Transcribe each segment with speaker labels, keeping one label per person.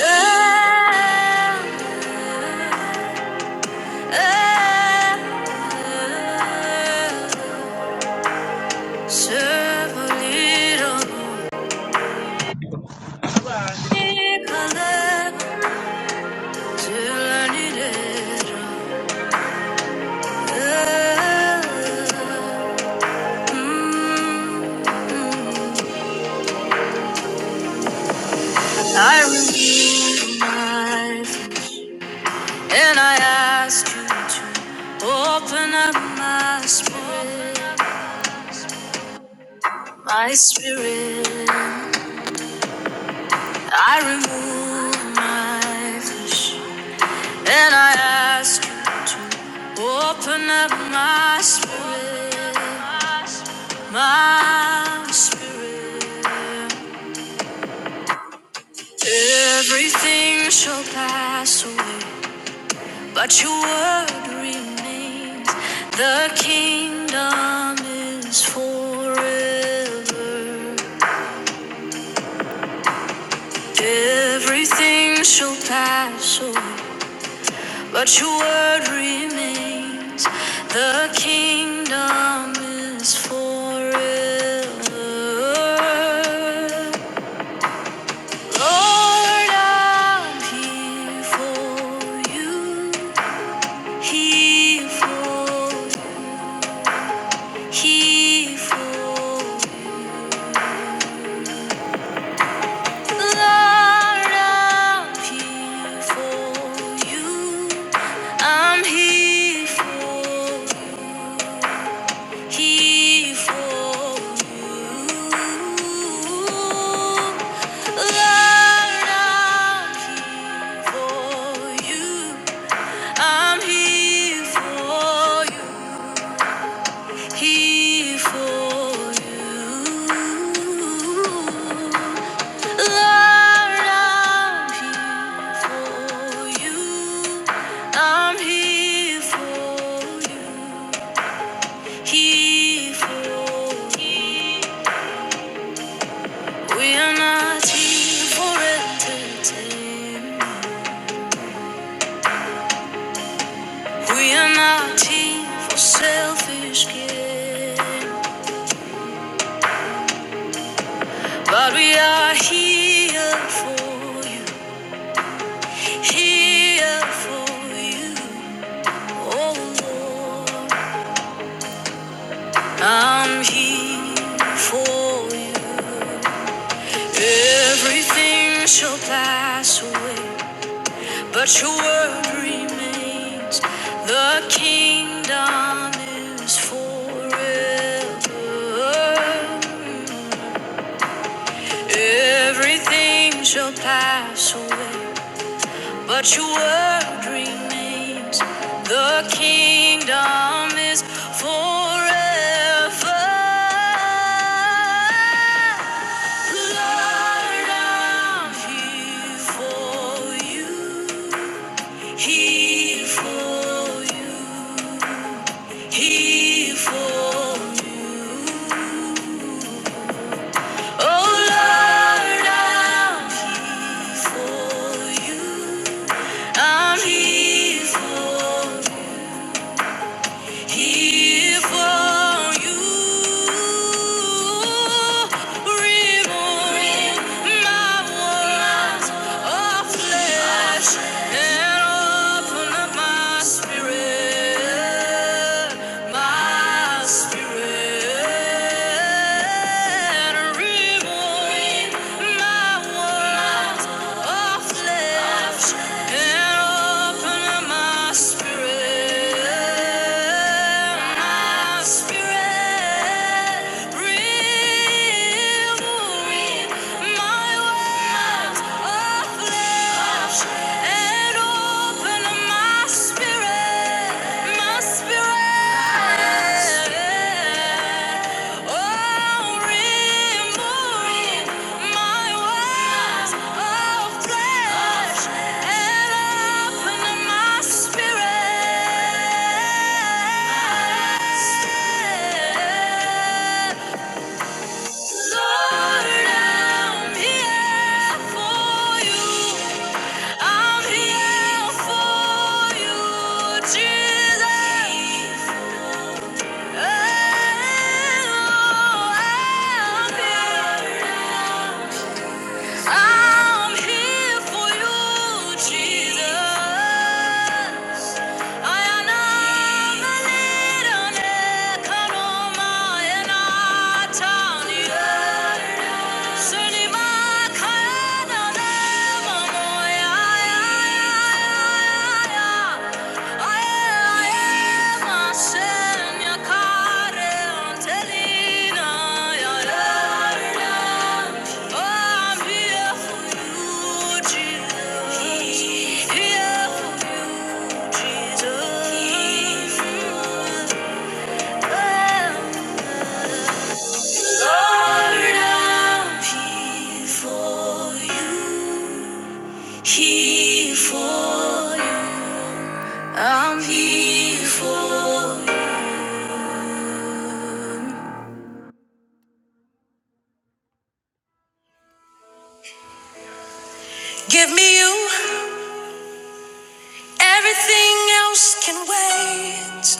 Speaker 1: I renew my
Speaker 2: Bye.
Speaker 1: voice and I ask you to open up my spirit, my spirit. I remove my flesh and I ask you to open up my spirit, my spirit. Everything shall pass away, but your word remains. The kingdom is forever. Everything shall pass away. But your word remains. The kingdom is forever. Lord, I'm here for you. Here for you. Here for you. Lord, I'm here for you. I'm here for you. Kifo Lord, I'm here for you. I'm here for you. Here for you. Lord, I'm here for you. I'm here for you. We are not here for entertainment. We are not here for selfish gain. But we are here for you. Here for you. Oh Lord. I'm here for you. Everything shall pass away. But your word remains, the kingdom is forever. Everything shall pass away, but your word remains, the kingdom is forever. Lord, I'm here for you. Here for you. Here for you. Oh Lord, I'm here for you. I'm here for you. Here for you, remove my walls of flesh and open up my spirit, my spirit. Remove yeah. Lord, I'm here for you. I'm here for you, Jesus. Oh, I'm I'm here for you, Jesus. Yeah. Here for you, I'm here for you. Give me you. Everything else can wait.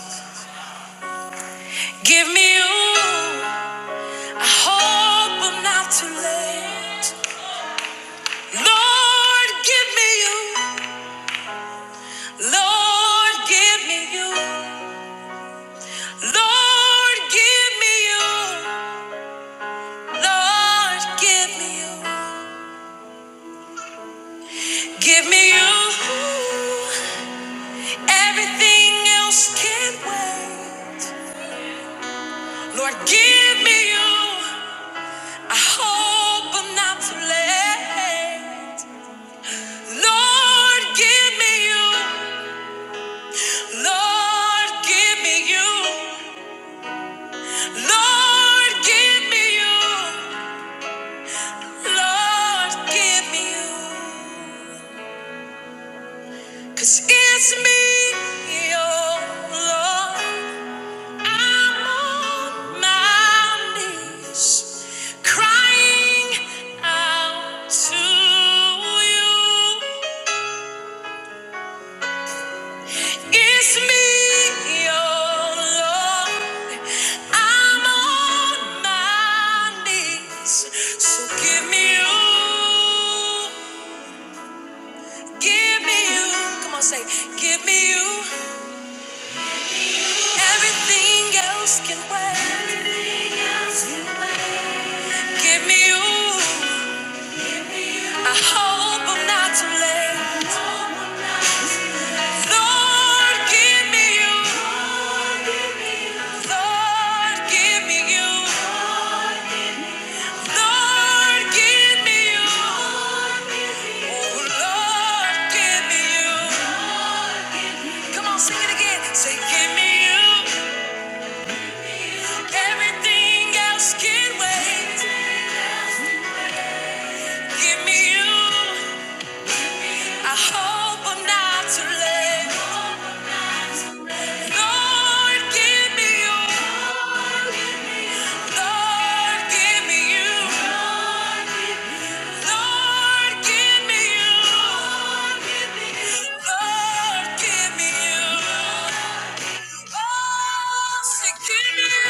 Speaker 1: Give me you. I hope I'm not too late. Lord, give me you. Lord, give me you. Lord, give me you. Lord, give me you. Give me you. Everything else can wait. Lord, give me you. I hope i not too late. Lord, give me you. Lord, give me you. Lord, give me you. Lord, give me you. 'Cause it's me, oh Lord. I'm on my knees, crying out to you. It's me, oh Lord. I'm on my knees. So give me you. Give me you. Come on, say, give me you. Everything else can wait. Give me you. I hope I'm not too late. Lord, give me you. Lord, give me you. Lord, give me you. Oh, Lord, give me you. Come on, sing it again. Say, give me you. Everything else can wait. Give me you. I hope I'm not too late. Lord, give me you. Lord, give me you. Lord, give me you. Lord, give me you. Oh, say, give me you.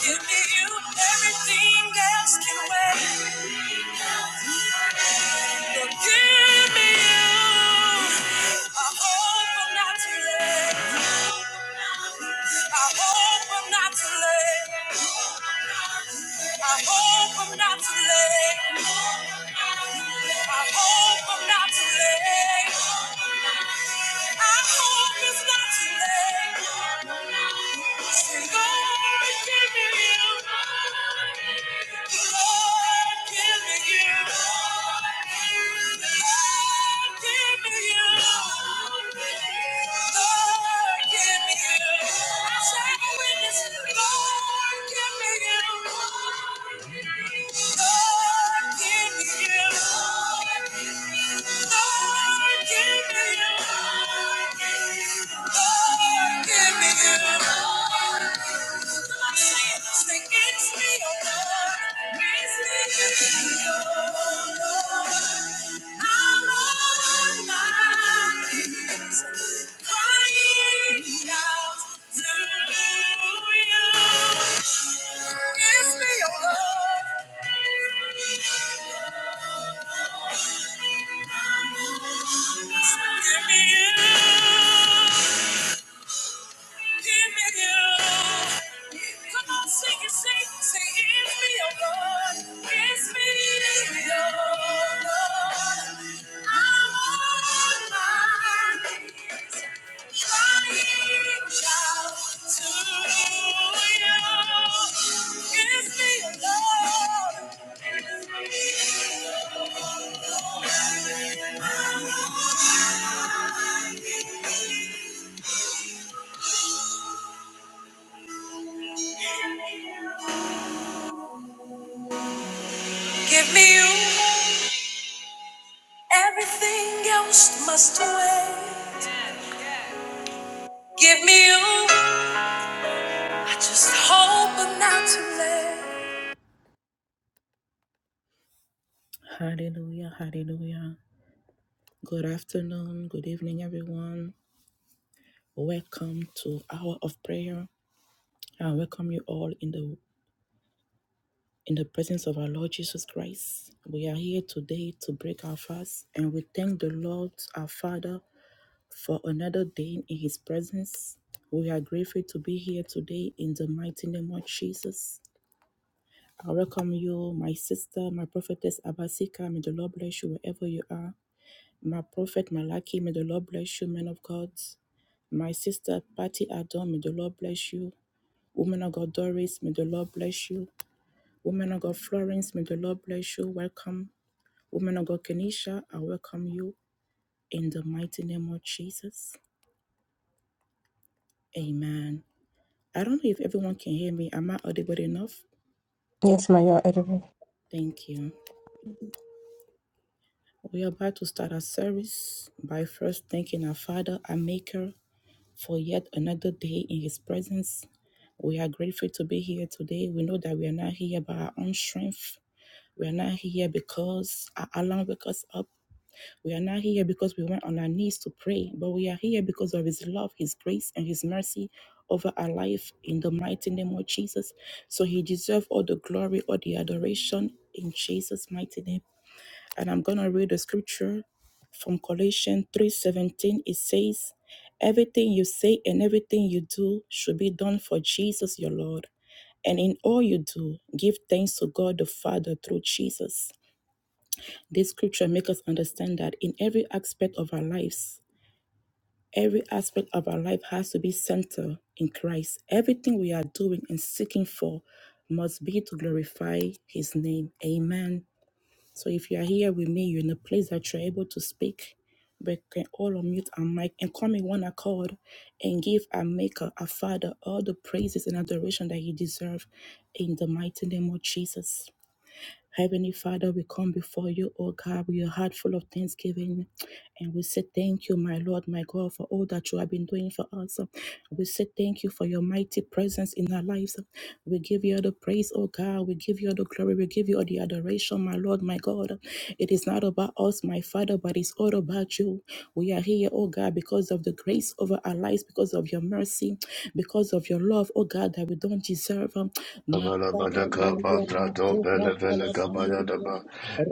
Speaker 1: Give me you. Everything else can wait. Lord, give me you. I hope I'm not too late. I hope I'm not too late. I hope I'm not too late. I hope I'm not too late. I hope it's not too late. Say, Lord, give me you. Lord, give me you. Lord, give me you. Lord, give me you. I say, I witness. Lord, give me you. Thank you. Give me you. Give me you. Everything else must away. Give me you. I just hope I'm not too late. Hallelujah, hallelujah. Good afternoon, good evening, everyone. Welcome to Hour of Prayer. I welcome you all in the in the presence of our Lord Jesus Christ. We are here today to break our fast and we thank the Lord our Father for another day in his presence. We are grateful to be here today in the mighty name of Jesus. I welcome you, my sister, my prophetess Abasika. May the Lord bless you wherever you are. My prophet Malachi, may the Lord bless you, man of God. My sister Patty Adon, may the Lord bless you. Woman of God Doris, may the Lord bless you. Woman of God Florence, may the Lord bless you. Welcome. Woman of God Kenisha, I welcome you in the mighty name of Jesus. Amen. I don't know if everyone can hear me. Am I audible enough?
Speaker 3: Yes, my yard editor.
Speaker 1: Thank you. We are about to start our service by first thanking our Father, our Maker, for yet another day in His presence. We are grateful to be here today. We know that we are not here by our own strength. We are not here because our alarm woke us up. We are not here because we went on our knees to pray, but we are here because of His love, His grace, and His mercy over our life in the mighty name of Jesus. So He deserves all the glory, all the adoration in Jesus' mighty name and I'm going to read the scripture from Colossians 3:17 it says everything you say and everything you do should be done for Jesus your Lord and in all you do give thanks to God the Father through Jesus this scripture makes us understand that in every aspect of our lives every aspect of our life has to be centered in Christ everything we are doing and seeking for must be to glorify his name amen so if you are here with me, you're in a place that you're able to speak, we can all unmute our mic and come in one accord and give our Maker, our Father, all the praises and adoration that He deserves in the mighty name of Jesus. Heavenly Father, we come before you, O God, with a heart full of thanksgiving. And we say thank you, my Lord, my God, for all that you have been doing for us. We say thank you for your mighty presence in our lives. We give you all the praise, O God. We give you all the glory. We give you all the adoration, my Lord, my God. It is not about us, my Father, but it's all about you. We are here, O God, because of the grace over our lives, because of your mercy, because of your love, O God, that we don't deserve.
Speaker 4: Kabala badaka badra do
Speaker 1: Rabba
Speaker 4: pele pele kabaya daba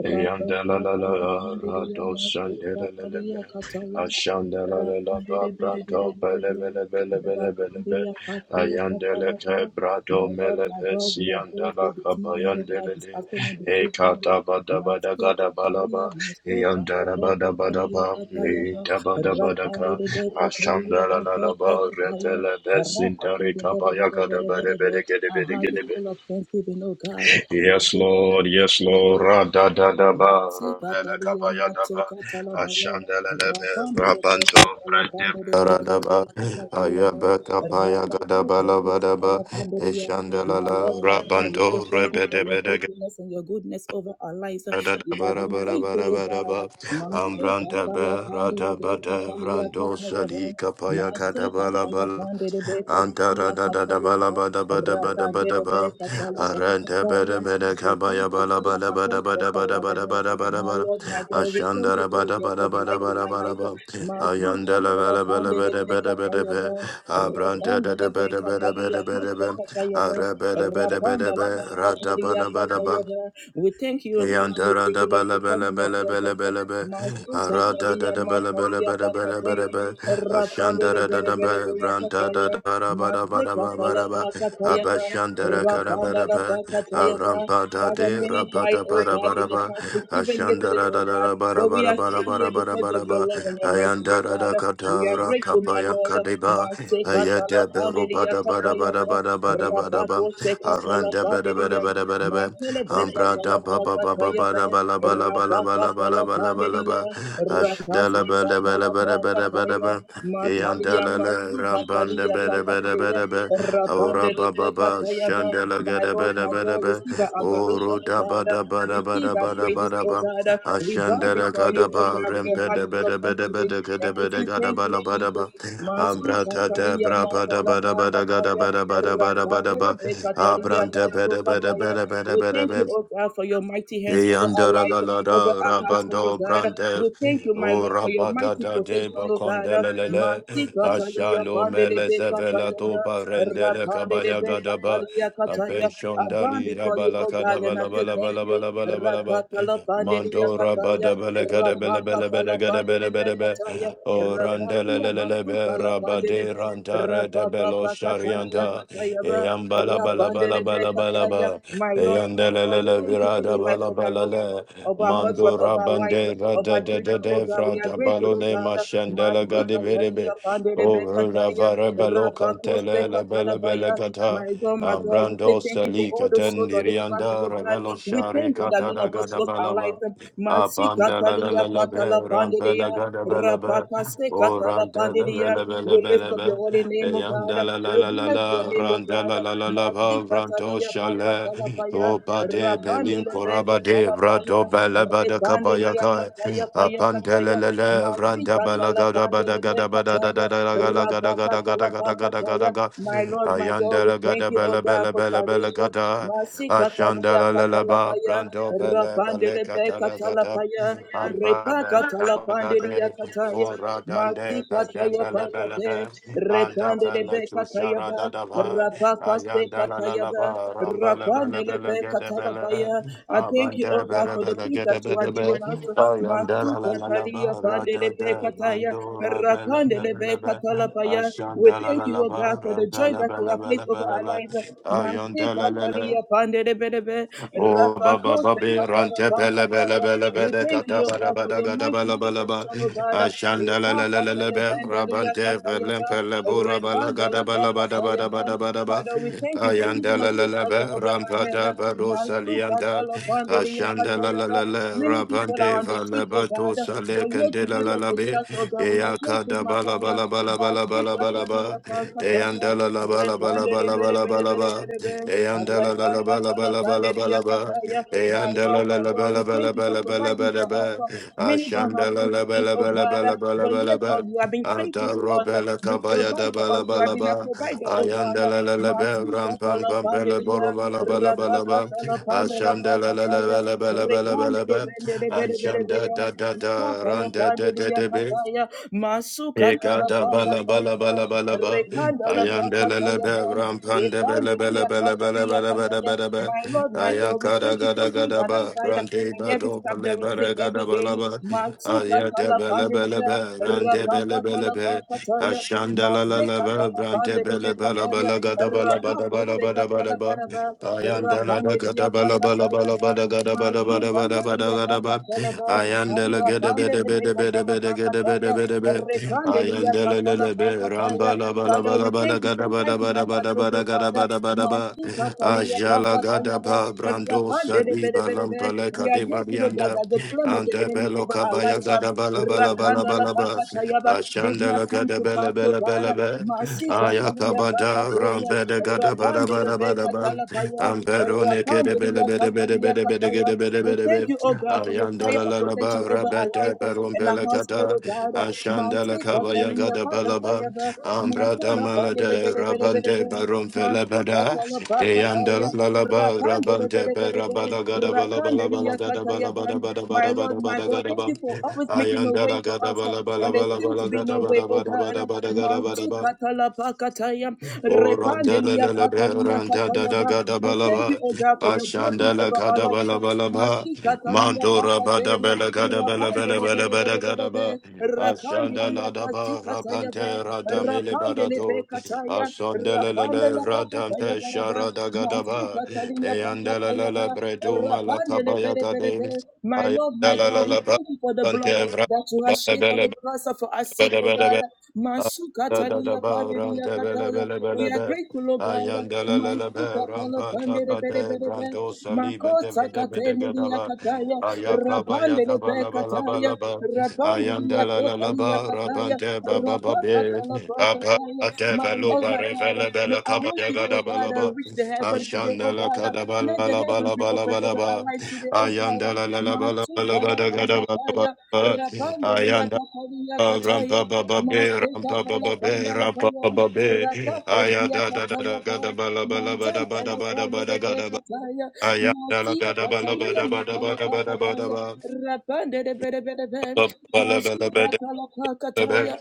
Speaker 4: yanda la la la
Speaker 1: Katala
Speaker 4: la
Speaker 1: Pandiria
Speaker 4: do shande
Speaker 1: Masuka
Speaker 4: la la la
Speaker 1: Kalia
Speaker 4: la
Speaker 1: Kataya
Speaker 4: ashanda la
Speaker 1: my
Speaker 4: la ba brando pele pele pele pele pele pele ayanda te brado
Speaker 1: Lord,
Speaker 4: mele
Speaker 1: my God,
Speaker 4: vesi
Speaker 1: we are
Speaker 4: yanda la
Speaker 1: grateful this morning, Lord
Speaker 4: kabayanda
Speaker 1: God, this afternoon, this
Speaker 4: e
Speaker 1: evening, Lord.
Speaker 4: kata bada bada
Speaker 1: Namaste,
Speaker 4: gada balaba
Speaker 1: Katalia,
Speaker 4: ba
Speaker 1: Master, Kalabota, Katalia,
Speaker 4: ba
Speaker 1: Kataya,
Speaker 4: inta bada bada
Speaker 1: Rakande,
Speaker 4: ka,
Speaker 1: the Bay, Katalia,
Speaker 4: ashanda la la Yandadabadabadaba,
Speaker 1: Katalia,
Speaker 4: Nitabadabadaka, Ashandalalalaba,
Speaker 1: Kataya,
Speaker 4: Revelebe,
Speaker 1: Rakande, the Bede, Bede, Bede, Bede, Bede. Our heart is full
Speaker 4: Sintarekabayakadabadabadabadabadabadabada.
Speaker 1: of thanksgiving, O God. We
Speaker 4: Yes,
Speaker 1: give and
Speaker 4: Lord,
Speaker 1: we
Speaker 4: yes,
Speaker 1: thank you,
Speaker 4: Lord,
Speaker 1: O
Speaker 4: ra da
Speaker 1: God.
Speaker 4: da da ba,
Speaker 1: Namaste,
Speaker 4: revela
Speaker 1: Katalia,
Speaker 4: kabaya da
Speaker 1: Master,
Speaker 4: ba, ba la la Ashandalalebe,
Speaker 1: Katalabaya, de
Speaker 4: Rabanto,
Speaker 1: bota kala pande de beka
Speaker 4: Radaba,
Speaker 1: tari kata kaya ba. Rakata sakila kala
Speaker 4: Ayabakapayagadabalabalaba,
Speaker 1: pande de ya. My
Speaker 4: Eshandalala,
Speaker 1: Lord, my God, we say
Speaker 4: Rabanto,
Speaker 1: thank you
Speaker 4: brede
Speaker 1: for your
Speaker 4: bere
Speaker 1: faithfulness and your goodness over our lives.
Speaker 4: a da
Speaker 1: You
Speaker 4: da ba
Speaker 1: have
Speaker 4: da
Speaker 1: been
Speaker 4: ba ba
Speaker 1: faithful,
Speaker 4: da
Speaker 1: O
Speaker 4: ba da ba,
Speaker 1: God. Mate
Speaker 4: I'm branda
Speaker 1: kala
Speaker 4: ba ra
Speaker 1: pande de
Speaker 4: da ba
Speaker 1: beka
Speaker 4: da
Speaker 1: tari ya kata ya ba.
Speaker 4: brandosalika pa ya ka da
Speaker 1: Mate
Speaker 4: ba la ba.
Speaker 1: kala pande de beka
Speaker 4: Anta
Speaker 1: tari
Speaker 4: da
Speaker 1: ya
Speaker 4: da
Speaker 1: kata
Speaker 4: da
Speaker 1: ya
Speaker 4: ba la
Speaker 1: ba.
Speaker 4: ba da ba da ba da ba da
Speaker 1: Rapandere
Speaker 4: ba.
Speaker 1: beka
Speaker 4: A
Speaker 1: talaba
Speaker 4: reda ba
Speaker 1: kataya.
Speaker 4: reda ka pa ya
Speaker 1: Repanta
Speaker 4: ba la
Speaker 1: kia
Speaker 4: ba da ba da ba
Speaker 1: makosa
Speaker 4: da ba da ba
Speaker 1: katalaba.
Speaker 4: da
Speaker 1: My
Speaker 4: ba.
Speaker 1: Lord, my
Speaker 4: A
Speaker 1: God, we thank you
Speaker 4: shanda
Speaker 1: for
Speaker 4: ba
Speaker 1: the
Speaker 4: da ba
Speaker 1: gift
Speaker 4: da
Speaker 1: of
Speaker 4: ba da
Speaker 1: life
Speaker 4: ba
Speaker 1: in
Speaker 4: da
Speaker 1: my life.
Speaker 4: ba. A
Speaker 1: Makuta
Speaker 4: yanda ba la ba la ba
Speaker 1: talapandere
Speaker 4: da ba
Speaker 1: beka
Speaker 4: da ba da
Speaker 1: talaba.
Speaker 4: ba. A branda da
Speaker 1: Rapandere
Speaker 4: da ba da
Speaker 1: beka
Speaker 4: ba da ba
Speaker 1: talia
Speaker 4: da
Speaker 1: mosa
Speaker 4: ba. A
Speaker 1: katayaba.
Speaker 4: reda ba
Speaker 1: Rapandala beka talia
Speaker 4: da ba da ba.
Speaker 1: katayaba. We thank you, O God, for the
Speaker 4: Yandara da
Speaker 1: privilege
Speaker 4: bala
Speaker 1: to come
Speaker 4: bala
Speaker 1: in your
Speaker 4: bala bala
Speaker 1: presence.
Speaker 4: bala bala
Speaker 1: Masuka
Speaker 4: Arada da
Speaker 1: talia
Speaker 4: da bala bala
Speaker 1: mafalia
Speaker 4: bala bala bala
Speaker 1: pakateya.
Speaker 4: bala
Speaker 1: Rapandere
Speaker 4: Ashandara da
Speaker 1: bere
Speaker 4: da
Speaker 1: bere
Speaker 4: ba
Speaker 1: bere
Speaker 4: Branta da
Speaker 1: kataya.
Speaker 4: da ra ba da ba da ba ba da ba
Speaker 1: Masika Katayava,
Speaker 4: Abashandara kara ba
Speaker 1: Rapanda
Speaker 4: da
Speaker 1: la
Speaker 4: ba
Speaker 1: Bakatayava.
Speaker 4: Arampa da
Speaker 1: Father,
Speaker 4: de ra
Speaker 1: many
Speaker 4: ba
Speaker 1: died,
Speaker 4: da
Speaker 1: oh
Speaker 4: ba da
Speaker 1: God,
Speaker 4: ba
Speaker 1: in
Speaker 4: da
Speaker 1: the
Speaker 4: ba
Speaker 1: past week, even yesterday,
Speaker 4: Ashandara
Speaker 1: oh
Speaker 4: da da
Speaker 1: God.
Speaker 4: ra ba da
Speaker 1: But we are
Speaker 4: ba
Speaker 1: still here because of your
Speaker 4: Barabarabaraba,
Speaker 1: love and your mercy, oh
Speaker 4: Ayandara da
Speaker 1: God. We
Speaker 4: Kata,
Speaker 1: are grateful, my
Speaker 4: Rakapaya
Speaker 1: Lord.
Speaker 4: Kadeba,
Speaker 1: Masekatala
Speaker 4: Ayadebe
Speaker 1: Panderia
Speaker 4: Rubada
Speaker 1: Katayava.
Speaker 4: Barabarabarabarabaraba,
Speaker 1: Rapako Sekatala
Speaker 4: Aranda
Speaker 1: Panderia.
Speaker 4: Barabarabarabarabe,
Speaker 1: Mantelebeka
Speaker 4: Ambra da Baba Baba
Speaker 1: Kalabakatayava. Rapakatalapanderia,
Speaker 4: Barabalabalabalabalabalabalabalaba, Ashdala
Speaker 1: Rakasekatalapatataya,
Speaker 4: Barabarabarabarabaraba,
Speaker 1: Matalia
Speaker 4: Yandala Rambanda
Speaker 1: Masukatalia Pakateya,
Speaker 4: Barabarabaraba, Auraba Baba,
Speaker 1: Rapandelepekatayava.
Speaker 4: Shandala
Speaker 1: My Lord, my God,
Speaker 4: Gadabarabaraba,
Speaker 1: receive our adoration,
Speaker 4: Oro
Speaker 1: O
Speaker 4: Daba
Speaker 1: God.
Speaker 4: Daba Daba
Speaker 1: Receive our
Speaker 4: Daba Daba
Speaker 1: praises, O
Speaker 4: Daba,
Speaker 1: God. We bow
Speaker 4: Ashandara
Speaker 1: before you, O
Speaker 4: Kadaba
Speaker 1: God, with a heart
Speaker 4: Rempede
Speaker 1: full of
Speaker 4: Bede Bede
Speaker 1: thanksgiving.
Speaker 4: Bede Kede
Speaker 1: And we
Speaker 4: Bede
Speaker 1: say, Thank you,
Speaker 4: Gadabala
Speaker 1: Jesus.
Speaker 4: Badaba Ambrata
Speaker 1: Masukatalia
Speaker 4: Debra Bada Bada Bada Gada
Speaker 1: Matalapakataya,
Speaker 4: Bada Bada Bada Bada Ba
Speaker 1: Rapandelepekatalia
Speaker 4: Abranta Bede Bede
Speaker 1: Masukataya.
Speaker 4: Bede Bede
Speaker 1: We thank
Speaker 4: Bede
Speaker 1: you, O God, for your mighty hands O over our
Speaker 4: Yandara la
Speaker 1: life,
Speaker 4: la
Speaker 1: over
Speaker 4: da
Speaker 1: our hearts, oh
Speaker 4: rabando
Speaker 1: God.
Speaker 4: brande
Speaker 1: We thank you, my
Speaker 4: o
Speaker 1: Lord, for your
Speaker 4: rabada
Speaker 1: mighty
Speaker 4: da de
Speaker 1: protection, oh God.
Speaker 4: bakondelele
Speaker 1: Mighty Catalia,
Speaker 4: ashano mele
Speaker 1: Pandelebe
Speaker 4: sevela to
Speaker 1: Catayana,
Speaker 4: barendele kabaya
Speaker 1: Rapandelebe
Speaker 4: gadaba
Speaker 1: Catalia Cataya. I
Speaker 4: abenshon
Speaker 1: bow
Speaker 4: dali
Speaker 1: before you,
Speaker 4: rabala
Speaker 1: oh
Speaker 4: kada
Speaker 1: God, and I
Speaker 4: bala
Speaker 1: say
Speaker 4: bala
Speaker 1: thank
Speaker 4: bala bala
Speaker 1: you.
Speaker 4: bala bala ba
Speaker 1: Rakatala Pandelia
Speaker 4: mando
Speaker 1: Cataya,
Speaker 4: rabada bele kada
Speaker 1: Rapan
Speaker 4: bele bala
Speaker 1: Catala
Speaker 4: bele kada bala
Speaker 1: Pandelebe
Speaker 4: bala ba
Speaker 1: Cataya,
Speaker 4: o randele
Speaker 1: Rapatia
Speaker 4: lele be
Speaker 1: Masutala
Speaker 4: rabade
Speaker 1: Pandelebe,
Speaker 4: rantare de belo
Speaker 1: Rapapa Catalia
Speaker 4: sharianta e
Speaker 1: Catayaba.
Speaker 4: ambala bala bala
Speaker 1: Rapandere
Speaker 4: bala bala ba
Speaker 1: Bekataya. My Lord, my God, we
Speaker 4: Yandelele
Speaker 1: thank you for
Speaker 4: virada
Speaker 1: the life of of our loved ones,
Speaker 4: balabalale.
Speaker 1: of our
Speaker 4: Mando
Speaker 1: husband, of our wife,
Speaker 4: rabande
Speaker 1: of
Speaker 4: rada
Speaker 1: our
Speaker 4: de de
Speaker 1: children, oh
Speaker 4: de
Speaker 1: God. We are
Speaker 4: vrada
Speaker 1: grateful, oh
Speaker 4: balone
Speaker 1: God.
Speaker 4: mashandela
Speaker 1: Masika Talia
Speaker 4: gadibiribi. O
Speaker 1: Pandelebe Kataya,
Speaker 4: ravare belo
Speaker 1: Rapakoste
Speaker 4: cantele le bele bele
Speaker 1: Katalabaya.
Speaker 4: gata.
Speaker 1: My God, my God, we say
Speaker 4: Ambrando
Speaker 1: thank you for all
Speaker 4: selika
Speaker 1: the souls on this platform,
Speaker 4: tendirianda
Speaker 1: oh God.
Speaker 4: revelo
Speaker 1: We
Speaker 4: shari
Speaker 1: thank God that
Speaker 4: kata
Speaker 1: none
Speaker 4: da
Speaker 1: of us
Speaker 4: gada
Speaker 1: lost our life.
Speaker 4: balaba.
Speaker 1: Masika
Speaker 4: Abanda la la la
Speaker 1: Talia
Speaker 4: la be
Speaker 1: Katala Pandelia,
Speaker 4: rampela gada bele be.
Speaker 1: Rapakaste
Speaker 4: O
Speaker 1: Katala
Speaker 4: randele
Speaker 1: Pandelia.
Speaker 4: bele
Speaker 1: We
Speaker 4: bele
Speaker 1: lift
Speaker 4: bele
Speaker 1: up your
Speaker 4: be.
Speaker 1: holy name, O God.
Speaker 4: Yanda la la la
Speaker 1: We
Speaker 4: la
Speaker 1: bless your
Speaker 4: la,
Speaker 1: name, O
Speaker 4: randa
Speaker 1: God.
Speaker 4: la la la la ba,
Speaker 1: Mati
Speaker 4: rando
Speaker 1: katalia paka
Speaker 4: shale.
Speaker 1: talapaya,
Speaker 4: Oba de belin
Speaker 1: rapandele
Speaker 4: koraba
Speaker 1: beka
Speaker 4: de,
Speaker 1: talapaya,
Speaker 4: brado bele bada kabaya
Speaker 1: repandelia
Speaker 4: kai.
Speaker 1: kataya paya
Speaker 4: Apande le
Speaker 1: kataya,
Speaker 4: le le,
Speaker 1: mati
Speaker 4: randa bala gada bada
Speaker 1: katalapandele
Speaker 4: gada
Speaker 1: beka
Speaker 4: bada da
Speaker 1: taya,
Speaker 4: ga da ba da da gada
Speaker 1: rapaka
Speaker 4: gada gada gada gada
Speaker 1: talapaka
Speaker 4: gada gada
Speaker 1: taya.
Speaker 4: gada.
Speaker 1: My Lord, my God,
Speaker 4: Ayanda
Speaker 1: we
Speaker 4: la
Speaker 1: thank
Speaker 4: gada
Speaker 1: you, O
Speaker 4: bele
Speaker 1: God,
Speaker 4: bele
Speaker 1: for
Speaker 4: bele bele
Speaker 1: salvation.
Speaker 4: gada.
Speaker 1: Masi
Speaker 4: Ashanda
Speaker 1: katalia
Speaker 4: la la la ba
Speaker 1: katalapaya,
Speaker 4: brando pele bele
Speaker 1: rapandele
Speaker 4: kata
Speaker 1: beka
Speaker 4: la kata
Speaker 1: talapaya,
Speaker 4: amba
Speaker 1: repaka
Speaker 4: bele kabaga
Speaker 1: talapandelia
Speaker 4: de
Speaker 1: kataya.
Speaker 4: ora
Speaker 1: Mati
Speaker 4: dande pedem
Speaker 1: Kataya Paya
Speaker 4: bele bele
Speaker 1: bakate
Speaker 4: be anda
Speaker 1: repande de
Speaker 4: pele chushara
Speaker 1: bekatayaba
Speaker 4: da da ba
Speaker 1: rapakase
Speaker 4: ayanda la la la
Speaker 1: katayaba
Speaker 4: ba ramba le
Speaker 1: rapande
Speaker 4: bele
Speaker 1: de
Speaker 4: bele gede bele
Speaker 1: bekatalabaya I thank you, oh
Speaker 4: abande
Speaker 1: God,
Speaker 4: bele
Speaker 1: for the
Speaker 4: bele
Speaker 1: peace
Speaker 4: gede
Speaker 1: that you are
Speaker 4: bele
Speaker 1: giving
Speaker 4: be
Speaker 1: us.
Speaker 4: ayanda
Speaker 1: Masu
Speaker 4: la la la la
Speaker 1: kataliya
Speaker 4: ba ra
Speaker 1: pande de
Speaker 4: da da
Speaker 1: bekataya
Speaker 4: bando ra bele
Speaker 1: rapande
Speaker 4: bele
Speaker 1: de
Speaker 4: bele be
Speaker 1: bekatalabaya. We
Speaker 4: ashanda la
Speaker 1: thank
Speaker 4: la
Speaker 1: you,
Speaker 4: la
Speaker 1: oh God,
Speaker 4: ba
Speaker 1: for the
Speaker 4: ramba
Speaker 1: joy
Speaker 4: le
Speaker 1: that you
Speaker 4: bele
Speaker 1: have placed
Speaker 4: bele
Speaker 1: over
Speaker 4: bele
Speaker 1: our
Speaker 4: be
Speaker 1: lives. Masu
Speaker 4: ayanda la la la
Speaker 1: kataliya pande de bedebe
Speaker 4: Oh, ba ba ba
Speaker 1: rapakose
Speaker 4: be rante bele bele
Speaker 1: katalabaya.
Speaker 4: bele
Speaker 1: We
Speaker 4: bele
Speaker 1: thank
Speaker 4: kata
Speaker 1: you, O
Speaker 4: bada
Speaker 1: God, for
Speaker 4: bada
Speaker 1: your
Speaker 4: gada
Speaker 1: mighty
Speaker 4: bala bala ba.
Speaker 1: protection, O God. We
Speaker 4: Ashanda la la la la la be
Speaker 1: thank you, O God, for Kadia
Speaker 4: rabante bele
Speaker 1: Katayava,
Speaker 4: bele bura bala
Speaker 1: Refandala
Speaker 4: gada bala bada bada
Speaker 1: Bakatayavan.
Speaker 4: bada bada ba.
Speaker 1: Father, we thank you for
Speaker 4: Ayanda
Speaker 1: giving
Speaker 4: la
Speaker 1: us
Speaker 4: la
Speaker 1: the
Speaker 4: la be
Speaker 1: shelter over our
Speaker 4: rampa
Speaker 1: head.
Speaker 4: da bado
Speaker 1: Masuka
Speaker 4: salianda
Speaker 1: Talapandriya
Speaker 4: la
Speaker 1: Katayaba.
Speaker 4: la la la
Speaker 1: Many people
Speaker 4: rabande
Speaker 1: are on the street, oh
Speaker 4: valabato
Speaker 1: God, but
Speaker 4: sale
Speaker 1: yet you
Speaker 4: candela
Speaker 1: give
Speaker 4: la
Speaker 1: us
Speaker 4: la
Speaker 1: a
Speaker 4: be
Speaker 1: shelter, oh God. We are
Speaker 4: eaka
Speaker 1: grateful,
Speaker 4: da
Speaker 1: my
Speaker 4: bala
Speaker 1: Lord.
Speaker 4: bala bala bala bala
Speaker 1: Masuka
Speaker 4: bala ba
Speaker 1: Talapandriya Kataya.
Speaker 4: eanda la la bala bala
Speaker 1: Repandere
Speaker 4: bala
Speaker 1: bere
Speaker 4: bala
Speaker 1: bere
Speaker 4: bala
Speaker 1: bere
Speaker 4: ba
Speaker 1: bere bere.
Speaker 4: eanda la la la
Speaker 1: Repaka
Speaker 4: bala bala bala
Speaker 1: Talapandriya
Speaker 4: bala ba
Speaker 1: Kataya. My
Speaker 4: eanda la
Speaker 1: Lord,
Speaker 4: la
Speaker 1: my
Speaker 4: la
Speaker 1: God,
Speaker 4: bala
Speaker 1: we thank
Speaker 4: bala bala
Speaker 1: you for
Speaker 4: bala
Speaker 1: providing
Speaker 4: bala
Speaker 1: for us.
Speaker 4: ba
Speaker 1: Many don't
Speaker 4: ashanda
Speaker 1: have
Speaker 4: la
Speaker 1: food to
Speaker 4: la
Speaker 1: eat,
Speaker 4: bala
Speaker 1: oh
Speaker 4: bala
Speaker 1: God,
Speaker 4: bala bala
Speaker 1: but
Speaker 4: bala
Speaker 1: yet
Speaker 4: ba
Speaker 1: oh, you have been faithful
Speaker 4: Ata
Speaker 1: faithful to us. uh,
Speaker 4: robela
Speaker 1: You
Speaker 4: kabaya da
Speaker 1: provide for us.
Speaker 4: bala
Speaker 1: You have
Speaker 4: bala
Speaker 1: been a
Speaker 4: ba
Speaker 1: provider, oh God.
Speaker 4: ayanda la la la be
Speaker 1: Masika
Speaker 4: ram pam pam bele
Speaker 1: talapandelia,
Speaker 4: boro bala bala bala
Speaker 1: rapaka
Speaker 4: ba
Speaker 1: talapandela
Speaker 4: Ashanda la la la
Speaker 1: pakataya,
Speaker 4: la la ba la ba la ba la
Speaker 1: rekandele
Speaker 4: ba.
Speaker 1: bendele bere bere
Speaker 4: Ashanda
Speaker 1: bere,
Speaker 4: da da da
Speaker 1: ikata
Speaker 4: randa da da da
Speaker 1: lapandelia
Speaker 4: da be.
Speaker 1: kataya, masuka
Speaker 4: Eka da ba la ba la ba
Speaker 1: talapakataya,
Speaker 4: la ba la ba.
Speaker 1: rekandala
Speaker 4: Ayanda la la ba
Speaker 1: pakataya, Yes,
Speaker 4: rampanda
Speaker 1: I
Speaker 4: ba la
Speaker 1: did
Speaker 4: ba
Speaker 1: we
Speaker 4: la
Speaker 1: are
Speaker 4: ba la ba la ba la ba la
Speaker 1: yeah.
Speaker 4: ba la ba.
Speaker 1: My Lord, my God, we
Speaker 4: Ayanka da
Speaker 1: thank you
Speaker 4: ga da
Speaker 1: for
Speaker 4: ga
Speaker 1: being
Speaker 4: da
Speaker 1: by our
Speaker 4: ba
Speaker 1: side
Speaker 4: rande
Speaker 1: in
Speaker 4: ba
Speaker 1: every
Speaker 4: do ba
Speaker 1: step that
Speaker 4: le
Speaker 1: we
Speaker 4: ba
Speaker 1: take
Speaker 4: ra ga da
Speaker 1: every
Speaker 4: ba la
Speaker 1: day.
Speaker 4: ba.
Speaker 1: Masuka
Speaker 4: Ayada
Speaker 1: tala
Speaker 4: ba la ba la
Speaker 1: pandemia,
Speaker 4: ba rande ba la
Speaker 1: rapaka
Speaker 4: ba la
Speaker 1: tala
Speaker 4: ba.
Speaker 1: pakataya,
Speaker 4: Ashanda la la la
Speaker 1: maseka
Speaker 4: ba
Speaker 1: tala
Speaker 4: rande
Speaker 1: pandemia,
Speaker 4: ba la ba la ba la ga da ba la ba da ba
Speaker 1: rapako
Speaker 4: da ba
Speaker 1: seka
Speaker 4: da ba da
Speaker 1: tala
Speaker 4: ba.
Speaker 1: paraba,
Speaker 4: Ayandala da
Speaker 1: rapandemia
Speaker 4: gada bala bala
Speaker 1: pakataya,
Speaker 4: bala bada gada bada bada
Speaker 1: masuka
Speaker 4: bada bada
Speaker 1: talia
Speaker 4: gada ba.
Speaker 1: pakatala,
Speaker 4: Ayandala gada bede
Speaker 1: rapandemia
Speaker 4: bede bede
Speaker 1: pakatala
Speaker 4: bede gada bede
Speaker 1: pakataya,
Speaker 4: bede bede.
Speaker 1: rekandelia
Speaker 4: Ayandala la
Speaker 1: pakatala
Speaker 4: la be
Speaker 1: pakataya,
Speaker 4: rambala bala
Speaker 1: Father,
Speaker 4: bala
Speaker 1: we
Speaker 4: bala
Speaker 1: thank you
Speaker 4: gada
Speaker 1: for
Speaker 4: bada
Speaker 1: fighting
Speaker 4: bada
Speaker 1: our
Speaker 4: bada
Speaker 1: battles,
Speaker 4: bada
Speaker 1: oh
Speaker 4: gada
Speaker 1: God.
Speaker 4: bada bada ba.
Speaker 1: Masuka kalia
Speaker 4: Ajala
Speaker 1: kaka
Speaker 4: gada
Speaker 1: tayaba.
Speaker 4: ba brando
Speaker 1: Rapande de
Speaker 4: sadi
Speaker 1: bede
Speaker 4: balam
Speaker 1: bede be. We are grateful, oh God,
Speaker 4: Yanda,
Speaker 1: that the plan of the
Speaker 4: Ante
Speaker 1: enemy
Speaker 4: Belo
Speaker 1: over our
Speaker 4: Kabaya
Speaker 1: life,
Speaker 4: Gada
Speaker 1: um,
Speaker 4: Bala Bala Bala
Speaker 1: Rakanda la
Speaker 4: Bala Ba,
Speaker 1: paka tayaba, did not
Speaker 4: Ashandela
Speaker 1: come
Speaker 4: Gada
Speaker 1: to
Speaker 4: Bele
Speaker 1: pass, oh
Speaker 4: Bele
Speaker 1: God.
Speaker 4: Bele Be,
Speaker 1: Masika kalia kaka
Speaker 4: Ayakabada
Speaker 1: teya.
Speaker 4: Rambede Gada Bada
Speaker 1: Rapande de
Speaker 4: Bada Bada
Speaker 1: beka
Speaker 4: Ba,
Speaker 1: talapaya.
Speaker 4: Ampero Nekede
Speaker 1: Rapande de
Speaker 4: Bele
Speaker 1: ya
Speaker 4: Bele
Speaker 1: kaka
Speaker 4: Bele
Speaker 1: lia
Speaker 4: Bele Bele
Speaker 1: kataya.
Speaker 4: Gede Bele
Speaker 1: We
Speaker 4: Bele
Speaker 1: thank
Speaker 4: Be,
Speaker 1: you, oh God, for your fire
Speaker 4: Ayandela
Speaker 1: of
Speaker 4: Lala Ba,
Speaker 1: protection over our
Speaker 4: Rabete
Speaker 1: life
Speaker 4: Berum
Speaker 1: and our
Speaker 4: Bele
Speaker 1: household,
Speaker 4: Gada,
Speaker 1: oh God.
Speaker 4: Ashandela
Speaker 1: Masika
Speaker 4: Kabaya
Speaker 1: kalia
Speaker 4: Gada
Speaker 1: paka
Speaker 4: Bala Ba,
Speaker 1: tayaba.
Speaker 4: Ambra
Speaker 1: Matala
Speaker 4: malade
Speaker 1: Padere Bere Bere Bere
Speaker 4: Rabante
Speaker 1: Bere
Speaker 4: Berum Fele
Speaker 1: Masu
Speaker 4: Bada,
Speaker 1: Katala
Speaker 4: Eyanda la
Speaker 1: Bakataya
Speaker 4: la la ba ra ba
Speaker 1: Rapandele
Speaker 4: de
Speaker 1: Bere
Speaker 4: be
Speaker 1: Bere
Speaker 4: ra ba
Speaker 1: Bere
Speaker 4: la ga da ba la ba la
Speaker 1: Rakandele
Speaker 4: ba la ga da ba la
Speaker 1: Yakataya
Speaker 4: ba da
Speaker 1: Bam.
Speaker 4: ba da ba
Speaker 1: My
Speaker 4: da ba
Speaker 1: Lord,
Speaker 4: da ba
Speaker 1: my
Speaker 4: da ga
Speaker 1: God,
Speaker 4: da
Speaker 1: thank
Speaker 4: ba.
Speaker 1: you for always making a
Speaker 4: Ayanda
Speaker 1: way
Speaker 4: la
Speaker 1: for
Speaker 4: ga da
Speaker 1: us
Speaker 4: ba
Speaker 1: uh,
Speaker 4: la ba la
Speaker 1: when there
Speaker 4: ba la ba
Speaker 1: seems to
Speaker 4: la
Speaker 1: be
Speaker 4: ga da
Speaker 1: no
Speaker 4: ba da
Speaker 1: way, oh
Speaker 4: ba da ba
Speaker 1: God.
Speaker 4: da ba da ga da ba da
Speaker 1: Masu
Speaker 4: ba.
Speaker 1: Katala Bakataya Repandele
Speaker 4: Orandala
Speaker 1: Yakatali
Speaker 4: beranda da
Speaker 1: Yakataya
Speaker 4: da gada
Speaker 1: We thank you,
Speaker 4: balaba,
Speaker 1: oh God, for your blessings
Speaker 4: Ashandala
Speaker 1: over our
Speaker 4: gada
Speaker 1: life. Masu
Speaker 4: balabalaba, Mandora bada
Speaker 1: Yakataya
Speaker 4: bela gada bela bela
Speaker 1: Rapandele
Speaker 4: bela
Speaker 1: Bere
Speaker 4: bela
Speaker 1: Bere Bere
Speaker 4: gada ba,
Speaker 1: Rapandele
Speaker 4: Ashandala da ba
Speaker 1: Yakataya Yaba,
Speaker 4: rapantera da mele
Speaker 1: Rapandele
Speaker 4: badato,
Speaker 1: Bekataya,
Speaker 4: Ashandala la la
Speaker 1: Rapandele Bakataya
Speaker 4: radante
Speaker 1: Baraba,
Speaker 4: shara da gada
Speaker 1: Masu
Speaker 4: ba,
Speaker 1: Katalia
Speaker 4: Eandala la
Speaker 1: Bakataya,
Speaker 4: la bredu
Speaker 1: Rapandele
Speaker 4: malakabaya
Speaker 1: Bere Bere
Speaker 4: gade,
Speaker 1: My Lord, my
Speaker 4: Ayandala la
Speaker 1: God, we
Speaker 4: la ba,
Speaker 1: thank you for the blood
Speaker 4: Antevra
Speaker 1: that you
Speaker 4: bela
Speaker 1: have shed on
Speaker 4: bela
Speaker 1: the cross for our sake, O
Speaker 4: bela bela
Speaker 1: God. Masu
Speaker 4: Da da da
Speaker 1: Katalia
Speaker 4: ba ram
Speaker 1: Pandelia
Speaker 4: da ba la ba
Speaker 1: Kataya.
Speaker 4: la ba la
Speaker 1: We are
Speaker 4: ba.
Speaker 1: grateful, O God.
Speaker 4: Ayan da la la la
Speaker 1: Masu
Speaker 4: ba ram
Speaker 1: Katala
Speaker 4: ba da
Speaker 1: Pandele
Speaker 4: ba
Speaker 1: Bere
Speaker 4: da
Speaker 1: Bere
Speaker 4: ram do sali ba da
Speaker 1: Makosa
Speaker 4: ba da ba da ga da
Speaker 1: Katelia
Speaker 4: ba.
Speaker 1: Kataya,
Speaker 4: Ayaka ba ya da
Speaker 1: Rapandele
Speaker 4: ba la ba la ba
Speaker 1: Bekataya,
Speaker 4: la ba. Ayan da
Speaker 1: Rapandele
Speaker 4: la la la
Speaker 1: Kotalia
Speaker 4: ba ra ba
Speaker 1: Kataya.
Speaker 4: da ba ba ba be. Aba a da
Speaker 1: My,
Speaker 4: ba lo
Speaker 1: oh
Speaker 4: ba
Speaker 1: my
Speaker 4: re ba
Speaker 1: God,
Speaker 4: la ba
Speaker 1: may
Speaker 4: la
Speaker 1: I
Speaker 4: ka ba ya
Speaker 1: worship,
Speaker 4: ga
Speaker 1: oh
Speaker 4: da ba
Speaker 1: God,
Speaker 4: la ba.
Speaker 1: and reach the heavens today,
Speaker 4: Ashan
Speaker 1: oh
Speaker 4: da la
Speaker 1: God.
Speaker 4: ka da ba
Speaker 1: Let
Speaker 4: la
Speaker 1: the
Speaker 4: la ba
Speaker 1: heavens
Speaker 4: la
Speaker 1: be
Speaker 4: ba la
Speaker 1: open
Speaker 4: ba la
Speaker 1: over our
Speaker 4: ba.
Speaker 1: lives today, oh
Speaker 4: Ayan
Speaker 1: God.
Speaker 4: da la la la ba la ba la ba da ga da ba
Speaker 1: Masukalapakataya,
Speaker 4: la ba.
Speaker 1: rapandeliyakapaliyakataya,
Speaker 4: Rampa-ba-ba-be, rampa-ba-ba-be,
Speaker 1: masekapalapandalapaya,
Speaker 4: rampa-ba-ba-be. Aya da da da da ga da
Speaker 1: rapakotiyakapayaba,
Speaker 4: ba la ba la ba da ba da ba da ba da ga da ba.
Speaker 1: mansantalapandedebekataya,
Speaker 4: Aya da la ga da ba la ba da ba da ba da ba da ba da
Speaker 1: masiyakapaliyamakalapakataya,
Speaker 4: ba.
Speaker 1: rapandedebedebedebe,
Speaker 4: Ba ba la ba la ba da
Speaker 1: masukapalapakataya
Speaker 4: ba da ba.
Speaker 1: pakataya,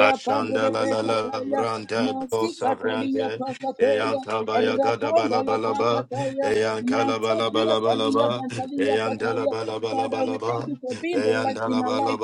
Speaker 1: rapande de
Speaker 4: la la la
Speaker 1: pekataya,
Speaker 4: rante do
Speaker 1: masikatalia
Speaker 4: savrante eyan
Speaker 1: pakateya,
Speaker 4: kaba ya gada
Speaker 1: rapanda
Speaker 4: bala
Speaker 1: la
Speaker 4: bala ba la ba.
Speaker 1: pakataya,
Speaker 4: eyan kala bala
Speaker 1: masakia
Speaker 4: bala bala ba
Speaker 1: kalia
Speaker 4: la ba la ba.
Speaker 1: mantalia
Speaker 4: eyan dala
Speaker 1: kataya.
Speaker 4: bala bala
Speaker 1: Father,
Speaker 4: bala ba la
Speaker 1: we
Speaker 4: ba
Speaker 1: thank
Speaker 4: la
Speaker 1: you
Speaker 4: ba.
Speaker 1: for being the
Speaker 4: eyan
Speaker 1: light in
Speaker 4: dala
Speaker 1: our
Speaker 4: bala
Speaker 1: life.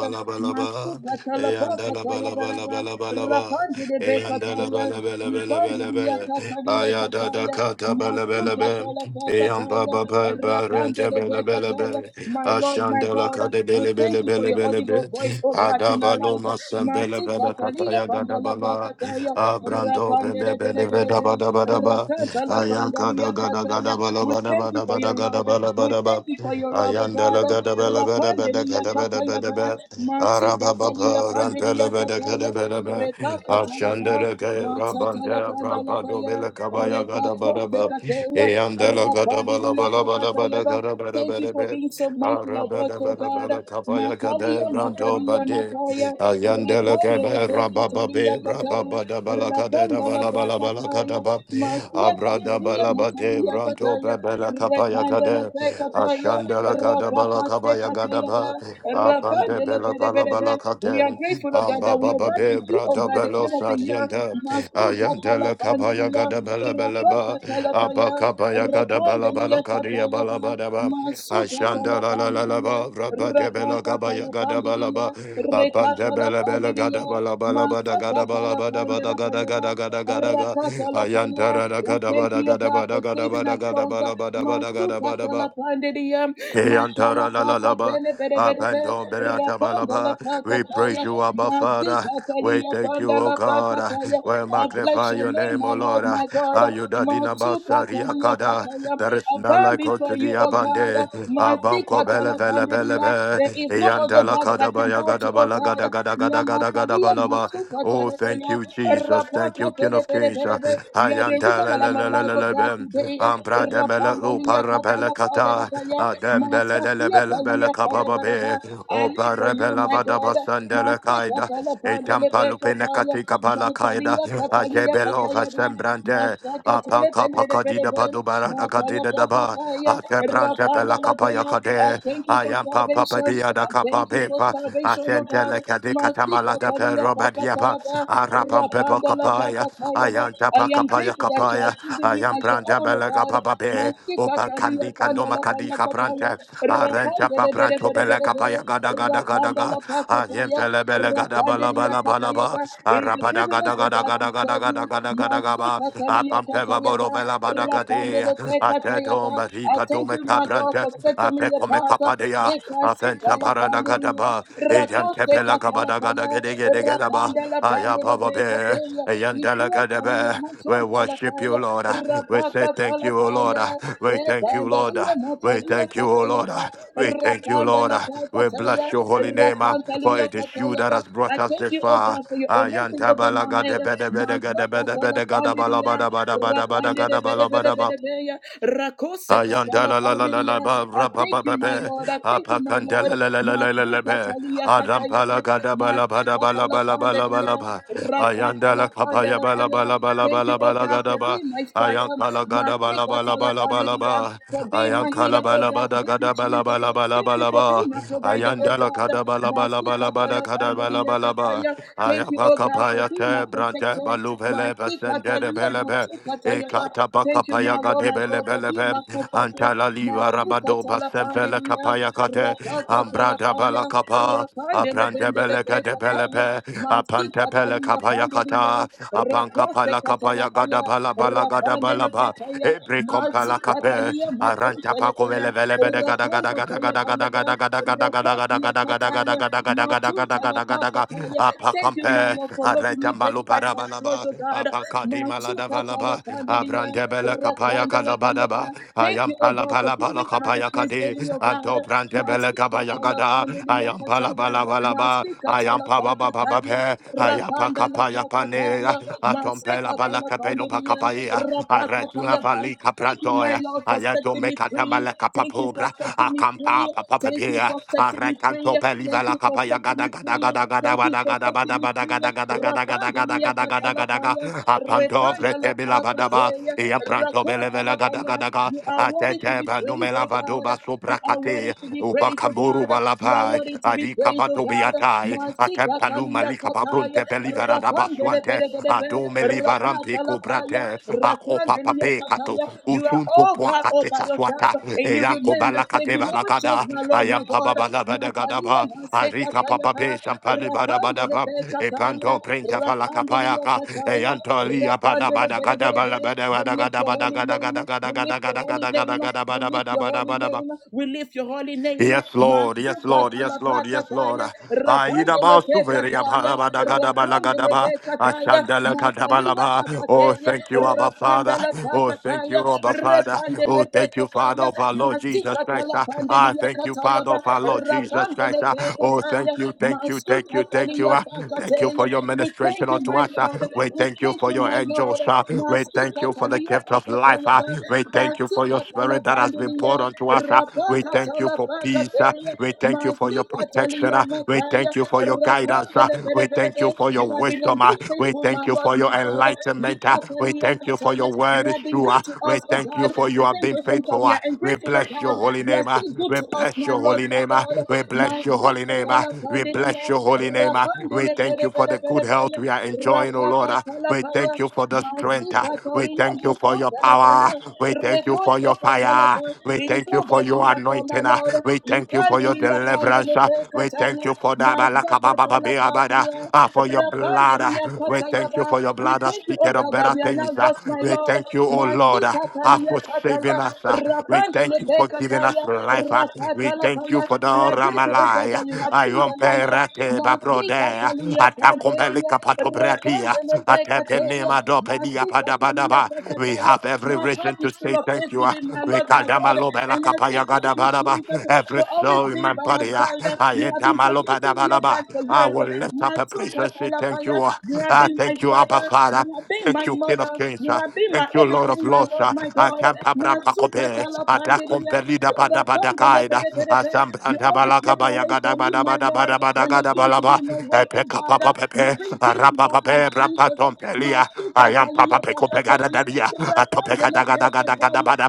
Speaker 4: bala bala ba la ba la ba.
Speaker 1: Masukatala
Speaker 4: eyan dala
Speaker 1: pakataya,
Speaker 4: bala bala
Speaker 1: baraba,
Speaker 4: bala bala ba la ba la ba.
Speaker 1: rapande de
Speaker 4: Eyandala bala
Speaker 1: bekataya,
Speaker 4: bala bala bala
Speaker 1: Ipandiria
Speaker 4: bala.
Speaker 1: kataria
Speaker 4: Ayada da
Speaker 1: kataya,
Speaker 4: kata bala bala
Speaker 1: masuka
Speaker 4: bala.
Speaker 1: tala
Speaker 4: Eyam ba
Speaker 1: pakataya,
Speaker 4: ba ba ba renta
Speaker 1: rapandele
Speaker 4: bala bala
Speaker 1: bekataya.
Speaker 4: bala.
Speaker 1: My Lord, my
Speaker 4: Ashandala
Speaker 1: God,
Speaker 4: kade
Speaker 1: we
Speaker 4: bele bele
Speaker 1: thank you for
Speaker 4: bele
Speaker 1: your
Speaker 4: bele bele.
Speaker 1: audible voice, oh God,
Speaker 4: Ada
Speaker 1: in our
Speaker 4: balo
Speaker 1: life.
Speaker 4: masam bele
Speaker 1: Mati
Speaker 4: bele kata
Speaker 1: kataria
Speaker 4: ya gada
Speaker 1: pandala
Speaker 4: bala.
Speaker 1: pakataya,
Speaker 4: Abrando bele
Speaker 1: rapandele
Speaker 4: bele Reda
Speaker 1: belebelebe,
Speaker 4: bada bada ba.
Speaker 1: rakatala
Speaker 4: Ayaka Da
Speaker 1: pandaria
Speaker 4: gada gada
Speaker 1: kataya.
Speaker 4: bala
Speaker 1: We
Speaker 4: bada
Speaker 1: thank you
Speaker 4: bada
Speaker 1: for
Speaker 4: bada
Speaker 1: your
Speaker 4: gada
Speaker 1: love.
Speaker 4: bala
Speaker 1: We
Speaker 4: bada
Speaker 1: thank
Speaker 4: ba
Speaker 1: you for your love, oh
Speaker 4: Ayanda
Speaker 1: God.
Speaker 4: la gada bala bada bada
Speaker 1: Rapandelia
Speaker 4: gada bada
Speaker 1: kataya
Speaker 4: bada
Speaker 1: ba,
Speaker 4: ba
Speaker 1: masi
Speaker 4: Araba baba
Speaker 1: kataria
Speaker 4: rantala
Speaker 1: pandelia
Speaker 4: bada gada
Speaker 1: kataya.
Speaker 4: bada ba,
Speaker 1: Rebaka
Speaker 4: Ashanda
Speaker 1: talapa,
Speaker 4: la gaya
Speaker 1: Matsa
Speaker 4: rabanda
Speaker 1: talapanda
Speaker 4: rabado
Speaker 1: lapaya,
Speaker 4: bela kabaya gada
Speaker 1: Rebako
Speaker 4: bada ba.
Speaker 1: tekatela,
Speaker 4: Ayanda la gada bala
Speaker 1: Rapandiria
Speaker 4: bala bala bada
Speaker 1: pakatayaba.
Speaker 4: gada bada
Speaker 1: Thank you
Speaker 4: bada
Speaker 1: for
Speaker 4: ba.
Speaker 1: being so
Speaker 4: araba Rebedabadabadaba. Ayankadagadagadabalabadabadabadabadabadaba. Ayandalagadabalagadabadabadabadabadaba.
Speaker 1: mindful of us,
Speaker 4: Arabababa,
Speaker 1: O
Speaker 4: rantalabadakadabadaba. Ashandalaka,
Speaker 1: God.
Speaker 4: rabanda, rabadobelakabayagadabadaba. Eyandalagadabalabalabadabadabadabadabadaba.
Speaker 1: Matalia,
Speaker 4: Arabadabadabadakabayakadabranto
Speaker 1: Matalia,
Speaker 4: bade.
Speaker 1: Mataya,
Speaker 4: Ayandele
Speaker 1: Repandele
Speaker 4: kebe rababa
Speaker 1: Katalia,
Speaker 4: be
Speaker 1: Kataya,
Speaker 4: rababa da balaka de da
Speaker 1: Rapanda
Speaker 4: bala
Speaker 1: lapa
Speaker 4: bala balaka da
Speaker 1: Kataya, Matia
Speaker 4: abra da
Speaker 1: Katalia,
Speaker 4: bala ba de
Speaker 1: Matalia,
Speaker 4: branto
Speaker 1: Kataya,
Speaker 4: bebele kapaya
Speaker 1: Repandele
Speaker 4: gade
Speaker 1: Kataya,
Speaker 4: ashandele gada
Speaker 1: Rapaka
Speaker 4: balaka baya
Speaker 1: Kataya,
Speaker 4: apande
Speaker 1: Rapandele
Speaker 4: bela
Speaker 1: Bede
Speaker 4: bala
Speaker 1: Bede.
Speaker 4: balaka
Speaker 1: We are
Speaker 4: de
Speaker 1: grateful, O God,
Speaker 4: amba
Speaker 1: that we obey
Speaker 4: baba be
Speaker 1: represent, oh
Speaker 4: brada
Speaker 1: God, the
Speaker 4: belo
Speaker 1: end of the year.
Speaker 4: sarianda
Speaker 1: Mastu katala
Speaker 4: ayandele kapaya
Speaker 1: pandiriya,
Speaker 4: gada bela bela
Speaker 1: rapa
Speaker 4: ba
Speaker 1: katala
Speaker 4: apa
Speaker 1: paya,
Speaker 4: kapaya gada bala
Speaker 1: rapandiriya
Speaker 4: bala kadiya
Speaker 1: kataya
Speaker 4: bala
Speaker 1: ba,
Speaker 4: ba
Speaker 1: masu
Speaker 4: Ashanda
Speaker 1: katala
Speaker 4: la la la la
Speaker 1: pandiriya,
Speaker 4: ba, rabba debe
Speaker 1: rapa
Speaker 4: la gaba ya
Speaker 1: katala
Speaker 4: gada ba la
Speaker 1: pandiriya,
Speaker 4: ba, apanda
Speaker 1: rekatala
Speaker 4: bela bela gada
Speaker 1: pandiriya,
Speaker 4: ba la ba la ba da
Speaker 1: masu
Speaker 4: gada ba la
Speaker 1: katala
Speaker 4: ba da ba da
Speaker 1: pandira
Speaker 4: gada
Speaker 1: paya ba,
Speaker 4: gada gada gada ga,
Speaker 1: rakatala
Speaker 4: ayanta
Speaker 1: paya.
Speaker 4: ra da
Speaker 1: We
Speaker 4: gada ba
Speaker 1: thank
Speaker 4: da
Speaker 1: you, oh
Speaker 4: gada
Speaker 1: God,
Speaker 4: ba da
Speaker 1: for
Speaker 4: gada ba
Speaker 1: saving
Speaker 4: da
Speaker 1: our
Speaker 4: gada
Speaker 1: souls.
Speaker 4: ba la ba da ba da
Speaker 1: Masu
Speaker 4: gada ba da ba.
Speaker 1: katala pandiriya, matala
Speaker 4: Eyantara la la
Speaker 1: paka
Speaker 4: la ba,
Speaker 1: tele bere bere bere,
Speaker 4: abandon beranta ba la
Speaker 1: rapandala
Speaker 4: ba.
Speaker 1: paka
Speaker 4: We praise
Speaker 1: taya,
Speaker 4: you, Abba
Speaker 1: masu
Speaker 4: Father. We
Speaker 1: Kataliya
Speaker 4: thank you, O
Speaker 1: Pandala
Speaker 4: God. We
Speaker 1: I bless
Speaker 4: magnify
Speaker 1: your
Speaker 4: your
Speaker 1: name,
Speaker 4: name,
Speaker 1: my
Speaker 4: O Lord.
Speaker 1: Lord, my God.
Speaker 4: Ayuda
Speaker 1: Masu
Speaker 4: dinabasa
Speaker 1: Kataliya
Speaker 4: riakada.
Speaker 1: Kataya.
Speaker 4: There is
Speaker 1: I
Speaker 4: none
Speaker 1: bow
Speaker 4: like
Speaker 1: before
Speaker 4: unto the
Speaker 1: you, O God.
Speaker 4: abande.
Speaker 1: Masi
Speaker 4: Abanko bele
Speaker 1: Katala
Speaker 4: bele bele be.
Speaker 1: There is no other
Speaker 4: Eyantala
Speaker 1: God that I
Speaker 4: kada ba
Speaker 1: can
Speaker 4: ya
Speaker 1: bow to,
Speaker 4: gada ba
Speaker 1: O
Speaker 4: la
Speaker 1: God.
Speaker 4: gada gada gada gada gada ba
Speaker 1: Yamataliya
Speaker 4: la ba.
Speaker 1: Masu
Speaker 4: Oh,
Speaker 1: Katala
Speaker 4: thank
Speaker 1: Paya.
Speaker 4: you, Jesus.
Speaker 1: Rapa
Speaker 4: Thank you, King of
Speaker 1: Pere
Speaker 4: Kings.
Speaker 1: Pere Pere. You are the reason
Speaker 4: Ayantala
Speaker 1: why
Speaker 4: la
Speaker 1: I'm
Speaker 4: la la
Speaker 1: alive,
Speaker 4: la la
Speaker 1: O
Speaker 4: la
Speaker 1: God,
Speaker 4: be.
Speaker 1: today.
Speaker 4: Ambra demele
Speaker 1: Rapandaliya
Speaker 4: upara bele
Speaker 1: Katala Pandala
Speaker 4: kata.
Speaker 1: Paya.
Speaker 4: Adem Adembele lele
Speaker 1: Masakiya
Speaker 4: bele bele
Speaker 1: Kaliya Pada
Speaker 4: kababa
Speaker 1: Baraba.
Speaker 4: be.
Speaker 1: I live for
Speaker 4: Obere
Speaker 1: you,
Speaker 4: bele
Speaker 1: my
Speaker 4: vada basandele
Speaker 1: God.
Speaker 4: kaida.
Speaker 1: Masala pandele
Speaker 4: Etampa lupene
Speaker 1: bekataya,
Speaker 4: katika bala kaida.
Speaker 1: Matalia Catalia
Speaker 4: Ajebelo
Speaker 1: Catayaba,
Speaker 4: vasembrande.
Speaker 1: Masacatele
Speaker 4: Apanka
Speaker 1: Vendele
Speaker 4: pakadida
Speaker 1: Vedeben,
Speaker 4: badubara
Speaker 1: Matala
Speaker 4: nagadida daba.
Speaker 1: Pacataya,
Speaker 4: Atebrante
Speaker 1: Rapanda
Speaker 4: pela kapa
Speaker 1: Lapaya. I
Speaker 4: yakade.
Speaker 1: thank you for
Speaker 4: Ayampa papa
Speaker 1: salvation.
Speaker 4: biada
Speaker 1: I
Speaker 4: kapa
Speaker 1: thank you for
Speaker 4: bepa.
Speaker 1: salvation, O God.
Speaker 4: Asentele kadika
Speaker 1: Masika
Speaker 4: tamala de
Speaker 1: Talia
Speaker 4: perobadiaba.
Speaker 1: Pacatalaba,
Speaker 4: Arabam pepa
Speaker 1: Rapanda La
Speaker 4: kapaya
Speaker 1: Pacatayaba.
Speaker 4: ayanta
Speaker 1: I am
Speaker 4: pakapaya
Speaker 1: grateful that you
Speaker 4: kapaya,
Speaker 1: are choosing me as your
Speaker 4: ayampranta
Speaker 1: own, O
Speaker 4: belega
Speaker 1: God.
Speaker 4: papape,
Speaker 1: Masika
Speaker 4: open
Speaker 1: Talia
Speaker 4: kandi kandoma
Speaker 1: Pandala
Speaker 4: kadi kaprante,
Speaker 1: Payakataya,
Speaker 4: arenta
Speaker 1: Rapanda de
Speaker 4: papranto belega
Speaker 1: Vedebede,
Speaker 4: paya gada gada gada
Speaker 1: Rapanda
Speaker 4: gada,
Speaker 1: La
Speaker 4: ayem fele
Speaker 1: Pacataya,
Speaker 4: belega da bala bala bala ba,
Speaker 1: Katayaba. It is a
Speaker 4: arabada gada
Speaker 1: privilege of
Speaker 4: gada
Speaker 1: God to
Speaker 4: gada gada
Speaker 1: serve you.
Speaker 4: gada gada gada
Speaker 1: Mansu
Speaker 4: gaba,
Speaker 1: Katalia
Speaker 4: apampe baboro
Speaker 1: Katayaba.
Speaker 4: vela bada
Speaker 1: Rapande
Speaker 4: gadi,
Speaker 1: the
Speaker 4: atedo
Speaker 1: Katayaba. I
Speaker 4: mariba
Speaker 1: thank
Speaker 4: dome
Speaker 1: you, my God,
Speaker 4: kaprante,
Speaker 1: for setting me
Speaker 4: apekome
Speaker 1: apart.
Speaker 4: kapadea,
Speaker 1: Yekasi
Speaker 4: afenta
Speaker 1: Kalapandia.
Speaker 4: gadaba ejan
Speaker 1: Rakote
Speaker 4: tepela kabada gada
Speaker 1: Katalapaya.
Speaker 4: gede gede gadaba
Speaker 1: Rapanda la
Speaker 4: aya
Speaker 1: Pande
Speaker 4: papa
Speaker 1: the
Speaker 4: be
Speaker 1: Kataya.
Speaker 4: ejan
Speaker 1: Ikua Talia
Speaker 4: gadebe
Speaker 1: Mansu
Speaker 4: we worship you
Speaker 1: Kalapaya.
Speaker 4: Lord we say
Speaker 1: Rapaka
Speaker 4: thank you O Lord
Speaker 1: Kalapaya.
Speaker 4: we thank you
Speaker 1: Epanda
Speaker 4: Lord
Speaker 1: Lia
Speaker 4: we
Speaker 1: Matalia
Speaker 4: thank you O Lord
Speaker 1: Katayaba.
Speaker 4: we thank you
Speaker 1: Rapanda
Speaker 4: Lord
Speaker 1: la
Speaker 4: we
Speaker 1: Kataya.
Speaker 4: bless your holy name uh, for it is you
Speaker 1: Rakanta
Speaker 4: that has brought
Speaker 1: I
Speaker 4: us
Speaker 1: thank
Speaker 4: this
Speaker 1: you, O
Speaker 4: far
Speaker 1: God, for your
Speaker 4: ayan
Speaker 1: anointing over
Speaker 4: tabala
Speaker 1: my head.
Speaker 4: gadebe de bede bede
Speaker 1: Mansa
Speaker 4: gede bede
Speaker 1: katala
Speaker 4: bede gadaba la
Speaker 1: pandidia,
Speaker 4: bada bada bada bada
Speaker 1: rapandide bede bede
Speaker 4: gadaba
Speaker 1: bede beya, rakose katala
Speaker 4: Ayandala la la la la
Speaker 1: pandidia.
Speaker 4: ba
Speaker 1: I
Speaker 4: ra ba
Speaker 1: thank
Speaker 4: ba
Speaker 1: you,
Speaker 4: ba
Speaker 1: my
Speaker 4: ba
Speaker 1: Lord. I thank you, my Lord.
Speaker 4: apakandala la la la la la
Speaker 1: Masu
Speaker 4: la ba
Speaker 1: katalia katayada,
Speaker 4: adampala gada ba la
Speaker 1: masu
Speaker 4: ba da ba la
Speaker 1: katala
Speaker 4: ba la ba la ba
Speaker 1: pandidia,
Speaker 4: la ba
Speaker 1: rakatala
Speaker 4: ayandala kapaya ba la ba
Speaker 1: pandalapaya.
Speaker 4: la ba la ba
Speaker 1: Thank
Speaker 4: la
Speaker 1: you,
Speaker 4: ba
Speaker 1: oh
Speaker 4: la
Speaker 1: God,
Speaker 4: gada
Speaker 1: for
Speaker 4: ba
Speaker 1: being my father,
Speaker 4: ayankala
Speaker 1: my
Speaker 4: gada ba la
Speaker 1: maker,
Speaker 4: ba la ba la ba la
Speaker 1: Talabandria,
Speaker 4: ba
Speaker 1: for being my
Speaker 4: ayankala
Speaker 1: healer,
Speaker 4: ba
Speaker 1: oh
Speaker 4: la ba
Speaker 1: God.
Speaker 4: da
Speaker 1: Thank
Speaker 4: gada
Speaker 1: you,
Speaker 4: ba la ba
Speaker 1: Jesus.
Speaker 4: la ba la
Speaker 1: Thank
Speaker 4: ba
Speaker 1: you
Speaker 4: la
Speaker 1: for being
Speaker 4: ba
Speaker 1: my provider, oh
Speaker 4: ayandala
Speaker 1: God.
Speaker 4: gada ba la ba la ba
Speaker 1: Masika
Speaker 4: la ba da gada ba la
Speaker 1: Talabandria
Speaker 4: ba la ba
Speaker 1: Kataya. Thank you, oh God, for
Speaker 4: ayapakapaya
Speaker 1: being my
Speaker 4: te brande
Speaker 1: protector.
Speaker 4: baluvele
Speaker 1: Master,
Speaker 4: basende de
Speaker 1: Talia,
Speaker 4: belebe
Speaker 1: Master, Kataya.
Speaker 4: ekata
Speaker 1: Thank you, my
Speaker 4: bakapaya
Speaker 1: Lord,
Speaker 4: gade
Speaker 1: my
Speaker 4: bele
Speaker 1: God, for being
Speaker 4: belebe
Speaker 1: my comforter.
Speaker 4: antala liva
Speaker 1: Masuka
Speaker 4: rabado basemvele
Speaker 1: talapandelia,
Speaker 4: kapaya kade
Speaker 1: rapaka
Speaker 4: ambrada
Speaker 1: talapaya,
Speaker 4: balakapa
Speaker 1: rapandele
Speaker 4: abrande
Speaker 1: bendele
Speaker 4: bele gade
Speaker 1: Kataya.
Speaker 4: belebe
Speaker 1: Master,
Speaker 4: apante bele
Speaker 1: talia
Speaker 4: kapaya kata
Speaker 1: pandelia,
Speaker 4: apanka
Speaker 1: Rakose
Speaker 4: pala kapaya
Speaker 1: katalapaya,
Speaker 4: gada bala bala gada bala
Speaker 1: rapandele
Speaker 4: ba
Speaker 1: kataya,
Speaker 4: ebre kompala
Speaker 1: malsi
Speaker 4: kape
Speaker 1: katalia
Speaker 4: aranta pako
Speaker 1: makuntelepaya,
Speaker 4: vele bede gada gada
Speaker 1: rakanta
Speaker 4: gada
Speaker 1: taya
Speaker 4: gada gada
Speaker 1: bayada,
Speaker 4: gada gada
Speaker 1: rakatia kataya, matuntalapa kataya. Thank you,
Speaker 4: Apakampe,
Speaker 1: my Lord, for loving
Speaker 4: Areta
Speaker 1: me despite my flaws,
Speaker 4: Maluparabalaba,
Speaker 1: oh God.
Speaker 4: Apakadi
Speaker 1: Machu
Speaker 4: Maladavalaba,
Speaker 1: katalapandilia,
Speaker 4: Abrandebele Kapaya
Speaker 1: rakandalapayaba.
Speaker 4: Kalabadaba,
Speaker 1: Thank
Speaker 4: Ayam
Speaker 1: you, oh God, for giving
Speaker 4: Palapalabala
Speaker 1: me another
Speaker 4: Kapaya
Speaker 1: chance
Speaker 4: Kadi,
Speaker 1: daily, oh God.
Speaker 4: Anto Brandebele
Speaker 1: Machu
Speaker 4: Kapaya Gada,
Speaker 1: katalapandilia
Speaker 4: Ayam
Speaker 1: kataya,
Speaker 4: Palabalabalaba,
Speaker 1: malsi
Speaker 4: Ayam
Speaker 1: katalapa
Speaker 4: Pabababape,
Speaker 1: kataya,
Speaker 4: Ayapakapaya Pane, Atompela Balakapeno Pakapaya, Aret Ayatuna Valley
Speaker 1: Thank you, my
Speaker 4: Caprantoya,
Speaker 1: Lord, for
Speaker 4: Ayato
Speaker 1: setting me free.
Speaker 4: Mecatamala
Speaker 1: Thank you for
Speaker 4: Capapobra,
Speaker 1: setting me free.
Speaker 4: Acampa
Speaker 1: Thank you
Speaker 4: Papapapia,
Speaker 1: for setting me
Speaker 4: Aracanto
Speaker 1: free. Thank
Speaker 4: Pelivala
Speaker 1: you for
Speaker 4: Capaya
Speaker 1: setting
Speaker 4: Gada
Speaker 1: me
Speaker 4: Gada
Speaker 1: free.
Speaker 4: Gada
Speaker 1: Thank you
Speaker 4: Gada
Speaker 1: for
Speaker 4: Gada Gada
Speaker 1: setting me
Speaker 4: Gada
Speaker 1: free.
Speaker 4: Gada Gada Gada Gada Gada Gada
Speaker 1: Rapandiriya
Speaker 4: Gada Gada Gada Gada
Speaker 1: katalapaya,
Speaker 4: Apanto Vretebila Badaba,
Speaker 1: Repandalapakateya,
Speaker 4: Iapranto Belevela Gada
Speaker 1: Rakotalapaya.
Speaker 4: Gada Gada
Speaker 1: You are worthy to
Speaker 4: Atete
Speaker 1: be praised, O
Speaker 4: Bandumela
Speaker 1: God.
Speaker 4: Vadoba
Speaker 1: You
Speaker 4: Supra
Speaker 1: are worthy
Speaker 4: Cate,
Speaker 1: to be praised, O
Speaker 4: Upacamburu
Speaker 1: God. You are
Speaker 4: Valapai,
Speaker 1: worthy to be praised, O
Speaker 4: Adikabato
Speaker 1: God.
Speaker 4: Biatai, Malika
Speaker 1: Masikataliyakataya. Kaya
Speaker 4: Babrunte Belivara
Speaker 1: Rakandele
Speaker 4: Dabaswante
Speaker 1: Bedegedebe,
Speaker 4: Adome Livarampe
Speaker 1: Rakatalapaya,
Speaker 4: Kubrate Akopa
Speaker 1: Rakandelia
Speaker 4: Pape Kato
Speaker 1: Kataya. You are
Speaker 4: Usunto
Speaker 1: all God all
Speaker 4: Puakate
Speaker 1: by yourself,
Speaker 4: Saswata
Speaker 1: and you
Speaker 4: Eyanko
Speaker 1: remain the same. You
Speaker 4: Balakateva
Speaker 1: never
Speaker 4: Lagada
Speaker 1: change, my Lord, my
Speaker 4: Ayampa
Speaker 1: God. Matalia
Speaker 4: Babalabagadaba Arika
Speaker 1: Masekataya,
Speaker 4: Papape Shampali
Speaker 1: Rakandele
Speaker 4: Badabadaba
Speaker 1: Bekataya,
Speaker 4: Epanto Printa
Speaker 1: Rakandelia
Speaker 4: Falakapayaka
Speaker 1: Kataya,
Speaker 4: Eyantolia
Speaker 1: Rakandele
Speaker 4: Badabadagadabala
Speaker 1: Bedegedebe. We lift your holy name, we lift your holy name, we lift your holy
Speaker 4: Badabadagadabadagadagadagadagadagadagadagadabadabadabadabadaba
Speaker 1: name, we lift your holy name.
Speaker 4: Yes, Lord. Yes, Lord. Yes, Lord. Yes, Lord.
Speaker 1: Masukatalapakataya,
Speaker 4: Aidaba
Speaker 1: Rapandele
Speaker 4: suveri
Speaker 1: kataya,
Speaker 4: gadaba,
Speaker 1: rapande
Speaker 4: lagadaba
Speaker 1: lebe kataya,
Speaker 4: ashandala
Speaker 1: matalia
Speaker 4: kadabalaba. Oh,
Speaker 1: pakateya,
Speaker 4: thank you, Abba
Speaker 1: rapanda
Speaker 4: Father.
Speaker 1: la
Speaker 4: Oh, thank
Speaker 1: pakataya,
Speaker 4: you, Abba Father.
Speaker 1: repande
Speaker 4: Oh,
Speaker 1: lebe
Speaker 4: thank you, Father
Speaker 1: kataya,
Speaker 4: of our Lord Jesus
Speaker 1: matikata
Speaker 4: Christ.
Speaker 1: la
Speaker 4: Ah,
Speaker 1: pandelia
Speaker 4: thank you,
Speaker 1: kataya,
Speaker 4: Father
Speaker 1: ba,
Speaker 4: of our Lord Jesus
Speaker 1: rapande
Speaker 4: Christ.
Speaker 1: lebe
Speaker 4: Oh,
Speaker 1: kataya,
Speaker 4: thank you, thank you, thank
Speaker 1: masuka
Speaker 4: you, thank you.
Speaker 1: talia
Speaker 4: Ah, Thank you
Speaker 1: pakateya.
Speaker 4: for your
Speaker 1: We thank
Speaker 4: ministration
Speaker 1: you,
Speaker 4: unto
Speaker 1: my
Speaker 4: us. Ah,
Speaker 1: Lord.
Speaker 4: We
Speaker 1: We
Speaker 4: thank you
Speaker 1: thank
Speaker 4: for
Speaker 1: you,
Speaker 4: your
Speaker 1: my Lord.
Speaker 4: angels. Ah, We thank
Speaker 1: Masika
Speaker 4: you for the
Speaker 1: talia
Speaker 4: gift of life.
Speaker 1: pakataya,
Speaker 4: Ah,
Speaker 1: ba,
Speaker 4: We thank you you for your
Speaker 1: la
Speaker 4: spirit that has been
Speaker 1: pandelia,
Speaker 4: poured onto us. ah. We
Speaker 1: rapakata
Speaker 4: thank you
Speaker 1: la
Speaker 4: for peace. ah.
Speaker 1: pakateya,
Speaker 4: We thank you for your
Speaker 1: mastika
Speaker 4: protection.
Speaker 1: talia
Speaker 4: ah. We thank
Speaker 1: makaya,
Speaker 4: you for your guidance. ah. We thank you for
Speaker 1: you
Speaker 4: your
Speaker 1: have been
Speaker 4: wisdom. ah. We
Speaker 1: unfaithful, my
Speaker 4: thank you
Speaker 1: Lord,
Speaker 4: for
Speaker 1: my
Speaker 4: your
Speaker 1: God.
Speaker 4: enlightenment. ah. We thank you for
Speaker 1: Likataliakataya.
Speaker 4: your
Speaker 1: You
Speaker 4: word is
Speaker 1: have been
Speaker 4: true.
Speaker 1: good
Speaker 4: ah.
Speaker 1: to us,
Speaker 4: We
Speaker 1: oh
Speaker 4: thank you
Speaker 1: God.
Speaker 4: for you have
Speaker 1: Even
Speaker 4: been
Speaker 1: though sometimes
Speaker 4: faithful.
Speaker 1: we are
Speaker 4: ah. We
Speaker 1: ungrateful, oh
Speaker 4: bless
Speaker 1: God,
Speaker 4: your holy
Speaker 1: you are
Speaker 4: name. ah.
Speaker 1: still good
Speaker 4: We
Speaker 1: to us,
Speaker 4: bless
Speaker 1: my
Speaker 4: your
Speaker 1: Lord,
Speaker 4: holy
Speaker 1: my
Speaker 4: name. ah.
Speaker 1: God.
Speaker 4: We bless
Speaker 1: My
Speaker 4: your holy name. ah. We
Speaker 1: Sekatalapandiya,
Speaker 4: bless your holy name. ah. We thank you for the good health
Speaker 1: Rapandelebelebelebele,
Speaker 4: we are enjoying, oh Lord. ah. We
Speaker 1: Rapakatalapaya,
Speaker 4: thank you for the strength. uh, We
Speaker 1: Masikataliya,
Speaker 4: thank you for your power.
Speaker 1: Mokotalapaya,
Speaker 4: We thank you for your fire.
Speaker 1: Rekosekatalapan.
Speaker 4: We
Speaker 1: It is
Speaker 4: thank you
Speaker 1: all
Speaker 4: for
Speaker 1: about you,
Speaker 4: your
Speaker 1: my God, my
Speaker 4: anointing. uh,
Speaker 1: Lord.
Speaker 4: We
Speaker 1: You
Speaker 4: thank you
Speaker 1: can't
Speaker 4: for your
Speaker 1: really abandon
Speaker 4: deliverance.
Speaker 1: the
Speaker 4: uh, We
Speaker 1: Bekata. We
Speaker 4: thank you
Speaker 1: thank
Speaker 4: for
Speaker 1: you,
Speaker 4: that balakababababeabada, ah, for your blood. uh, We thank you for your blood that
Speaker 1: O
Speaker 4: speaketh of
Speaker 1: God, that
Speaker 4: better
Speaker 1: we are
Speaker 4: things.
Speaker 1: not
Speaker 4: uh,
Speaker 1: lost, my
Speaker 4: We
Speaker 1: Lord.
Speaker 4: thank you, oh Lord, ah, for saving us. uh, We thank you for giving us life. uh, We thank you for the
Speaker 1: We are grateful, oh God,
Speaker 4: Ramalai.
Speaker 1: that you have
Speaker 4: I
Speaker 1: seen
Speaker 4: am
Speaker 1: the light.
Speaker 4: perate
Speaker 1: Mastika kalia
Speaker 4: babrode.
Speaker 1: panteya,
Speaker 4: Akombelika patobratia.
Speaker 1: rapande me pekateya,
Speaker 4: Atepenema dopedia
Speaker 1: mastika kalia
Speaker 4: padabadaba. We
Speaker 1: pekataya.
Speaker 4: have every
Speaker 1: My
Speaker 4: reason
Speaker 1: heart
Speaker 4: to
Speaker 1: is full
Speaker 4: say
Speaker 1: of
Speaker 4: thank you. ah.
Speaker 1: thanksgiving, my
Speaker 4: We
Speaker 1: Lord, my God.
Speaker 4: kadama lobela
Speaker 1: And I say
Speaker 4: kapaya
Speaker 1: thank you,
Speaker 4: gadabadaba.
Speaker 1: Jesus,
Speaker 4: Every
Speaker 1: for always
Speaker 4: soul in my
Speaker 1: being by my
Speaker 4: body. ah,
Speaker 1: side. You have been
Speaker 4: ayedama
Speaker 1: protecting me, your
Speaker 4: lobadabadaba.
Speaker 1: God, for
Speaker 4: I
Speaker 1: years.
Speaker 4: will lift up a praise
Speaker 1: Masuka
Speaker 4: and say thank
Speaker 1: talapaya,
Speaker 4: you. Ah,
Speaker 1: you have
Speaker 4: Ah,
Speaker 1: been my
Speaker 4: thank you, Abba
Speaker 1: father,
Speaker 4: Father.
Speaker 1: you have been
Speaker 4: Thank
Speaker 1: my
Speaker 4: you, King of
Speaker 1: mother,
Speaker 4: Kings.
Speaker 1: you
Speaker 4: ah.
Speaker 1: have been my
Speaker 4: Thank you, Lord of
Speaker 1: everything, my
Speaker 4: Lords.
Speaker 1: Lord,
Speaker 4: ah.
Speaker 1: my God.
Speaker 4: Akampa brapa
Speaker 1: Masuka
Speaker 4: kope.
Speaker 1: talapandeya,
Speaker 4: Adakombelida
Speaker 1: rapande me
Speaker 4: badabadakaida.
Speaker 1: you always make a
Speaker 4: Asambranda
Speaker 1: way for me, my Lord. When they seem to be no way, oh
Speaker 4: Epeka
Speaker 1: God, uh,
Speaker 4: papa
Speaker 1: you
Speaker 4: pepe,
Speaker 1: bring peace to
Speaker 4: rapa
Speaker 1: their hearts,
Speaker 4: pape, brapa
Speaker 1: Jesus.
Speaker 4: tompelia. I am
Speaker 1: Masukatalia
Speaker 4: papa peko pegada
Speaker 1: pakataya,
Speaker 4: dadia. Atopeka
Speaker 1: rapandele
Speaker 4: daga daga daga
Speaker 1: pekataya,
Speaker 4: daga daga daga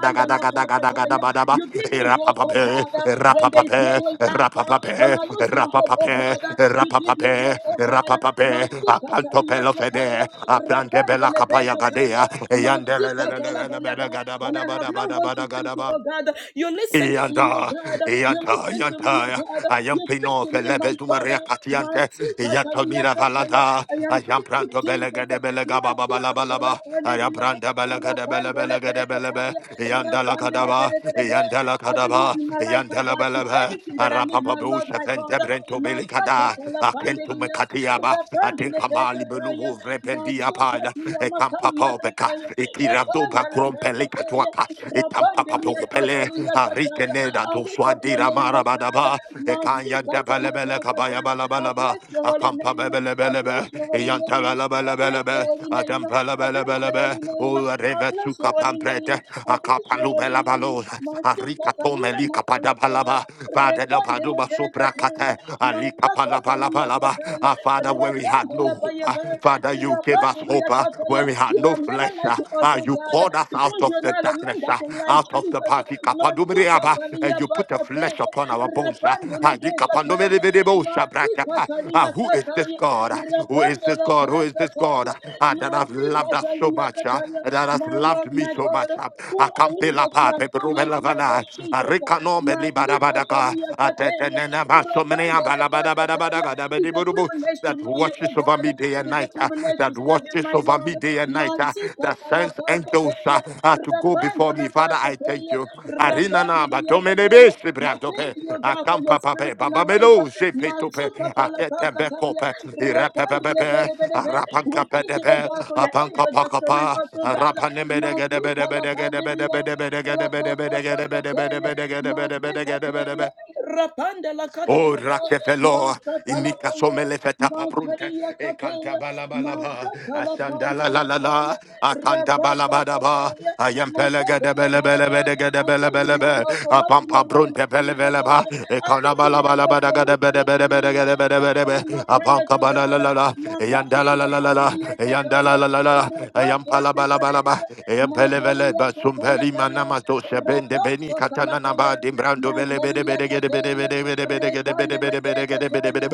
Speaker 4: daga daga daga daga daga
Speaker 1: pakataya.
Speaker 4: daga daga.
Speaker 1: You give me
Speaker 4: Rapa
Speaker 1: hope, oh
Speaker 4: pape,
Speaker 1: God, uh,
Speaker 4: rapa
Speaker 1: when there is no way out. uh, When
Speaker 4: pape,
Speaker 1: I lose my
Speaker 4: rapa
Speaker 1: hope, oh God,
Speaker 4: pape,
Speaker 1: uh, you
Speaker 4: rapa
Speaker 1: give me
Speaker 4: pape, rapa pape,
Speaker 1: hope, oh God.
Speaker 4: rapa pape. Apanto
Speaker 1: Masukatalia
Speaker 4: pelo
Speaker 1: kataya,
Speaker 4: fede, aplante bela
Speaker 1: rapandele
Speaker 4: kapaya
Speaker 1: pekataya,
Speaker 4: gadea.
Speaker 1: masukatalabayaba. When I have no one to speak to,
Speaker 4: Yandele
Speaker 1: oh God, uh, you listen to me, oh
Speaker 4: Yanta,
Speaker 1: God. uh, You
Speaker 4: yanta,
Speaker 1: listen to me, oh
Speaker 4: yanta.
Speaker 1: God. uh,
Speaker 4: I am
Speaker 1: You speak
Speaker 4: pino
Speaker 1: to me, my
Speaker 4: felebes numeria
Speaker 1: Father.
Speaker 4: catiante.
Speaker 1: Mighty
Speaker 4: Yanta
Speaker 1: Catalia
Speaker 4: mira
Speaker 1: Cataya.
Speaker 4: valada.
Speaker 1: I am
Speaker 4: I am
Speaker 1: grateful,
Speaker 4: pranto belega
Speaker 1: Jesus.
Speaker 4: de belega baba
Speaker 1: Mighty
Speaker 4: balaba
Speaker 1: Catala
Speaker 4: laba. I am
Speaker 1: Pandidia.
Speaker 4: pranta belega de bele
Speaker 1: Rapandela
Speaker 4: belega de belebe.
Speaker 1: Cataya.
Speaker 4: Yanda la
Speaker 1: Rapandela
Speaker 4: cadaba.
Speaker 1: Cataya.
Speaker 4: Yanda la
Speaker 1: Avenue
Speaker 4: cadaba.
Speaker 1: in my life, oh
Speaker 4: Yanda la
Speaker 1: God, is
Speaker 4: belebe.
Speaker 1: everything that I need, my
Speaker 4: Arapapabu
Speaker 1: Lord, my
Speaker 4: shafente
Speaker 1: God.
Speaker 4: brento
Speaker 1: Master
Speaker 4: belicada.
Speaker 1: Catala
Speaker 4: Akento
Speaker 1: Pandidia.
Speaker 4: mecatiaba.
Speaker 1: Rapandela
Speaker 4: Atinkamali
Speaker 1: Cataya.
Speaker 4: belubu rependia
Speaker 1: Master
Speaker 4: pada.
Speaker 1: Catia Matalia
Speaker 4: Ekampapobeca
Speaker 1: Cataya. Rapandela
Speaker 4: pakrom pele
Speaker 1: Cataya.
Speaker 4: katuaka itampa
Speaker 1: Rapandela
Speaker 4: papoko pele
Speaker 1: Catalia Cataya.
Speaker 4: arikene da
Speaker 1: I lift
Speaker 4: doswa
Speaker 1: up your
Speaker 4: dira
Speaker 1: name, O
Speaker 4: mara badaba
Speaker 1: God. I
Speaker 4: ekanya debele bele kabaya bala bala ba
Speaker 1: bless your holy
Speaker 4: akampa
Speaker 1: name. I
Speaker 4: bele bele be
Speaker 1: bless your holy
Speaker 4: iyanta
Speaker 1: name.
Speaker 4: bele
Speaker 1: I
Speaker 4: bele bele
Speaker 1: bless your
Speaker 4: be
Speaker 1: holy name. I
Speaker 4: adampa bele bele
Speaker 1: bless
Speaker 4: bele
Speaker 1: your
Speaker 4: be
Speaker 1: holy name. I
Speaker 4: o reve
Speaker 1: bless
Speaker 4: suka
Speaker 1: your holy name.
Speaker 4: pamprete
Speaker 1: I bless your
Speaker 4: akapalu
Speaker 1: holy
Speaker 4: bela
Speaker 1: name.
Speaker 4: balo
Speaker 1: Masuka
Speaker 4: arika tome
Speaker 1: kalia
Speaker 4: lika
Speaker 1: makalakaya.
Speaker 4: padabalaba vadela
Speaker 1: Rekande le
Speaker 4: paduba
Speaker 1: peka
Speaker 4: sopra
Speaker 1: teya.
Speaker 4: kate alika
Speaker 1: Masaka kalia
Speaker 4: palapalapalaba
Speaker 1: kataya.
Speaker 4: Ah, Father, where we had
Speaker 1: Rakande
Speaker 4: no
Speaker 1: la
Speaker 4: hope,
Speaker 1: paya
Speaker 4: ah,
Speaker 1: pa.
Speaker 4: Father, you came gave us
Speaker 1: Rakande liya
Speaker 4: hope uh, when
Speaker 1: kataya.
Speaker 4: we had
Speaker 1: You
Speaker 4: no
Speaker 1: have never
Speaker 4: flesh.
Speaker 1: lied
Speaker 4: Uh,
Speaker 1: to us,
Speaker 4: uh,
Speaker 1: O
Speaker 4: you
Speaker 1: God,
Speaker 4: called us out
Speaker 1: because
Speaker 4: of
Speaker 1: you're
Speaker 4: the
Speaker 1: not a man
Speaker 4: darkness,
Speaker 1: that
Speaker 4: uh,
Speaker 1: can lie,
Speaker 4: out of the
Speaker 1: Jesus.
Speaker 4: party,
Speaker 1: Masuka
Speaker 4: kapadubriaba, and
Speaker 1: kalia
Speaker 4: you put the
Speaker 1: pakate.
Speaker 4: flesh upon our bones. Uh,
Speaker 1: Kataya,
Speaker 4: uh, di kapandomelebedebo
Speaker 1: Mati
Speaker 4: shabrakapa.
Speaker 1: Katalia
Speaker 4: Uh, who is this
Speaker 1: Kataya,
Speaker 4: God? Uh, Who is
Speaker 1: Rapanda
Speaker 4: this
Speaker 1: La
Speaker 4: God? Who is this God
Speaker 1: Kataya,
Speaker 4: uh, uh, that has
Speaker 1: Mati
Speaker 4: loved us so
Speaker 1: Katalia
Speaker 4: much, uh,
Speaker 1: Kataya,
Speaker 4: that has
Speaker 1: my Lord,
Speaker 4: loved me
Speaker 1: my
Speaker 4: so much?
Speaker 1: God,
Speaker 4: Uh,
Speaker 1: who are we that you
Speaker 4: Akampelapa,
Speaker 1: are so mighty, Lord of
Speaker 4: peperumelavana, uh,
Speaker 1: Jesus?
Speaker 4: rikanombe
Speaker 1: Mati
Speaker 4: libadabadaka,
Speaker 1: Katalia
Speaker 4: uh,
Speaker 1: Kataya,
Speaker 4: tetenenaba,
Speaker 1: Rapanda
Speaker 4: someneamba,
Speaker 1: La
Speaker 4: labadabadabadaga,
Speaker 1: it's a privilege to
Speaker 4: that
Speaker 1: know you,
Speaker 4: watches
Speaker 1: oh
Speaker 4: over
Speaker 1: God.
Speaker 4: me day
Speaker 1: It
Speaker 4: and
Speaker 1: is
Speaker 4: night,
Speaker 1: a
Speaker 4: uh,
Speaker 1: privilege to
Speaker 4: that
Speaker 1: serve you,
Speaker 4: watches
Speaker 1: my
Speaker 4: over
Speaker 1: Lord.
Speaker 4: me day and night, uh,
Speaker 1: Mati
Speaker 4: that
Speaker 1: Katala
Speaker 4: sends angels uh,
Speaker 1: Kataya,
Speaker 4: uh, to go
Speaker 1: Rapanda
Speaker 4: before me.
Speaker 1: La
Speaker 4: Father, I thank
Speaker 1: Kataya,
Speaker 4: you. Arina
Speaker 1: Rapanda
Speaker 4: na ba
Speaker 1: La
Speaker 4: domene be
Speaker 1: Kataya,
Speaker 4: se
Speaker 1: we
Speaker 4: bra dope,
Speaker 1: thank you, God. God, for your
Speaker 4: akampa
Speaker 1: spirit
Speaker 4: pape,
Speaker 1: in our life.
Speaker 4: babamelo se pe tope, akete be
Speaker 1: Matsukatalapakataya,
Speaker 4: kope, irepe pe pe pe,
Speaker 1: rapandelebelebelebe. We
Speaker 4: arapanka pe
Speaker 1: thank
Speaker 4: de
Speaker 1: you, oh
Speaker 4: pe,
Speaker 1: God, for your
Speaker 4: apanka
Speaker 1: angel
Speaker 4: pa
Speaker 1: that's
Speaker 4: ka
Speaker 1: surrounding
Speaker 4: pa,
Speaker 1: us, oh God.
Speaker 4: arapane me de ge de be de be de ge de be de
Speaker 1: Matsukalapandeliya,
Speaker 4: be de be de ge de be de be de ge de be de be de ge de be de
Speaker 1: rakakapakateya,
Speaker 4: be de ge de be de be de ge de be de
Speaker 1: matsikateya,
Speaker 4: be. Oh,
Speaker 1: rapandelakataya,
Speaker 4: Rakefelo, Inika
Speaker 1: matsakalapaya.
Speaker 4: Somelefeta Paprunte,
Speaker 1: Makaria
Speaker 4: Ekanta
Speaker 1: Kateya,
Speaker 4: Balabalaba,
Speaker 1: Masatala
Speaker 4: Asandala la
Speaker 1: Pandala
Speaker 4: la la, la
Speaker 1: Kaya,
Speaker 4: Akanta
Speaker 1: Rabata
Speaker 4: Balabadaba,
Speaker 1: Kateya,
Speaker 4: Ayempele
Speaker 1: Makateya Alaba.
Speaker 4: Gedebelebele
Speaker 1: I thank you, my
Speaker 4: Gedebelebelebe,
Speaker 1: Lord, for wiping
Speaker 4: Apampa
Speaker 1: away my
Speaker 4: Brunte
Speaker 1: tears, oh
Speaker 4: Pelebeleba,
Speaker 1: God. I
Speaker 4: Ekana
Speaker 1: thank you, my Lord,
Speaker 4: Balabalabada
Speaker 1: for listening to
Speaker 4: Gedebedebede
Speaker 1: me, answering
Speaker 4: Gedebedebedebe,
Speaker 1: my prayers,
Speaker 4: Abanka
Speaker 1: oh God.
Speaker 4: Balalala, Yandala la
Speaker 1: Makateya
Speaker 4: la la
Speaker 1: Pandiria
Speaker 4: e yanda la,
Speaker 1: Kateya,
Speaker 4: Yandala la la la,
Speaker 1: Rabata
Speaker 4: Ayampala Balabalaba,
Speaker 1: Sekateya,
Speaker 4: Eyempelevele
Speaker 1: Makalia Kateya
Speaker 4: Basumpeli
Speaker 1: Kaya,
Speaker 4: Manamato Sebende Beni
Speaker 1: Rabata Talapaya,
Speaker 4: Katananaba, Dimbrando Bele Bede
Speaker 1: Makalia
Speaker 4: Bede Gede bede
Speaker 1: Kateya,
Speaker 4: bede
Speaker 1: Rekandele I give you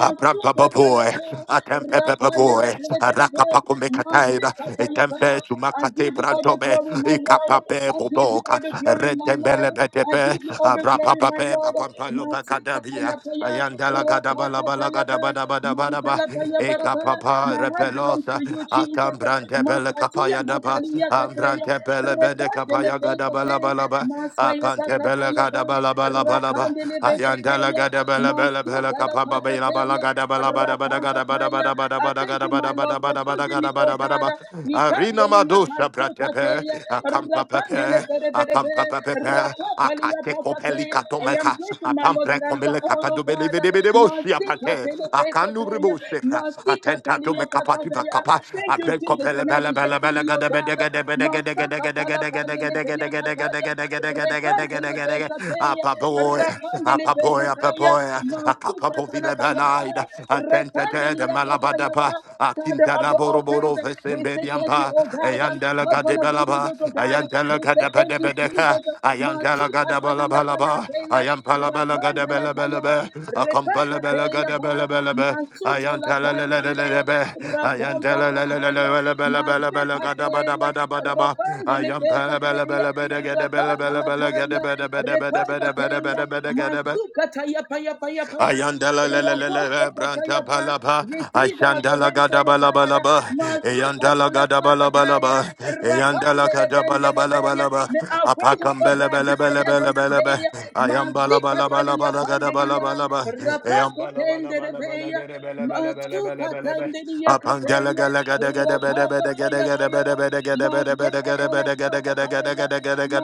Speaker 4: Abrampaboy, Atempepaboy, Arakapakumekataida, Etempe Sumakate
Speaker 1: all the
Speaker 4: Brantobe,
Speaker 1: glory, my Lord.
Speaker 4: Ikapape
Speaker 1: I give you
Speaker 4: Boboka,
Speaker 1: all the glory, my Lord. I
Speaker 4: Rentembelebetepe,
Speaker 1: give you all the glory, my
Speaker 4: Abrapapape,
Speaker 1: Lord.
Speaker 4: Papampalo Bacadabia,
Speaker 1: Masikatayapaya,
Speaker 4: Ayandala Gadabala
Speaker 1: rapakatayapa,
Speaker 4: Balagadabadabadabadaba,
Speaker 1: mantalapayabarapa.
Speaker 4: Ekapapa
Speaker 1: My heart belongs to
Speaker 4: Repelosa,
Speaker 1: you, Jesus.
Speaker 4: Atambrantebele
Speaker 1: Makatia,
Speaker 4: Capaya Daba,
Speaker 1: makalia kataya,
Speaker 4: Ambrantebele Bede Capaya Gadabala
Speaker 1: repandelebekate,
Speaker 4: Balaba, Apantebele
Speaker 1: maskayapakatayapa,
Speaker 4: Gadabala Balaba, Ayanda. Mandala
Speaker 1: rapandelebekataya. Kateya,
Speaker 4: gada bala bala bala
Speaker 1: Masuta la
Speaker 4: kapa ba bala bala
Speaker 1: Pakateya,
Speaker 4: gada bala bada bada gada bada
Speaker 1: Rapankataya.
Speaker 4: bada bada
Speaker 1: I
Speaker 4: bada
Speaker 1: thank
Speaker 4: gada
Speaker 1: you,
Speaker 4: bada
Speaker 1: my Lord,
Speaker 4: bada
Speaker 1: for
Speaker 4: bada bada
Speaker 1: choosing me,
Speaker 4: gada
Speaker 1: O
Speaker 4: bada bada
Speaker 1: God.
Speaker 4: ba. Arina
Speaker 1: Mikatelia
Speaker 4: madosa pratepe
Speaker 1: Pasukateya,
Speaker 4: akampa
Speaker 1: Rapandele
Speaker 4: pepe
Speaker 1: Perebebe,
Speaker 4: akampa pepe
Speaker 1: Rapatalia
Speaker 4: akate kopeli
Speaker 1: Pokateya. I am
Speaker 4: katomeka
Speaker 1: grateful, my Lord,
Speaker 4: apampre
Speaker 1: that I'm the
Speaker 4: komele
Speaker 1: honor,
Speaker 4: kapadu
Speaker 1: of
Speaker 4: bele
Speaker 1: God.
Speaker 4: bele bele bosi apate
Speaker 1: Masikatele
Speaker 4: akanu
Speaker 1: Pekataya,
Speaker 4: ribose atenta to me
Speaker 1: Masikatalia
Speaker 4: kapati va
Speaker 1: Pakateya.
Speaker 4: kapa
Speaker 1: Thank you,
Speaker 4: apre
Speaker 1: Jesus,
Speaker 4: kopele
Speaker 1: for not
Speaker 4: bele bele
Speaker 1: rejecting
Speaker 4: bele
Speaker 1: me, O
Speaker 4: gada bede
Speaker 1: God.
Speaker 4: gede bede gede gede gede
Speaker 1: Masakatala
Speaker 4: gede
Speaker 1: Pandele
Speaker 4: gede gede gede gede gede gede
Speaker 1: Pekataya.
Speaker 4: gede gede
Speaker 1: Repantele
Speaker 4: gede gede
Speaker 1: Pekataya.
Speaker 4: gede
Speaker 1: Rapandele
Speaker 4: gede Apoya
Speaker 1: Bekataya,
Speaker 4: Papoya, Akapapo
Speaker 1: Masukatala Bayaba,
Speaker 4: Vilebanida, Atenta de
Speaker 1: Rapandelia Katayaba,
Speaker 4: Malabadapa,
Speaker 1: Father
Speaker 4: Akinta
Speaker 1: of the offense,
Speaker 4: Laboroboro
Speaker 1: we say thank you,
Speaker 4: Vesenbediampa,
Speaker 1: oh God,
Speaker 4: Ayandela
Speaker 1: Husband of the
Speaker 4: Gadebelaba,
Speaker 1: widows, oh God,
Speaker 4: Ayandela
Speaker 1: we say thank you,
Speaker 4: Gadabadebedeca,
Speaker 1: Jesus,
Speaker 4: Ayandela
Speaker 1: Masukatalia
Speaker 4: Gadabalabalaba,
Speaker 1: Kataya,
Speaker 4: Ayampalabala
Speaker 1: Rapandela Paya,
Speaker 4: Gadabelebelebe, Acampalabella
Speaker 1: Repakateya Ba,
Speaker 4: Gadabelebelebe,
Speaker 1: Masutala
Speaker 4: Ayantela
Speaker 1: Pandelia,
Speaker 4: Lelebe,
Speaker 1: Rapamba
Speaker 4: Ayantela
Speaker 1: Kataya,
Speaker 4: Lelebelebelebele
Speaker 1: Masekateya,
Speaker 4: Gadabadabadabadaba,
Speaker 1: Rapandele
Speaker 4: Ayampalabella
Speaker 1: Bekateya,
Speaker 4: Bella Bella Bella Gadabella Bella
Speaker 1: Rapandela
Speaker 4: Bella
Speaker 1: Paya, Repalpa
Speaker 4: Gadabella
Speaker 1: teya,
Speaker 4: Bella Bella Gadabella
Speaker 1: masuka taya paya paya paya.
Speaker 4: Ayandala la la la la
Speaker 1: Rakose
Speaker 4: la branta
Speaker 1: kataya pa.
Speaker 4: palapa.
Speaker 1: Receive the
Speaker 4: Ashandala gada
Speaker 1: adoration of
Speaker 4: bala
Speaker 1: God.
Speaker 4: bala ba.
Speaker 1: Masuka
Speaker 4: Ayandala
Speaker 1: tala
Speaker 4: gada
Speaker 1: kaka
Speaker 4: bala bala
Speaker 1: taya.
Speaker 4: ba. Ayandala
Speaker 1: Rapandele
Speaker 4: gada bala
Speaker 1: bendele
Speaker 4: bala
Speaker 1: beya.
Speaker 4: bala ba.
Speaker 1: May our voices,
Speaker 4: Apakam
Speaker 1: oh
Speaker 4: bele
Speaker 1: God,
Speaker 4: bele
Speaker 1: reach the
Speaker 4: bele bele
Speaker 1: heavens
Speaker 4: bele be.
Speaker 1: today.
Speaker 4: Ayam bala
Speaker 1: Masika
Speaker 4: bala bala
Speaker 1: taliya
Speaker 4: bala gada bala
Speaker 1: pandeliya.
Speaker 4: bala ba. Ayam
Speaker 1: Rapako
Speaker 4: bala bala
Speaker 1: tendele
Speaker 4: bala bala
Speaker 1: beya.
Speaker 4: gada bele bele bele bele
Speaker 1: Masuka
Speaker 4: bele be.
Speaker 1: tendeliya
Speaker 4: Apang gala
Speaker 1: kateya.
Speaker 4: gala gada gada bede
Speaker 1: Rapako
Speaker 4: bede gada
Speaker 1: taya
Speaker 4: gada
Speaker 1: paya.
Speaker 4: bede bede gada bede bede
Speaker 1: Masika
Speaker 4: gada
Speaker 1: tala
Speaker 4: bede gada gada gada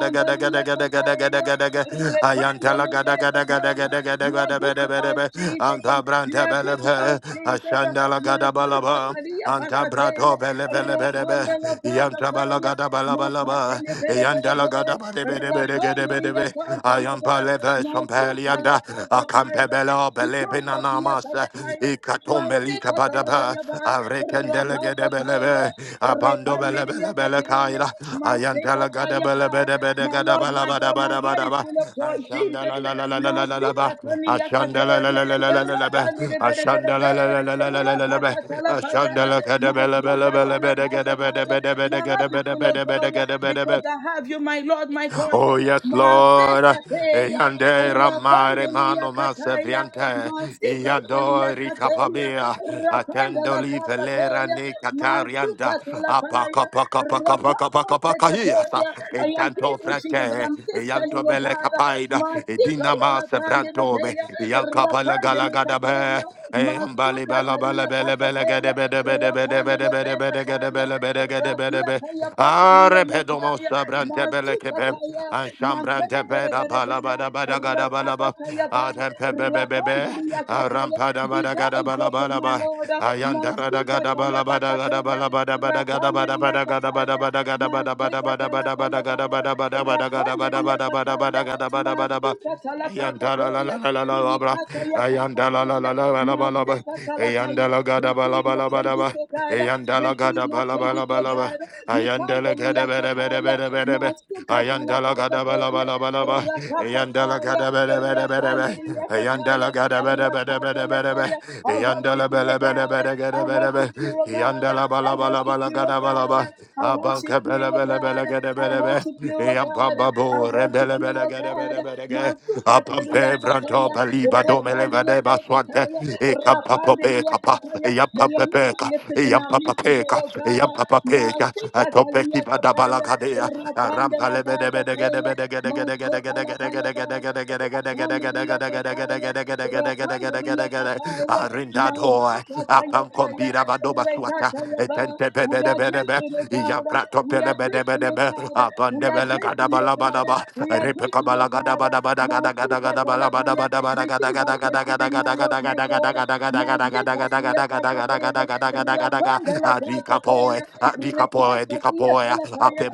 Speaker 1: you are good to us, Jesus. You are good to us, Jesus. Masukatalia Pakateya, Rapandala Pakataya, Makatele Bere Bere Bere, Rapandelia Katayada, Masukala Pakataya,
Speaker 4: Ikatomeli
Speaker 1: Ikosakia Talataya, Masika
Speaker 4: kabadaba
Speaker 1: Talatayada,
Speaker 4: Arekendele
Speaker 1: Rapazataya,
Speaker 4: gedebelebe. Abando bele
Speaker 1: Repandelia
Speaker 4: bele bele
Speaker 1: Kataya,
Speaker 4: kaira.
Speaker 1: Mas. My
Speaker 4: Ayantala gadabele bede bede
Speaker 1: Lord,
Speaker 4: gadabala
Speaker 1: my
Speaker 4: bada
Speaker 1: God, my
Speaker 4: bada
Speaker 1: heart
Speaker 4: bada
Speaker 1: is
Speaker 4: ba.
Speaker 1: full of joy, Jesus.
Speaker 4: Ashandala la la la la la la la ba.
Speaker 1: Masikatania
Speaker 4: Ashandala la
Speaker 1: kateya,
Speaker 4: la la la la la la ba.
Speaker 1: rabani de bede bede
Speaker 4: Ashandala
Speaker 1: be,
Speaker 4: la la la la la la la la ba.
Speaker 1: rabakatalapaya,
Speaker 4: Ashandala gadabele bele bele bede gedebede
Speaker 1: masukatalapakataya.
Speaker 4: bede bede
Speaker 1: My heart is
Speaker 4: gedebede
Speaker 1: full of
Speaker 4: bede
Speaker 1: joy
Speaker 4: bede gedebede
Speaker 1: because
Speaker 4: bede.
Speaker 1: I have you, my Lord, my God.
Speaker 4: Oh yes, Lord.
Speaker 1: Masikateya,
Speaker 4: Eyande ramare
Speaker 1: rabandelia
Speaker 4: mano
Speaker 1: kataya,
Speaker 4: masevriante.
Speaker 1: masikatalia
Speaker 4: Iyadori
Speaker 1: kateya,
Speaker 4: kapabia. Atendo li velera
Speaker 1: rapandalapakateya,
Speaker 4: ne katarianda. Apaka paka
Speaker 1: masukatala. I
Speaker 4: paka paka paka paka hiasa.
Speaker 1: am
Speaker 4: Intanto
Speaker 1: grateful, Jesus, that
Speaker 4: frate.
Speaker 1: I'm still standing,
Speaker 4: Iyanto
Speaker 1: oh
Speaker 4: bele
Speaker 1: God.
Speaker 4: kapaida. Idina
Speaker 1: Masikatalatande
Speaker 4: masevrantome.
Speaker 1: leteya,
Speaker 4: Iyanka pala
Speaker 1: rapande
Speaker 4: gala gada be.
Speaker 1: lekateya,
Speaker 4: Eyambali bala bala
Speaker 1: masukatalia
Speaker 4: bele bele
Speaker 1: kasateya,
Speaker 4: gede bede bede
Speaker 1: rapande
Speaker 4: bede bede Ayanda
Speaker 1: lepekataya, rakiataya bandilia mataya, masukataya, mantelebereberebeya, rapakataya ba, rapandilia kataya. Be thou exalted, my Lord. Masikataya bakataya, Rapandelia Kataya, Maseka Talapaya Bara, Rapandelia Kataya, Maseka
Speaker 4: la la
Speaker 1: Talapakateya,
Speaker 4: la la la la ba la ba.
Speaker 1: Rikataya
Speaker 4: Ayanda
Speaker 1: Pakateya, Maseka Talapaya,
Speaker 4: la ga da ba la
Speaker 1: receive
Speaker 4: ba
Speaker 1: my
Speaker 4: la ba da
Speaker 1: praises
Speaker 4: ba.
Speaker 1: to God,
Speaker 4: Eyandala
Speaker 1: receive
Speaker 4: gada
Speaker 1: my
Speaker 4: bala
Speaker 1: praises
Speaker 4: bala
Speaker 1: to
Speaker 4: bala ba.
Speaker 1: God,
Speaker 4: Ayandala
Speaker 1: Ikantalia
Speaker 4: gada bada bada
Speaker 1: Kataya,
Speaker 4: bada bada ba.
Speaker 1: Maseka
Speaker 4: Ayandala gada bala
Speaker 1: Talapakateya,
Speaker 4: bala bala ba. Eyandala
Speaker 1: Rapakataya,
Speaker 4: gada bada bada bada ba.
Speaker 1: Rapandelia Kataya,
Speaker 4: Ayandala gada bada bada bada
Speaker 1: Rakataya
Speaker 4: bada ba.
Speaker 1: Kaya, I
Speaker 4: Eyandala
Speaker 1: worship you,
Speaker 4: bala bala
Speaker 1: God,
Speaker 4: bala
Speaker 1: I
Speaker 4: gada bada ba.
Speaker 1: worship you, you, O God.
Speaker 4: Eyandala bala
Speaker 1: I
Speaker 4: bala
Speaker 1: worship
Speaker 4: bala
Speaker 1: you, O
Speaker 4: gada bala
Speaker 1: God.
Speaker 4: ba.
Speaker 1: I worship
Speaker 4: Abanka
Speaker 1: you,
Speaker 4: bala
Speaker 1: O
Speaker 4: bala bala
Speaker 1: God.
Speaker 4: gada
Speaker 1: I
Speaker 4: bada ba.
Speaker 1: worship you, O God.
Speaker 4: Eyambamba
Speaker 1: I
Speaker 4: bo
Speaker 1: worship
Speaker 4: rebele
Speaker 1: you,
Speaker 4: bala
Speaker 1: O
Speaker 4: gada
Speaker 1: God.
Speaker 4: bada bada ga.
Speaker 1: Masuka telia
Speaker 4: Apampe branto
Speaker 1: kataya.
Speaker 4: baliba domele
Speaker 1: Rapandele
Speaker 4: vade baswante.
Speaker 1: kataya.
Speaker 4: E campa
Speaker 1: Rapandelia
Speaker 4: popeka pa. E
Speaker 1: kataya. May
Speaker 4: yampa
Speaker 1: your name be
Speaker 4: pepeka.
Speaker 1: lifted
Speaker 4: E
Speaker 1: in our
Speaker 4: yampa
Speaker 1: midst today,
Speaker 4: papeka.
Speaker 1: O
Speaker 4: E
Speaker 1: God.
Speaker 4: yampa papeka. A
Speaker 1: Masika
Speaker 4: tope ki
Speaker 1: telia
Speaker 4: vada
Speaker 1: kataya.
Speaker 4: balakadea. A rampa
Speaker 1: Rapandela
Speaker 4: le bede bede gede
Speaker 1: kataya.
Speaker 4: bede gede gede gede
Speaker 1: Masuka la
Speaker 4: gede gede gede
Speaker 1: kataya.
Speaker 4: gede gede
Speaker 1: Rapandelia kataya.
Speaker 4: gede gede
Speaker 1: Rapandelia
Speaker 4: gede gede
Speaker 1: kataya.
Speaker 4: Arindadoi,
Speaker 1: Masuka we are
Speaker 4: Apancombira Vadoba Suata,
Speaker 1: grateful, O God. We are
Speaker 4: Etente
Speaker 1: grateful, O
Speaker 4: bedebe,
Speaker 1: God.
Speaker 4: Yaprato
Speaker 1: We are grateful, O
Speaker 4: Pelebedebe,
Speaker 1: God.
Speaker 4: upon
Speaker 1: We
Speaker 4: the Belagadabalabadaba,
Speaker 1: are grateful, O
Speaker 4: Repecabala
Speaker 1: God. Masuka talabaya. Receive our thanksgiving, my Lord, my God. Masuka tiya pakateya. Rapanda la pakateya. Rekosa tiya talabaya.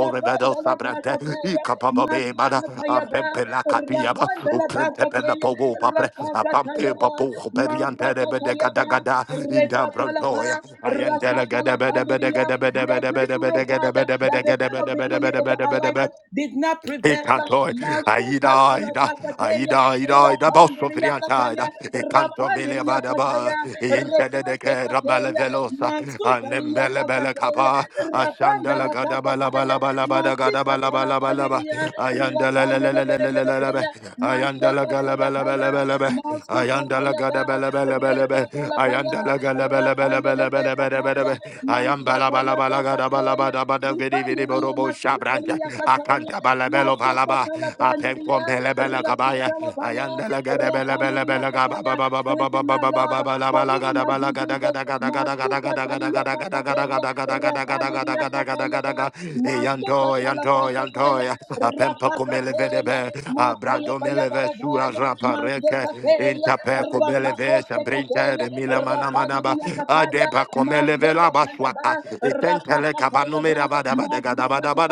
Speaker 1: Rapanda la pakateya. Masuka tayaba. Rapanda la pakateya. Rapaka tayaba. Masakatayaba,
Speaker 4: in the
Speaker 1: Rekatalapa,
Speaker 4: Brontoya, Ayandala gada bada bada
Speaker 1: Rakatalapandiria.
Speaker 4: gada bada
Speaker 1: We are
Speaker 4: bada
Speaker 1: grateful,
Speaker 4: bada
Speaker 1: oh
Speaker 4: gada
Speaker 1: God,
Speaker 4: bada
Speaker 1: that
Speaker 4: bada
Speaker 1: the
Speaker 4: gada
Speaker 1: plan of
Speaker 4: bada
Speaker 1: the enemy over
Speaker 4: bada
Speaker 1: our
Speaker 4: bada
Speaker 1: life
Speaker 4: bada
Speaker 1: did not prevail.
Speaker 4: Ekantoi, aida, aida,
Speaker 1: Masakatalapakateya,
Speaker 4: aida, aida, aida, bosso
Speaker 1: Rapandiria
Speaker 4: friantaida,
Speaker 1: Kataya,
Speaker 4: ekanto mele
Speaker 1: Rapandiria Kataya,
Speaker 4: badaba, intede de ke ramale
Speaker 1: Rekatekateya,
Speaker 4: velosa,
Speaker 1: Masutalia
Speaker 4: anembele bele
Speaker 1: Pakateya,
Speaker 4: kapa, ashandala
Speaker 1: Rapandala
Speaker 4: gadaba la
Speaker 1: Pakataya,
Speaker 4: bala bala bada gadaba la bala bala ba,
Speaker 1: Masikatalapandiria,
Speaker 4: ayandala le le
Speaker 1: Rapandele
Speaker 4: le le le le le le be,
Speaker 1: Bedebedeya,
Speaker 4: ayandala gala bala bala bala be,
Speaker 1: Masakataya. Masu
Speaker 4: ayandala
Speaker 1: Masukatayada,
Speaker 4: gada bala
Speaker 1: Rekatalapaya,
Speaker 4: ayandala gala bala
Speaker 1: Rapandelebekataya,
Speaker 4: I am
Speaker 1: Mansatayabakataya, Ripandelia
Speaker 4: balabalabalagadabalabadabadagidibidiborobo shabranda.
Speaker 1: Makintalia Kataya,
Speaker 4: Akanta balabelo balaba. Apenkom
Speaker 1: Masukatalapandelia,
Speaker 4: bela kabaya. I
Speaker 1: Rakatalapaya,
Speaker 4: am delegada bela bela
Speaker 1: Rapandelia
Speaker 4: bela gaba
Speaker 1: Kataya.
Speaker 4: baba baba
Speaker 1: Thank
Speaker 4: baba
Speaker 1: you, my
Speaker 4: baba
Speaker 1: Lord,
Speaker 4: baba bala
Speaker 1: for healing
Speaker 4: balagada
Speaker 1: my
Speaker 4: balagada
Speaker 1: diseases.
Speaker 4: gada gada gada gada gada
Speaker 1: Masukatalia
Speaker 4: gada gada
Speaker 1: Bakataya,
Speaker 4: gada gada gada gada gada gada
Speaker 1: Rapandelia
Speaker 4: gada gada
Speaker 1: Kataya, da,
Speaker 4: gada
Speaker 1: Masukatala
Speaker 4: gada gada gaba
Speaker 1: Bakataya,
Speaker 4: baba baba
Speaker 1: Rapakateya, Mataya
Speaker 4: baba
Speaker 1: Payabara.
Speaker 4: baba Ayandele brente de mila mana mana ba ade ba komele vela ba swaka etentele kabanome da ba da ba da ga ba da ba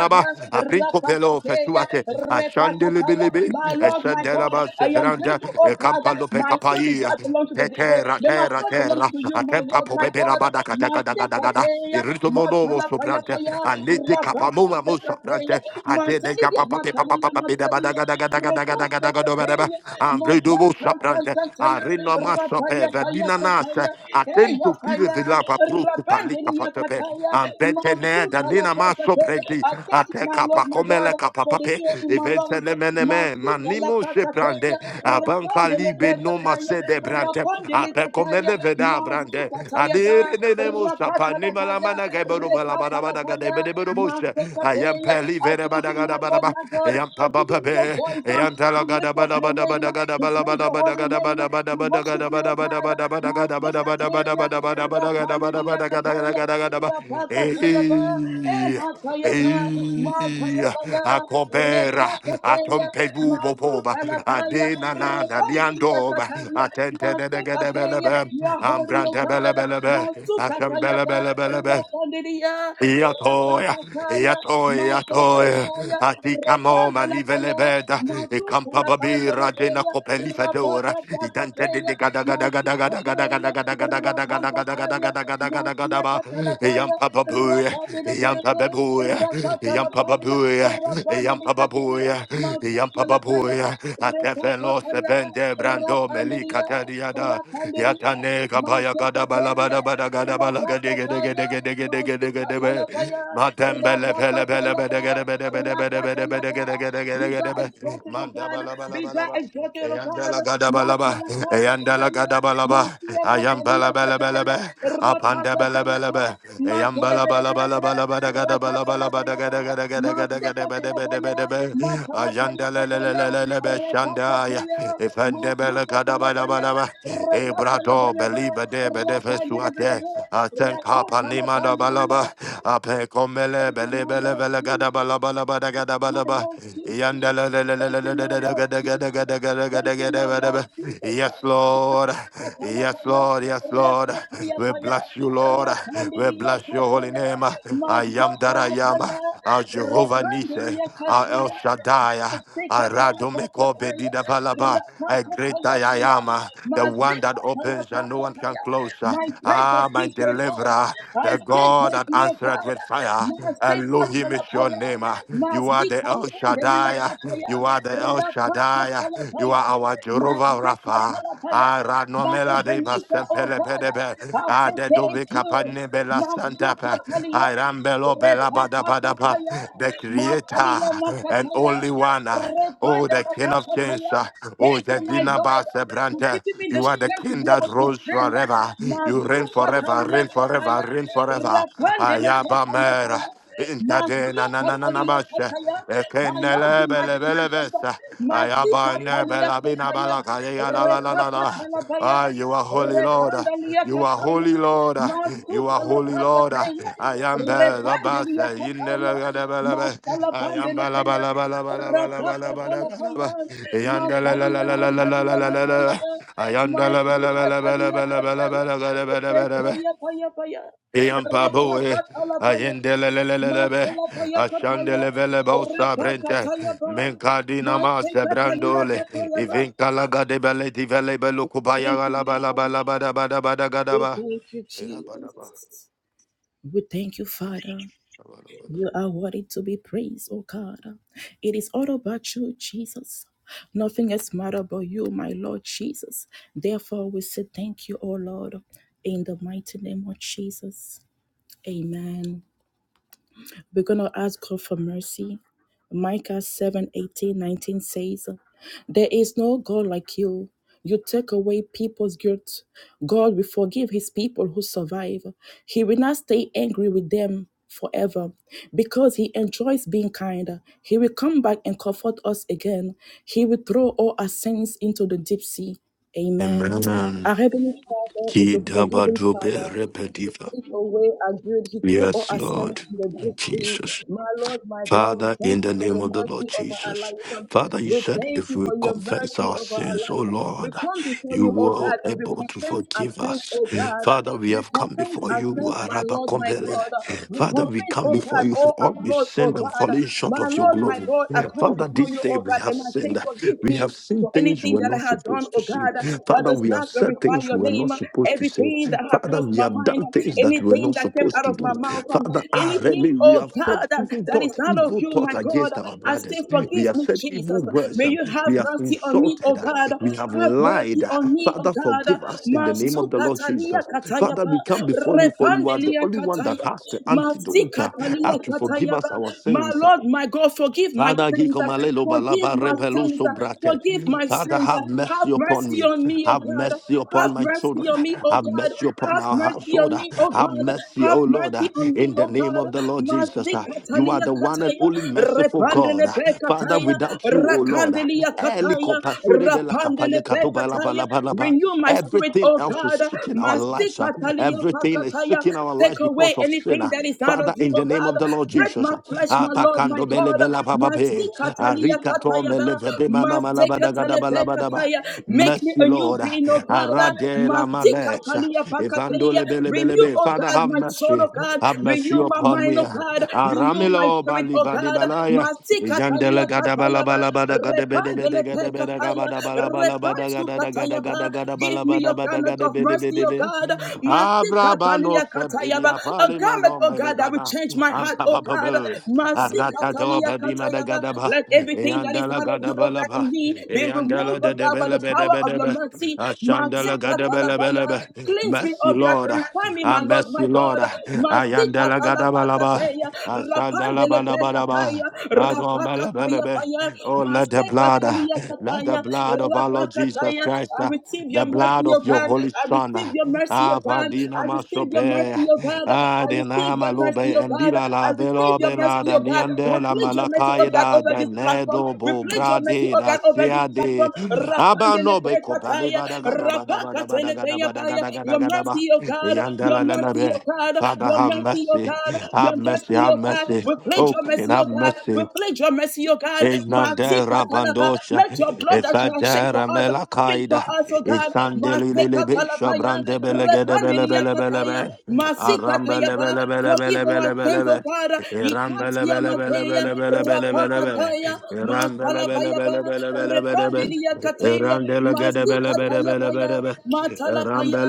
Speaker 4: a printo pelo fesuate a shandele bilebe
Speaker 1: My
Speaker 4: a
Speaker 1: Lord, my
Speaker 4: shandela
Speaker 1: God,
Speaker 4: ba
Speaker 1: I am
Speaker 4: seferanda
Speaker 1: grateful,
Speaker 4: e
Speaker 1: oh God,
Speaker 4: campalo pe
Speaker 1: my soul does
Speaker 4: kapai
Speaker 1: not belong to the devil,
Speaker 4: Terra,
Speaker 1: but my
Speaker 4: terra,
Speaker 1: soul belongs
Speaker 4: terra,
Speaker 1: to you, my
Speaker 4: atempa
Speaker 1: Lord, my
Speaker 4: tempa
Speaker 1: God,
Speaker 4: rabada la gada
Speaker 1: My
Speaker 4: gada gada,
Speaker 1: Masekateya,
Speaker 4: il rito monomo
Speaker 1: Matalapaya
Speaker 4: soprante,
Speaker 1: Paya,
Speaker 4: a nete capamoma mo
Speaker 1: Rapakosekateya,
Speaker 4: soprante, a te de
Speaker 1: Matalidia,
Speaker 4: capa pape papa
Speaker 1: Matalia,
Speaker 4: papa be da bada
Speaker 1: Matalia,
Speaker 4: gada
Speaker 1: Matalia.
Speaker 4: gada gada gada
Speaker 1: Rekote
Speaker 4: gada Ragadobadaba,
Speaker 1: kapeya,
Speaker 4: Andredobo
Speaker 1: makaka
Speaker 4: Saprante,
Speaker 1: kasataya,
Speaker 4: Arena Masope,
Speaker 1: rapaya kaya
Speaker 4: Vadinanas,
Speaker 1: kataya, eya
Speaker 4: Attento Pire
Speaker 1: kaya,
Speaker 4: Vilava Protu Palika
Speaker 1: rapandeli ya
Speaker 4: Fatepe,
Speaker 1: kataya,
Speaker 4: Ambetene,
Speaker 1: masuta la
Speaker 4: Danina
Speaker 1: kataya.
Speaker 4: Masoprenti,
Speaker 1: I thank you, my
Speaker 4: Ateca
Speaker 1: Lord, my
Speaker 4: Pacomele
Speaker 1: God, for the
Speaker 4: Capapape,
Speaker 1: ear in my lungs,
Speaker 4: Eventene Meneme,
Speaker 1: masuta la
Speaker 4: Manimo
Speaker 1: kataya,
Speaker 4: Sheprande, Abanca
Speaker 1: rapandeli
Speaker 4: Libe no
Speaker 1: kataya,
Speaker 4: Masede Brante,
Speaker 1: rapandeli kataya,
Speaker 4: Apecomele Veda Brante,
Speaker 1: masuta taya da,
Speaker 4: Adire Nemo Sapa,
Speaker 1: rakata la
Speaker 4: Nimala
Speaker 1: paya,
Speaker 4: Mana Gaboro
Speaker 1: rekata la
Speaker 4: Valabana
Speaker 1: paya,
Speaker 4: Gadebedeboshe, I am
Speaker 1: masekateya. I
Speaker 4: Peli vere
Speaker 1: thank
Speaker 4: bada
Speaker 1: you,
Speaker 4: gada
Speaker 1: my
Speaker 4: bada
Speaker 1: Lord,
Speaker 4: ba
Speaker 1: my God. God, for
Speaker 4: yampa
Speaker 1: giving
Speaker 4: baba
Speaker 1: me the
Speaker 4: be
Speaker 1: voice um,
Speaker 4: yanta
Speaker 1: to
Speaker 4: la gada
Speaker 1: lift up
Speaker 4: bada
Speaker 1: your
Speaker 4: bada
Speaker 1: name,
Speaker 4: bada gada
Speaker 1: to
Speaker 4: bala
Speaker 1: praise
Speaker 4: bada
Speaker 1: your
Speaker 4: bada
Speaker 1: holy
Speaker 4: gada
Speaker 1: name,
Speaker 4: bada bada
Speaker 1: to
Speaker 4: bada
Speaker 1: worship
Speaker 4: gada
Speaker 1: your
Speaker 4: bada bada
Speaker 1: God.
Speaker 4: bada bada gada bada bada bada bada
Speaker 1: Masekateya,
Speaker 4: bada bada gada bada
Speaker 1: Rapandiniya
Speaker 4: bada gada gada
Speaker 1: Kataya,
Speaker 4: gada gada ba
Speaker 1: Rapakataya Ba,
Speaker 4: eh
Speaker 1: Emataya Ba,
Speaker 4: eh
Speaker 1: Mataya Baya,
Speaker 4: akobera
Speaker 1: Rekataya,
Speaker 4: atompe bubo boba
Speaker 1: Masutalapaya,
Speaker 4: adena na na na
Speaker 1: Rekandiniya
Speaker 4: liandoba
Speaker 1: Kataya,
Speaker 4: atente de de gada bela
Speaker 1: Masekateya,
Speaker 4: be
Speaker 1: Yahori O
Speaker 4: ambrante bela
Speaker 1: God,
Speaker 4: bela be asham
Speaker 1: Masukataya
Speaker 4: bela
Speaker 1: Ba,
Speaker 4: bela
Speaker 1: Rapandiniya,
Speaker 4: Yatoya,
Speaker 1: Rapakataya,
Speaker 4: Yatoya,
Speaker 1: Masukataya.
Speaker 4: Yatoya,
Speaker 1: Rakaya,
Speaker 4: Atikamo,
Speaker 1: Rakanda Lakaya,
Speaker 4: Malivelebeda,
Speaker 1: Maduka
Speaker 4: Campababi,
Speaker 1: Lakanda
Speaker 4: Radena
Speaker 1: Lakaya,
Speaker 4: Copelifedora,
Speaker 1: Rapapa
Speaker 4: Idante de
Speaker 1: Pakaya, Masikateya, Rapapataya, Masiaka
Speaker 4: Gadagadagadagadagadagadagadagadagadagadagadagadagadagadagadaba,
Speaker 1: Talakaya,
Speaker 4: Yampababuya,
Speaker 1: Rapabidibidibid,
Speaker 4: Yampababuya,
Speaker 1: Rapapalapaya,
Speaker 4: Yampababuya,
Speaker 1: Rapandikateya,
Speaker 4: Yampababuya,
Speaker 1: Masuka Lakaya,
Speaker 4: Yampababuya, Atefelo
Speaker 1: Repapapaya,
Speaker 4: Sevende Brando Melika
Speaker 1: Rapandidia,
Speaker 4: Tadiada,
Speaker 1: Rapandidia,
Speaker 4: Yatanega Baya
Speaker 1: Masikateya,
Speaker 4: Gadabalabada Bada
Speaker 1: Rapakataya,
Speaker 4: Gadabala
Speaker 1: Masika Talapaya, be thou
Speaker 4: Matembele pele
Speaker 1: exalted,
Speaker 4: pele
Speaker 1: O
Speaker 4: bede
Speaker 1: God.
Speaker 4: gede bede bede bede bede bede gede gede gede gede be. Mandabala bala
Speaker 1: Be
Speaker 4: bala
Speaker 1: thou
Speaker 4: ba.
Speaker 1: exalted, O God.
Speaker 4: Eyandala gada bala ba.
Speaker 1: Masala
Speaker 4: Eyandala
Speaker 1: Kakataya,
Speaker 4: gada bala ba.
Speaker 1: Masia Masalia
Speaker 4: Ayambala bala bala
Speaker 1: Kataya,
Speaker 4: be. Apanda bala bala
Speaker 1: Rapakatayaba,
Speaker 4: be. Eyambala bala bala
Speaker 1: Masalebelebelebe,
Speaker 4: bala bada gada bala bala bada
Speaker 1: Rakatalabayaba,
Speaker 4: gada gada gada gada gada bede bede
Speaker 1: Masekatalabaya,
Speaker 4: bede be.
Speaker 1: Masalabaya
Speaker 4: Ayandala le le
Speaker 1: Kataya,
Speaker 4: le le le be shandaya.
Speaker 1: Repakataya,
Speaker 4: Ifende bele gada bala
Speaker 1: Masukatalabaya,
Speaker 4: bala ba. Ebrado
Speaker 1: Rekatalabayaba,
Speaker 4: believe bede bede fesuate.
Speaker 1: Rapalebelebe,
Speaker 4: Aten da balaba
Speaker 1: Rakotalabandria,
Speaker 4: ape komele
Speaker 1: Thank you,
Speaker 4: bele
Speaker 1: my
Speaker 4: bele
Speaker 1: Lord
Speaker 4: bele gada
Speaker 1: Jesus.
Speaker 4: balaba laba da
Speaker 1: Thank
Speaker 4: gada
Speaker 1: you, my
Speaker 4: balaba
Speaker 1: Lord Jesus.
Speaker 4: yanda la la la la
Speaker 1: Thank you,
Speaker 4: da
Speaker 1: my
Speaker 4: da da
Speaker 1: Lord
Speaker 4: gada gada
Speaker 1: Jesus.
Speaker 4: gada gada
Speaker 1: Thank
Speaker 4: gada
Speaker 1: you,
Speaker 4: gada
Speaker 1: my
Speaker 4: gada
Speaker 1: Lord
Speaker 4: ba.
Speaker 1: Jesus.
Speaker 4: yes lord yes
Speaker 1: Kapalapaya,
Speaker 4: lord yes lord we
Speaker 1: rakatiyapaya,
Speaker 4: bless you lord we bless your holy
Speaker 1: rakandiliyakataya,
Speaker 4: name i am that i am
Speaker 1: maskopalapaya,
Speaker 4: our jehovah nise our el
Speaker 1: rekandiliyakataya.
Speaker 4: shaddai
Speaker 1: My
Speaker 4: our radomeko bedida balaba a great I am, the one that opens and no one can close.
Speaker 1: praise of
Speaker 4: Ah, my
Speaker 1: peace, O God.
Speaker 4: deliverer,
Speaker 1: I
Speaker 4: the
Speaker 1: say
Speaker 4: God
Speaker 1: thank
Speaker 4: that
Speaker 1: you, O
Speaker 4: answered
Speaker 1: God.
Speaker 4: with fire. Elohim is your
Speaker 1: Masekatalapoya.
Speaker 4: name. You are the El Shaddai.
Speaker 1: Masikatandeliakataya.
Speaker 4: You are the El Shaddai. You
Speaker 1: Rapakatalapaya.
Speaker 4: are our Jehovah Rapha.
Speaker 1: Masekatalapoya. But
Speaker 4: Aranomela de
Speaker 1: Ebenezer, oh
Speaker 4: Basempele
Speaker 1: God,
Speaker 4: Bedebe,
Speaker 1: I say thank
Speaker 4: Adedobe
Speaker 1: you.
Speaker 4: Capane Bela Santapa,
Speaker 1: Masukatalia,
Speaker 4: Irambelo Bela bada bada ba.
Speaker 1: Repapataya,
Speaker 4: the
Speaker 1: Matalia
Speaker 4: Creator and
Speaker 1: Makataya,
Speaker 4: only one, ah, oh,
Speaker 1: Repanda
Speaker 4: the King of Kings,
Speaker 1: Lapataya.
Speaker 4: ah, oh,
Speaker 1: Thank
Speaker 4: the
Speaker 1: you, my
Speaker 4: Dina
Speaker 1: Lord, for
Speaker 4: Basebrante,
Speaker 1: giving me the
Speaker 4: you are the
Speaker 1: strength to
Speaker 4: King
Speaker 1: be
Speaker 4: that
Speaker 1: able to
Speaker 4: rose
Speaker 1: stand.
Speaker 4: forever, you reign forever,
Speaker 1: Masukatalia
Speaker 4: reign forever forever,
Speaker 1: Kataya,
Speaker 4: reign forever.
Speaker 1: Rapandele Kataya
Speaker 4: Ayabamera.
Speaker 1: Kaya, Masia
Speaker 4: Intadena na na na na
Speaker 1: Katalia
Speaker 4: bashe.
Speaker 1: Kataya. I love
Speaker 4: Ekenele
Speaker 1: you, my
Speaker 4: bele bele
Speaker 1: Jesus.
Speaker 4: besa.
Speaker 1: Masika
Speaker 4: Ayabane
Speaker 1: Talia
Speaker 4: bela bina
Speaker 1: Kataya,
Speaker 4: bala kaleya la
Speaker 1: Re
Speaker 4: la la la la.
Speaker 1: Rekatalabaya,
Speaker 4: Ah, you are holy Lord.
Speaker 1: Rekandalia
Speaker 4: You are
Speaker 1: Kataya,
Speaker 4: holy Lord. You are holy Lord.
Speaker 1: Masutalatakataya,
Speaker 4: I am the
Speaker 1: Rekandalia
Speaker 4: basa.
Speaker 1: Kataya,
Speaker 4: Inele bele bele be. I am bala
Speaker 1: Masalabandeletaya,
Speaker 4: bala bala bala bala bala bala bala.
Speaker 1: Rapakatalapaya,
Speaker 4: bala. Yandele la la
Speaker 1: Masalia
Speaker 4: la la la la
Speaker 1: Masalia
Speaker 4: la la la.
Speaker 1: Mataya,
Speaker 4: la. Ayandele bele bele bele
Speaker 1: Masutatalia
Speaker 4: bele bele
Speaker 1: Kataya,
Speaker 4: bele bele bele bele.
Speaker 1: Rekaya Paya Paya,
Speaker 4: Yampaboe,
Speaker 1: Rapakatalapaya,
Speaker 4: Ayendelelelebe,
Speaker 1: Masalapaya Kataya,
Speaker 4: Ashandelevele Sabrente,
Speaker 1: Rapakatalapa,
Speaker 4: Menkadina Masa
Speaker 1: Masekatalaya
Speaker 4: Brandole,
Speaker 1: Kataya,
Speaker 4: Ivinkalaga de Bele di Vele Belukubaya
Speaker 1: Thank you, Lord. We
Speaker 4: Labalabalabadabadabadagadaba.
Speaker 1: thank you, Jesus. We thank you, Father. You are worthy to be praised, oh God. It is all about you, Jesus. Nothing else matters but you, my Lord Jesus. Therefore, we say thank you, oh Lord, in the mighty name of Jesus. Amen. We're going to ask God for mercy. Micah 7 18 19 says, There is no God like you. You take away people's guilt. God will forgive his people who survive. He will not stay angry with them forever because he enjoys being kind. He will come back and comfort us again. He will throw all our sins into the deep sea. Amen.
Speaker 4: Amen.
Speaker 1: Our Heavenly Father is a forgiving
Speaker 4: Kidabadrobe
Speaker 1: Father
Speaker 4: repetitiva.
Speaker 1: take away our guilt. He threw all
Speaker 4: Yes,
Speaker 1: our sins
Speaker 4: Lord.
Speaker 1: in the deep sea.
Speaker 4: Jesus.
Speaker 1: My Lord, my God, we
Speaker 4: Father,
Speaker 1: thank
Speaker 4: in
Speaker 1: you
Speaker 4: the
Speaker 1: for
Speaker 4: name
Speaker 1: the
Speaker 4: of the
Speaker 1: mercy
Speaker 4: Lord
Speaker 1: of our
Speaker 4: Jesus.
Speaker 1: life.
Speaker 4: Father, you
Speaker 1: We
Speaker 4: said
Speaker 1: thank
Speaker 4: if
Speaker 1: you
Speaker 4: we
Speaker 1: for your
Speaker 4: confess
Speaker 1: mercy
Speaker 4: our
Speaker 1: over our
Speaker 4: sins, oh
Speaker 1: life. We
Speaker 4: Lord,
Speaker 1: come before
Speaker 4: you
Speaker 1: you, oh
Speaker 4: were
Speaker 1: God, and we
Speaker 4: able to
Speaker 1: confess our
Speaker 4: forgive
Speaker 1: sins,
Speaker 4: us.
Speaker 1: oh God.
Speaker 4: Father, we
Speaker 1: We
Speaker 4: have come
Speaker 1: confess
Speaker 4: before
Speaker 1: our
Speaker 4: you,
Speaker 1: sins, my Lord, my
Speaker 4: Arabakombele.
Speaker 1: God. We
Speaker 4: Father, we
Speaker 1: confess,
Speaker 4: come
Speaker 1: oh
Speaker 4: before
Speaker 1: God,
Speaker 4: you for
Speaker 1: all
Speaker 4: all
Speaker 1: our
Speaker 4: we
Speaker 1: flaws, oh
Speaker 4: sinned and
Speaker 1: God.
Speaker 4: fallen short
Speaker 1: My
Speaker 4: of your
Speaker 1: Lord, my
Speaker 4: glory.
Speaker 1: God, I come
Speaker 4: Father,
Speaker 1: before
Speaker 4: this
Speaker 1: you,
Speaker 4: day
Speaker 1: oh
Speaker 4: we
Speaker 1: God,
Speaker 4: have
Speaker 1: and I say,
Speaker 4: sinned.
Speaker 1: forgive
Speaker 4: We
Speaker 1: me.
Speaker 4: have seen
Speaker 1: For
Speaker 4: things we
Speaker 1: anything
Speaker 4: were
Speaker 1: that I
Speaker 4: not
Speaker 1: have done,
Speaker 4: supposed to
Speaker 1: oh
Speaker 4: see.
Speaker 1: God, that
Speaker 4: Father,
Speaker 1: does
Speaker 4: we have
Speaker 1: not
Speaker 4: said
Speaker 1: glorify
Speaker 4: things
Speaker 1: your
Speaker 4: we were
Speaker 1: name.
Speaker 4: not supposed to say.
Speaker 1: Everything that has
Speaker 4: Father,
Speaker 1: crossed
Speaker 4: we
Speaker 1: my
Speaker 4: have
Speaker 1: mind,
Speaker 4: done things that we were
Speaker 1: anything
Speaker 4: not
Speaker 1: that came
Speaker 4: supposed
Speaker 1: out
Speaker 4: to
Speaker 1: of my
Speaker 4: do.
Speaker 1: mouth, um,
Speaker 4: Father, ah, Remy,
Speaker 1: anything,
Speaker 4: we
Speaker 1: oh
Speaker 4: have thought,
Speaker 1: God, that,
Speaker 4: even
Speaker 1: that is
Speaker 4: thought,
Speaker 1: not of
Speaker 4: evil
Speaker 1: you,
Speaker 4: thoughts
Speaker 1: my God,
Speaker 4: against our
Speaker 1: I say,
Speaker 4: brothers. We
Speaker 1: forgive
Speaker 4: have
Speaker 1: me,
Speaker 4: said evil
Speaker 1: Jesus.
Speaker 4: words.
Speaker 1: May
Speaker 4: um,
Speaker 1: you have
Speaker 4: We have
Speaker 1: mercy on me, oh
Speaker 4: insulted. uh,
Speaker 1: God.
Speaker 4: We have
Speaker 1: Have mercy
Speaker 4: lied. uh.
Speaker 1: on me, oh
Speaker 4: Father,
Speaker 1: God.
Speaker 4: forgive us in the name
Speaker 1: Masu
Speaker 4: of the Lord Jesus.
Speaker 1: Masukatalia
Speaker 4: Father,
Speaker 1: katayaba,
Speaker 4: we come before you, for you are the
Speaker 1: repandelia
Speaker 4: only one that
Speaker 1: kataya,
Speaker 4: has the antidote uh, uh,
Speaker 1: masikatalia
Speaker 4: to forgive
Speaker 1: katayaba.
Speaker 4: us our
Speaker 1: My
Speaker 4: sins.
Speaker 1: Lord, my God, forgive my
Speaker 4: Father,
Speaker 1: sins,
Speaker 4: Gikomalelo
Speaker 1: forgive
Speaker 4: Balaba
Speaker 1: my sins,
Speaker 4: Rebeluso
Speaker 1: forgive
Speaker 4: Brate.
Speaker 1: forgive my
Speaker 4: Father,
Speaker 1: sins.
Speaker 4: have mercy
Speaker 1: Have
Speaker 4: upon
Speaker 1: mercy
Speaker 4: me.
Speaker 1: on me, O
Speaker 4: Have
Speaker 1: God.
Speaker 4: mercy upon
Speaker 1: Have
Speaker 4: my
Speaker 1: mercy
Speaker 4: children.
Speaker 1: on me, O
Speaker 4: Have
Speaker 1: God.
Speaker 4: mercy upon
Speaker 1: Have
Speaker 4: our
Speaker 1: mercy
Speaker 4: household.
Speaker 1: on me, O
Speaker 4: Have
Speaker 1: God.
Speaker 4: mercy,
Speaker 1: Have
Speaker 4: O Lord,
Speaker 1: mercy on me,
Speaker 4: in the
Speaker 1: O
Speaker 4: name
Speaker 1: God.
Speaker 4: of the Lord Jesus. You are
Speaker 1: Mazikatalia
Speaker 4: the one and only
Speaker 1: kataya,
Speaker 4: merciful
Speaker 1: repandele
Speaker 4: God. Father,
Speaker 1: pekataya,
Speaker 4: without you, O Lord,
Speaker 1: rakandelia
Speaker 4: Eliko
Speaker 1: kataya,
Speaker 4: Pasure Bela
Speaker 1: rapandele
Speaker 4: Kapaya Katobala
Speaker 1: pekataya.
Speaker 4: Balabalaba.
Speaker 1: Renew my spirit,
Speaker 4: everything
Speaker 1: O
Speaker 4: else is
Speaker 1: God.
Speaker 4: seeking our lives.
Speaker 1: Mazikatalia
Speaker 4: Everything is
Speaker 1: pakataya.
Speaker 4: seeking our
Speaker 1: Take
Speaker 4: lives
Speaker 1: away
Speaker 4: because of sin.
Speaker 1: anything that is out
Speaker 4: Father,
Speaker 1: of you,
Speaker 4: in the
Speaker 1: O
Speaker 4: name
Speaker 1: God.
Speaker 4: of the Lord
Speaker 1: Break
Speaker 4: Jesus.
Speaker 1: my flesh, my Lord, my
Speaker 4: Apakando
Speaker 1: God.
Speaker 4: belevela papape.
Speaker 1: Masikatalia
Speaker 4: Arika to meleve de mana
Speaker 1: kataya,
Speaker 4: malabada gadabala
Speaker 1: Kataya. Make me
Speaker 4: Mercy,
Speaker 1: a new
Speaker 4: Lord.
Speaker 1: being, O God.
Speaker 4: Arade la
Speaker 1: Masika
Speaker 4: malech.
Speaker 1: Talia
Speaker 4: Evando
Speaker 1: Pakateya.
Speaker 4: lebele
Speaker 1: Renew,
Speaker 4: belebe.
Speaker 1: O
Speaker 4: Father,
Speaker 1: God,
Speaker 4: have
Speaker 1: my soul,
Speaker 4: mercy.
Speaker 1: O God.
Speaker 4: Have mercy
Speaker 1: Renew my
Speaker 4: upon
Speaker 1: mind,
Speaker 4: me.
Speaker 1: O God. Renew my
Speaker 4: Aramilo
Speaker 1: spirit,
Speaker 4: bali
Speaker 1: O
Speaker 4: bali
Speaker 1: God.
Speaker 4: balaya.
Speaker 1: Masika
Speaker 4: Yandele
Speaker 1: Talia
Speaker 4: gadabala
Speaker 1: Kataya.
Speaker 4: balabada gadabede bede
Speaker 1: Repandele
Speaker 4: gadabede
Speaker 1: Pekataya.
Speaker 4: gabada balabala bada
Speaker 1: Repansu
Speaker 4: gadada
Speaker 1: Kataya.
Speaker 4: gadada
Speaker 1: Give
Speaker 4: gadabala
Speaker 1: me
Speaker 4: bada
Speaker 1: your
Speaker 4: bada
Speaker 1: garment of
Speaker 4: gadabede
Speaker 1: mercy, O
Speaker 4: bede.
Speaker 1: God. Masika
Speaker 4: Abrabano
Speaker 1: Talia Kataya.
Speaker 4: sebedia
Speaker 1: A garment,
Speaker 4: palimano
Speaker 1: O God, that will
Speaker 4: melebada.
Speaker 1: change my heart, O God.
Speaker 4: Ampapapabu.
Speaker 1: Masika
Speaker 4: Agatado
Speaker 1: Talia
Speaker 4: bedima da
Speaker 1: Kataya.
Speaker 4: gadaba.
Speaker 1: Let everything that is
Speaker 4: Eandela
Speaker 1: out of you, O God, in
Speaker 4: gadabalaba.
Speaker 1: me be
Speaker 4: Eandela
Speaker 1: removed,
Speaker 4: de
Speaker 1: oh God, by
Speaker 4: debele
Speaker 1: the power of your
Speaker 4: bedebedebe.
Speaker 1: mercy.
Speaker 4: Ashandela
Speaker 1: Masika
Speaker 4: gadabele
Speaker 1: talabaya.
Speaker 4: belebe.
Speaker 1: Cleanse me,
Speaker 4: Mercy
Speaker 1: oh God,
Speaker 4: Lord.
Speaker 1: purify me,
Speaker 4: Ah,
Speaker 1: my Lord,
Speaker 4: mercy
Speaker 1: my
Speaker 4: Lord.
Speaker 1: God. Masika
Speaker 4: Ayandela gadabalaba.
Speaker 1: talapakateya,
Speaker 4: Asandela
Speaker 1: rapandele
Speaker 4: badabadaba.
Speaker 1: pekataya, rapakataya
Speaker 4: Radomelebelebe.
Speaker 1: paya,
Speaker 4: Oh, let the
Speaker 1: masika
Speaker 4: blood,
Speaker 1: talia
Speaker 4: let the
Speaker 1: kataya,
Speaker 4: blood of our Lord Jesus
Speaker 1: rapakataya.
Speaker 4: Christ
Speaker 1: I receive your
Speaker 4: the
Speaker 1: mercy,
Speaker 4: blood of
Speaker 1: oh
Speaker 4: your
Speaker 1: God.
Speaker 4: holy
Speaker 1: I
Speaker 4: son.
Speaker 1: receive your mercy, oh God.
Speaker 4: Avadina
Speaker 1: I receive your
Speaker 4: masope,
Speaker 1: mercy, oh God. I receive
Speaker 4: adena
Speaker 1: your mercy,
Speaker 4: malobe,
Speaker 1: oh God.
Speaker 4: endila
Speaker 1: I
Speaker 4: la
Speaker 1: receive
Speaker 4: velo
Speaker 1: your
Speaker 4: bela
Speaker 1: mercy,
Speaker 4: da
Speaker 1: oh God. We
Speaker 4: niande la
Speaker 1: plead your mercy, oh God,
Speaker 4: malakaida
Speaker 1: over
Speaker 4: da
Speaker 1: this platform.
Speaker 4: nedo
Speaker 1: We
Speaker 4: bo
Speaker 1: plead your mercy
Speaker 4: brade
Speaker 1: oh
Speaker 4: da
Speaker 1: God, over this
Speaker 4: siade.
Speaker 1: platform.
Speaker 4: Abano be kopale
Speaker 1: Rapandelebekataya,
Speaker 4: bada gada bada bada bada gada bada
Speaker 1: rapakatelebeyabaya.
Speaker 4: gada gada
Speaker 1: Your
Speaker 4: gada ba.
Speaker 1: mercy, oh God, your
Speaker 4: Yandela la la
Speaker 1: mercy,
Speaker 4: be.
Speaker 1: oh God,
Speaker 4: Father,
Speaker 1: your
Speaker 4: have
Speaker 1: mercy, oh
Speaker 4: mercy.
Speaker 1: God, your
Speaker 4: Have mercy.
Speaker 1: mercy,
Speaker 4: Have
Speaker 1: oh God.
Speaker 4: mercy.
Speaker 1: We plead
Speaker 4: Oh,
Speaker 1: your
Speaker 4: King,
Speaker 1: mercy,
Speaker 4: have
Speaker 1: oh God.
Speaker 4: mercy.
Speaker 1: We plead your mercy, oh God.
Speaker 4: Eznande
Speaker 1: Matikatalaba.
Speaker 4: rabandosha,
Speaker 1: Let your blood that you have shed for
Speaker 4: efadere
Speaker 1: us Speak for
Speaker 4: melakaida,
Speaker 1: us, oh God.
Speaker 4: isandelilele
Speaker 1: Maseka
Speaker 4: besha
Speaker 1: talabaya,
Speaker 4: brande belegede bele
Speaker 1: repandilia
Speaker 4: bele bele
Speaker 1: kataya,
Speaker 4: be,
Speaker 1: masika
Speaker 4: arambele
Speaker 1: tayaba.
Speaker 4: bele bele
Speaker 1: Forgive
Speaker 4: bele
Speaker 1: our
Speaker 4: bele bele
Speaker 1: sins, oh
Speaker 4: be.
Speaker 1: God.
Speaker 4: Arabada gada bala
Speaker 1: Ikatia
Speaker 4: bala bala
Speaker 1: mateya,
Speaker 4: bala bala.
Speaker 1: rapakataya,
Speaker 4: Ram bala bala
Speaker 1: masalabayaba,
Speaker 4: bala bala gada bala bala bala.
Speaker 1: repandilia kataya,
Speaker 4: Ram bala gada
Speaker 1: masika
Speaker 4: bala bala
Speaker 1: tayabaya,
Speaker 4: bala
Speaker 1: matalapaya,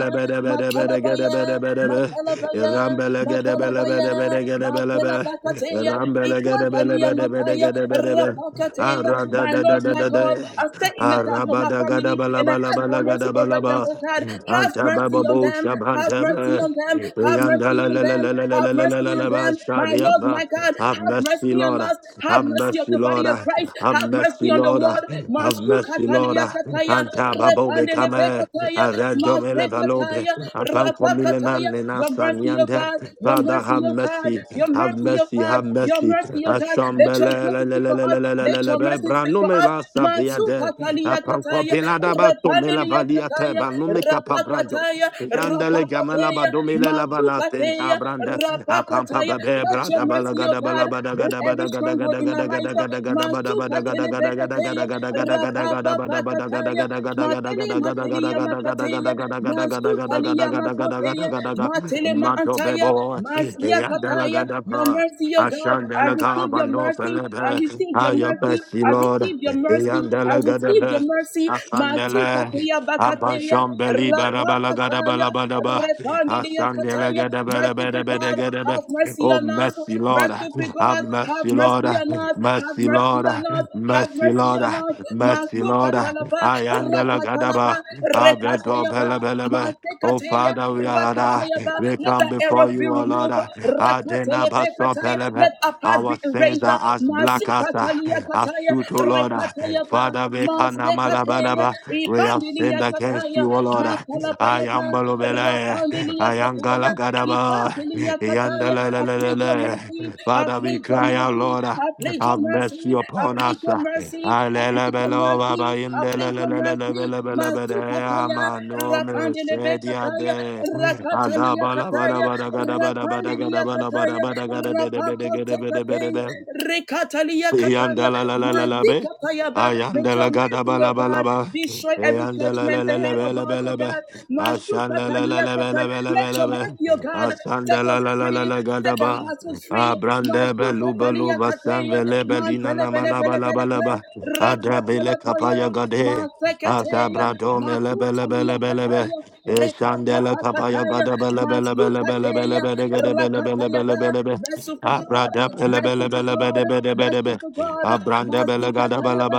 Speaker 4: gada
Speaker 1: matalabaya,
Speaker 4: bala bala.
Speaker 1: matalabaya,
Speaker 4: Ram bala gada bala bala
Speaker 1: matalabaya,
Speaker 4: bala
Speaker 1: matalabakateya, ikuantalia mataya,
Speaker 4: gada bala bala.
Speaker 1: rapakateya.
Speaker 4: Ara da
Speaker 1: My
Speaker 4: da da
Speaker 1: Lord,
Speaker 4: da
Speaker 1: my
Speaker 4: da
Speaker 1: God,
Speaker 4: da.
Speaker 1: I stay in the gap
Speaker 4: Ara
Speaker 1: for
Speaker 4: ba.
Speaker 1: my
Speaker 4: da gada
Speaker 1: family
Speaker 4: bala
Speaker 1: and I
Speaker 4: bala
Speaker 1: ask for
Speaker 4: bala
Speaker 1: mercy
Speaker 4: gada
Speaker 1: over
Speaker 4: bala
Speaker 1: them,
Speaker 4: bala.
Speaker 1: oh God. Have
Speaker 4: Anta
Speaker 1: mercy
Speaker 4: baba
Speaker 1: on
Speaker 4: bo
Speaker 1: them. Have
Speaker 4: shabanta
Speaker 1: mercy
Speaker 4: ba.
Speaker 1: on them. Have
Speaker 4: Yanda
Speaker 1: mercy
Speaker 4: la
Speaker 1: on
Speaker 4: la la
Speaker 1: them.
Speaker 4: la la la la
Speaker 1: Have
Speaker 4: la la
Speaker 1: mercy
Speaker 4: la
Speaker 1: on
Speaker 4: la ba
Speaker 1: them. My
Speaker 4: sharia,
Speaker 1: Lord,
Speaker 4: ba.
Speaker 1: my God,
Speaker 4: Have
Speaker 1: have
Speaker 4: mercy,
Speaker 1: mercy on
Speaker 4: Lord.
Speaker 1: us. Have
Speaker 4: Have
Speaker 1: mercy on
Speaker 4: mercy,
Speaker 1: the body
Speaker 4: Lord.
Speaker 1: of Christ.
Speaker 4: Have
Speaker 1: Have mercy
Speaker 4: mercy,
Speaker 1: on the
Speaker 4: Lord.
Speaker 1: world.
Speaker 4: Have
Speaker 1: Masu
Speaker 4: mercy, Lord.
Speaker 1: katania kataya.
Speaker 4: Anta babo
Speaker 1: Repandele
Speaker 4: bekame.
Speaker 1: bekataya.
Speaker 4: Arendome
Speaker 1: Maste
Speaker 4: levalope.
Speaker 1: kataya.
Speaker 4: Apankomile
Speaker 1: Rapakataya.
Speaker 4: manne
Speaker 1: Your mercy, oh
Speaker 4: nasanyande.
Speaker 1: God. Your
Speaker 4: Father,
Speaker 1: mercy,
Speaker 4: have
Speaker 1: oh God.
Speaker 4: mercy.
Speaker 1: Your
Speaker 4: Have
Speaker 1: mercy, oh
Speaker 4: mercy.
Speaker 1: God.
Speaker 4: Have
Speaker 1: Your
Speaker 4: mercy.
Speaker 1: mercy, oh God. Let your
Speaker 4: Ashambele le le
Speaker 1: gratitude
Speaker 4: le
Speaker 1: for
Speaker 4: le
Speaker 1: us.
Speaker 4: le le le le
Speaker 1: Let your
Speaker 4: le
Speaker 1: your
Speaker 4: le.
Speaker 1: mercy speak for
Speaker 4: Branome
Speaker 1: us.
Speaker 4: la saviade.
Speaker 1: Masuka talia kataya,
Speaker 4: Apankopila dabatome la
Speaker 1: repandelia
Speaker 4: valiate.
Speaker 1: kataya,
Speaker 4: Banume
Speaker 1: rapakataya,
Speaker 4: Yandele gamela
Speaker 1: rapakataya,
Speaker 4: badomile la balatin
Speaker 1: masukateya,
Speaker 4: abranda apampa
Speaker 1: rapakataya.
Speaker 4: babe
Speaker 1: Let your
Speaker 4: brada
Speaker 1: mercy, O
Speaker 4: balagada
Speaker 1: God,
Speaker 4: balabada
Speaker 1: break
Speaker 4: gada
Speaker 1: every
Speaker 4: bada gada
Speaker 1: stronghold
Speaker 4: gada
Speaker 1: in our
Speaker 4: gada
Speaker 1: life.
Speaker 4: gada gada gada bada bada
Speaker 1: Masuka
Speaker 4: gada gada gada
Speaker 1: telebekataya,
Speaker 4: gada gada gada gada gada bada bada gada
Speaker 1: rapapapakataya,
Speaker 4: gada
Speaker 1: matele
Speaker 4: gada gada gada
Speaker 1: matelia
Speaker 4: gada
Speaker 1: makateya,
Speaker 4: gada gada gada gada
Speaker 1: masutalia
Speaker 4: gada gada gada gada gada gada gada
Speaker 1: makoteya,
Speaker 4: gada gada
Speaker 1: matele
Speaker 4: mato
Speaker 1: maantaya,
Speaker 4: bebo
Speaker 1: masia
Speaker 4: yandele
Speaker 1: kataya.
Speaker 4: gada
Speaker 1: Your
Speaker 4: pa
Speaker 1: mercy, O God, I
Speaker 4: ashandele
Speaker 1: receive your
Speaker 4: gabando
Speaker 1: mercy mercy. I
Speaker 4: felebe
Speaker 1: receive your mercy.
Speaker 4: ayobesi
Speaker 1: I
Speaker 4: lord
Speaker 1: receive your mercy. I
Speaker 4: yandele
Speaker 1: receive
Speaker 4: gada
Speaker 1: your mercy.
Speaker 4: Asandele,
Speaker 1: Masukatia bakateya,
Speaker 4: Abasham Beli Barabalagada
Speaker 1: rapakataya,
Speaker 4: Balabadaba,
Speaker 1: repandidia
Speaker 4: Asandele
Speaker 1: kataya.
Speaker 4: Gadabella
Speaker 1: Merciful
Speaker 4: Bedabede
Speaker 1: God,
Speaker 4: Gadebe.
Speaker 1: have mercy
Speaker 4: Oh,
Speaker 1: on us.
Speaker 4: mercy, Lord.
Speaker 1: Merciful
Speaker 4: Have
Speaker 1: God, have
Speaker 4: mercy, Lord.
Speaker 1: mercy on us. Have
Speaker 4: Mercy,
Speaker 1: mercy
Speaker 4: Lord.
Speaker 1: on us. Have
Speaker 4: Mercy,
Speaker 1: mercy
Speaker 4: Lord.
Speaker 1: on us.
Speaker 4: Mercy, Lord.
Speaker 1: Masukatalaba,
Speaker 4: I am the
Speaker 1: rakatalaba,
Speaker 4: Gadaba. Have the door,
Speaker 1: rekatayaba,
Speaker 4: Bella Bella. Oh
Speaker 1: masekateya,
Speaker 4: Father, we are uh,
Speaker 1: rakatayaba.
Speaker 4: we
Speaker 1: Let
Speaker 4: come
Speaker 1: the errors
Speaker 4: before
Speaker 1: be
Speaker 4: you, O Lord.
Speaker 1: removed.
Speaker 4: uh, Adena
Speaker 1: Rakatelebe
Speaker 4: baso
Speaker 1: kataya.
Speaker 4: pelebe.
Speaker 1: Let our past
Speaker 4: Our
Speaker 1: be
Speaker 4: sins
Speaker 1: erased.
Speaker 4: are as black as uh,
Speaker 1: Masikatalia
Speaker 4: as
Speaker 1: kataya,
Speaker 4: soot, O Lord. uh.
Speaker 1: rekataya pa,
Speaker 4: Father, we can
Speaker 1: masekataya,
Speaker 4: malabalaba. We have sinned
Speaker 1: ipandilia
Speaker 4: against
Speaker 1: kataya,
Speaker 4: you, O Lord. uh. I
Speaker 1: matalapayata,
Speaker 4: am balobele.
Speaker 1: rapandilia
Speaker 4: I am
Speaker 1: kataya,
Speaker 4: galagadaba.
Speaker 1: ikantilia kataya. I plead your
Speaker 4: Yandalalala.
Speaker 1: mercy, I
Speaker 4: Father, we
Speaker 1: plead your
Speaker 4: cry out,
Speaker 1: mercy,
Speaker 4: Lord. uh,
Speaker 1: I plead your
Speaker 4: Have mercy
Speaker 1: mercy, I
Speaker 4: upon
Speaker 1: plead your
Speaker 4: us.
Speaker 1: mercy, I plead your
Speaker 4: Alelebelo baba
Speaker 1: mercy, I plead your mercy, masukataya,
Speaker 4: amanu
Speaker 1: rapandile
Speaker 4: mesedia
Speaker 1: kataya,
Speaker 4: de
Speaker 1: rakatalia
Speaker 4: alabala bala
Speaker 1: kataya,
Speaker 4: bala gada bala bala
Speaker 1: rapandilia
Speaker 4: gada
Speaker 1: Rekatalia
Speaker 4: bala bala bala
Speaker 1: Kataya,
Speaker 4: gada bede bede
Speaker 1: Rapako
Speaker 4: gede bede bede
Speaker 1: Tekataya,
Speaker 4: be
Speaker 1: Rekatalia Kataya,
Speaker 4: yandala la la la la
Speaker 1: Mighty
Speaker 4: be
Speaker 1: Katayaba, Make your
Speaker 4: ayandala gada
Speaker 1: mighty, O
Speaker 4: bala bala
Speaker 1: God,
Speaker 4: ba
Speaker 1: destroy every
Speaker 4: yandala la
Speaker 1: judgment
Speaker 4: la
Speaker 1: ahead of us, O
Speaker 4: la
Speaker 1: God. Mastu
Speaker 4: Ashanda la la la
Speaker 1: Katalia
Speaker 4: la la la
Speaker 1: Kataya,
Speaker 4: la
Speaker 1: let
Speaker 4: la la
Speaker 1: your
Speaker 4: la.
Speaker 1: mighty, O God, set
Speaker 4: Asanda la
Speaker 1: us
Speaker 4: la la la
Speaker 1: free,
Speaker 4: la
Speaker 1: set our
Speaker 4: gadaba.
Speaker 1: hearts free.
Speaker 4: Abrande
Speaker 1: Mastu
Speaker 4: belu belu
Speaker 1: Katalia
Speaker 4: basan
Speaker 1: Kataya,
Speaker 4: vele belina
Speaker 1: Mantele
Speaker 4: nama
Speaker 1: Bele
Speaker 4: la ba
Speaker 1: Bele
Speaker 4: la
Speaker 1: Bele
Speaker 4: ba la
Speaker 1: Bele,
Speaker 4: ba, Abrandebelubelubasanvelebelina namalabalabalaba. Adabele kapaya
Speaker 1: Rakatalataya,
Speaker 4: gade.
Speaker 1: Masekataya,
Speaker 4: Asabrado mele
Speaker 1: Matu
Speaker 4: Azabrado
Speaker 1: Talia
Speaker 4: melebelebelebelebe.
Speaker 1: Kataya,
Speaker 4: Eshandele kapaya
Speaker 1: Rekatapakataya, Mastu Dukateya, Rakatayaba,
Speaker 4: gadabelebelebelebelebelebelebelebelebelebelebe.
Speaker 1: merciful God, merciful God, merciful
Speaker 4: Abradabelebelebelebelebelebelebe.
Speaker 1: God, Mastikatayaba,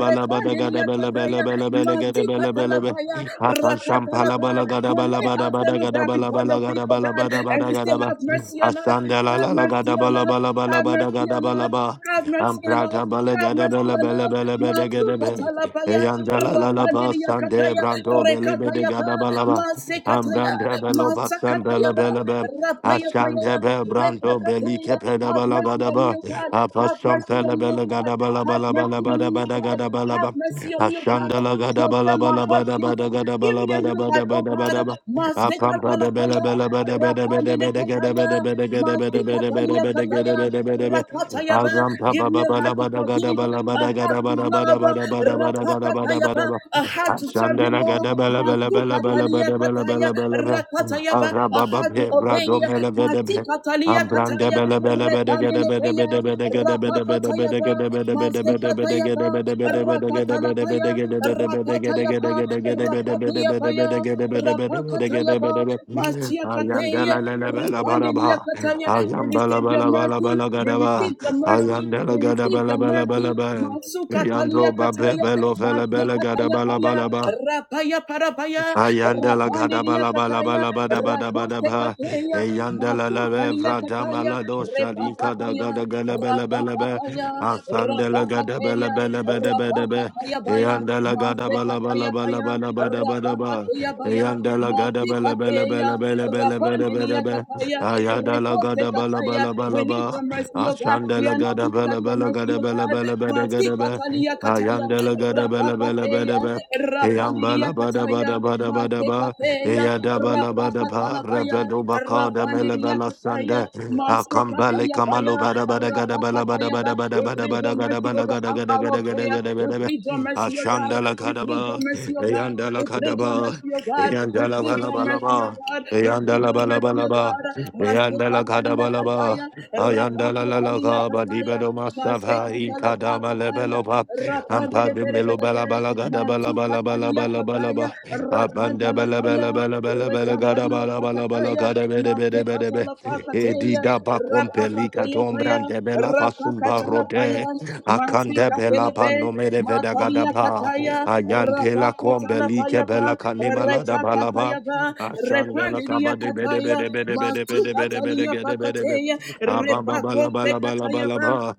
Speaker 1: Rekandilia Kataya, Mastikatalabaya,
Speaker 4: Akasham
Speaker 1: Rakatalabaya.
Speaker 4: palabala gada
Speaker 1: We
Speaker 4: bala
Speaker 1: lay
Speaker 4: bada bada
Speaker 1: ourselves, oh
Speaker 4: gada
Speaker 1: God,
Speaker 4: bala
Speaker 1: before
Speaker 4: bala
Speaker 1: your feet,
Speaker 4: gada
Speaker 1: oh
Speaker 4: bala
Speaker 1: God,
Speaker 4: bada
Speaker 1: and
Speaker 4: bada
Speaker 1: we
Speaker 4: gada
Speaker 1: still
Speaker 4: ba.
Speaker 1: have mercy on us,
Speaker 4: Asanda la
Speaker 1: have
Speaker 4: la la
Speaker 1: mercy
Speaker 4: gada
Speaker 1: on
Speaker 4: bala
Speaker 1: us,
Speaker 4: bala bala
Speaker 1: have
Speaker 4: bada
Speaker 1: mercy
Speaker 4: gada
Speaker 1: on
Speaker 4: bala
Speaker 1: us,
Speaker 4: ba.
Speaker 1: have mercy on us.
Speaker 4: Amprata bala
Speaker 1: Have
Speaker 4: gada
Speaker 1: mercy
Speaker 4: bala
Speaker 1: on
Speaker 4: bala
Speaker 1: us.
Speaker 4: bala bada
Speaker 1: Masu
Speaker 4: gada bala.
Speaker 1: katalapaya.
Speaker 4: Eyanda la la la ba
Speaker 1: Rapandiria
Speaker 4: sande
Speaker 1: kataya.
Speaker 4: brando beli bede
Speaker 1: Rekataya pa.
Speaker 4: gada bala ba.
Speaker 1: Mase kataya.
Speaker 4: Ambranda belo ba
Speaker 1: Masa kataya
Speaker 4: sandala
Speaker 1: pa.
Speaker 4: bala ba.
Speaker 1: Rapaya paya.
Speaker 4: Asanda be brando beli
Speaker 1: Repakataya.
Speaker 4: kepe da
Speaker 1: Have
Speaker 4: bala
Speaker 1: mercy
Speaker 4: gada
Speaker 1: on me,
Speaker 4: ba.
Speaker 1: O God. Have
Speaker 4: Apasham
Speaker 1: mercy on
Speaker 4: pala
Speaker 1: me, O
Speaker 4: bala
Speaker 1: God.
Speaker 4: gada bala
Speaker 1: Have
Speaker 4: bala bala
Speaker 1: mercy on
Speaker 4: bada
Speaker 1: me, O
Speaker 4: bada
Speaker 1: God.
Speaker 4: gada bala
Speaker 1: Have
Speaker 4: ba.
Speaker 1: mercy on me, O
Speaker 4: Ashandala
Speaker 1: God.
Speaker 4: gada bala
Speaker 1: Confirm my
Speaker 4: bala
Speaker 1: heart,
Speaker 4: bada bada
Speaker 1: Jesus.
Speaker 4: gada
Speaker 1: Give
Speaker 4: bala
Speaker 1: me a
Speaker 4: bada
Speaker 1: new
Speaker 4: bada
Speaker 1: heart, oh
Speaker 4: bada
Speaker 1: God.
Speaker 4: bada ba.
Speaker 1: Masika
Speaker 4: Apampa bebele
Speaker 1: palapaya,
Speaker 4: bele bede bede bede
Speaker 1: rapandele
Speaker 4: bede gede
Speaker 1: kapaya,
Speaker 4: bede bede gede bede
Speaker 1: masika
Speaker 4: bede bede
Speaker 1: talia
Speaker 4: bede gede
Speaker 1: kataya,
Speaker 4: bede bede be.
Speaker 1: rakataya ba.
Speaker 4: Azampa
Speaker 1: Give me
Speaker 4: baba
Speaker 1: a heart
Speaker 4: bala
Speaker 1: to
Speaker 4: bada gada
Speaker 1: forgive,
Speaker 4: bala
Speaker 1: a
Speaker 4: bada
Speaker 1: heart
Speaker 4: gada
Speaker 1: to
Speaker 4: bada bada
Speaker 1: love,
Speaker 4: bada bada bada gada bada
Speaker 1: rapakataya
Speaker 4: bada
Speaker 1: ba,
Speaker 4: ba.
Speaker 1: a heart to serve you
Speaker 4: Ashandala
Speaker 1: more.
Speaker 4: gada bala bala
Speaker 1: Masuka
Speaker 4: bala bala
Speaker 1: talia
Speaker 4: bada bala
Speaker 1: kataya,
Speaker 4: bala bala be.
Speaker 1: rakataya ba, a
Speaker 4: Arababa
Speaker 1: heart to
Speaker 4: be
Speaker 1: obey
Speaker 4: brado
Speaker 1: you.
Speaker 4: mele vede be.
Speaker 1: Masika talia
Speaker 4: Ambranda
Speaker 1: kataya,
Speaker 4: bela bela bela gada
Speaker 1: repandele
Speaker 4: bela bela
Speaker 1: paya,
Speaker 4: bela gada bela bela
Speaker 1: rapakataya
Speaker 4: bela
Speaker 1: ba, Yapa,
Speaker 4: gada bela
Speaker 1: Mazekata Yapa,
Speaker 4: bela bela bela gada bela bela bela
Speaker 1: Rakatalapaya,
Speaker 4: gada bela bela gada bela bela
Speaker 1: Rakata
Speaker 4: gada gada
Speaker 1: Yapa,
Speaker 4: gada gada bela
Speaker 1: Rakata
Speaker 4: bela bela bela
Speaker 1: Yapaya,
Speaker 4: gada bela bela bela
Speaker 1: Rapakata
Speaker 4: gada
Speaker 1: Yapa,
Speaker 4: bela bela.
Speaker 1: Masia
Speaker 4: Ayam
Speaker 1: Kateya,
Speaker 4: bela bela bela bara
Speaker 1: Ripandelia
Speaker 4: ba
Speaker 1: Kataya, we
Speaker 4: Ayam bela
Speaker 1: receive your
Speaker 4: bela bela
Speaker 1: mercy,
Speaker 4: bela
Speaker 1: we
Speaker 4: gada
Speaker 1: receive your mercy, we receive your mercy,
Speaker 4: ba
Speaker 1: Masukatalia
Speaker 4: Ayandro babe
Speaker 1: Kataya,
Speaker 4: belo fele bele
Speaker 1: Mazekata
Speaker 4: gada bala
Speaker 1: Yapaya,
Speaker 4: ba
Speaker 1: Rapaya Parabaya,
Speaker 4: Ayanda la
Speaker 1: Rapandelia
Speaker 4: gadabala bala
Speaker 1: Kataya,
Speaker 4: bala bada bada bada ba. da
Speaker 1: Rakoste
Speaker 4: ba da ba da ba. Ayanda la
Speaker 1: Kateya,
Speaker 4: levra
Speaker 1: Kataya,
Speaker 4: damala dosha dinka da
Speaker 1: Repapakaya,
Speaker 4: gada gada bela bela be.
Speaker 1: Rapapakaya,
Speaker 4: Asandela gada bela
Speaker 1: Rapapakaya,
Speaker 4: bela bela bela be.
Speaker 1: Rapapakaya Baya,
Speaker 4: Ayandala gada bala bala
Speaker 1: Masekataya
Speaker 4: bala
Speaker 1: Baya,
Speaker 4: bala bada bada ba. da ba da ba da
Speaker 1: Rapapakaya
Speaker 4: ba.
Speaker 1: Baya,
Speaker 4: Ayanda la gada bela bela
Speaker 1: Masikateya,
Speaker 4: bela bela bela bela
Speaker 1: Rapandilia
Speaker 4: bela be.
Speaker 1: Kataya,
Speaker 4: Ayanda la
Speaker 1: Repote
Speaker 4: gada bala
Speaker 1: Kataya.
Speaker 4: bala bala ba. la
Speaker 1: We need your
Speaker 4: ba.
Speaker 1: mercy, O God.
Speaker 4: Asanda
Speaker 1: We
Speaker 4: la
Speaker 1: are not
Speaker 4: gada
Speaker 1: without
Speaker 4: bela
Speaker 1: your
Speaker 4: bela
Speaker 1: mercy,
Speaker 4: gada
Speaker 1: O
Speaker 4: bela
Speaker 1: God.
Speaker 4: bela bela gada be.
Speaker 1: Masikatalia Kataya,
Speaker 4: Ayanda la gada bela bela bela
Speaker 1: Rapapakaya,
Speaker 4: be.
Speaker 1: Rapandilia
Speaker 4: Eyambala bada
Speaker 1: Kataya,
Speaker 4: bada bada bada ba.
Speaker 1: Masekataya eya
Speaker 4: Eyadabala
Speaker 1: rapa
Speaker 4: bada
Speaker 1: katala
Speaker 4: ba.
Speaker 1: baya
Speaker 4: Revedo bakada melebala
Speaker 1: kataya
Speaker 4: sanda.
Speaker 1: maske
Speaker 4: Akambale
Speaker 1: kataya baya
Speaker 4: kamalo bada bada gada
Speaker 1: rapa
Speaker 4: bala bada
Speaker 1: kataya
Speaker 4: bada bada
Speaker 1: we
Speaker 4: bada
Speaker 1: plead your
Speaker 4: bada gada
Speaker 1: mercy
Speaker 4: bala
Speaker 1: over
Speaker 4: gada
Speaker 1: our
Speaker 4: gada gada gada
Speaker 1: prayer
Speaker 4: gada
Speaker 1: we
Speaker 4: gada ba.
Speaker 1: plead your mercy O God
Speaker 4: Ashandala
Speaker 1: we
Speaker 4: gada
Speaker 1: plead
Speaker 4: ba.
Speaker 1: your mercy O God
Speaker 4: Eyandala
Speaker 1: we
Speaker 4: gada
Speaker 1: plead your
Speaker 4: ba.
Speaker 1: mercy O God we
Speaker 4: Eyandala
Speaker 1: plead
Speaker 4: bala
Speaker 1: your
Speaker 4: bala
Speaker 1: mercy O
Speaker 4: ba.
Speaker 1: God we plead
Speaker 4: Eyandala
Speaker 1: your
Speaker 4: bala
Speaker 1: mercy
Speaker 4: bala
Speaker 1: O
Speaker 4: ba.
Speaker 1: God maske
Speaker 4: Eyandala gada
Speaker 1: kataya
Speaker 4: bala ba.
Speaker 1: kataya rapa
Speaker 4: Ayanda la la la
Speaker 1: kataya
Speaker 4: ga ba di ba
Speaker 1: kataya
Speaker 4: do ma sa
Speaker 1: maske
Speaker 4: va in
Speaker 1: katala
Speaker 4: ka
Speaker 1: ba
Speaker 4: da ma le be
Speaker 1: kataya
Speaker 4: lo ba ampa de me lo
Speaker 1: rapa
Speaker 4: ba la ba la ga da ba la ba
Speaker 1: Matuka
Speaker 4: la ba la
Speaker 1: Talia
Speaker 4: ba la ba la
Speaker 1: Kataya,
Speaker 4: ba
Speaker 1: Rakanta
Speaker 4: amanda ba la ba la
Speaker 1: Lakaya,
Speaker 4: ba la ba la ba la ga da ba
Speaker 1: Rekapalia
Speaker 4: la ba la ba la ga
Speaker 1: Kataya,
Speaker 4: da be de be de be
Speaker 1: Mateka
Speaker 4: de be e di
Speaker 1: Talapakateya,
Speaker 4: da ba kompeli ka
Speaker 1: Rapakateya
Speaker 4: tom
Speaker 1: Paya,
Speaker 4: brande be la fa sum ba ro
Speaker 1: Rapakatalapaya,
Speaker 4: de akande
Speaker 1: Matika
Speaker 4: be la ba
Speaker 1: Pelebe,
Speaker 4: no me de ve da ga da
Speaker 1: Matalia
Speaker 4: ba
Speaker 1: Kataya,
Speaker 4: ayante la kompeli ke
Speaker 1: Rapakatalapaya,
Speaker 4: be la ka ni ma la da ba la ba
Speaker 1: Rekakataya,
Speaker 4: Ashandela
Speaker 1: Repandilia
Speaker 4: kabade bede
Speaker 1: Kataya,
Speaker 4: bede bede bede bede
Speaker 1: Matuka
Speaker 4: bede bede
Speaker 1: Talia
Speaker 4: bede bede bede
Speaker 1: Pakateya, Repakote Kataya,
Speaker 4: Abababalabalabalabalaba.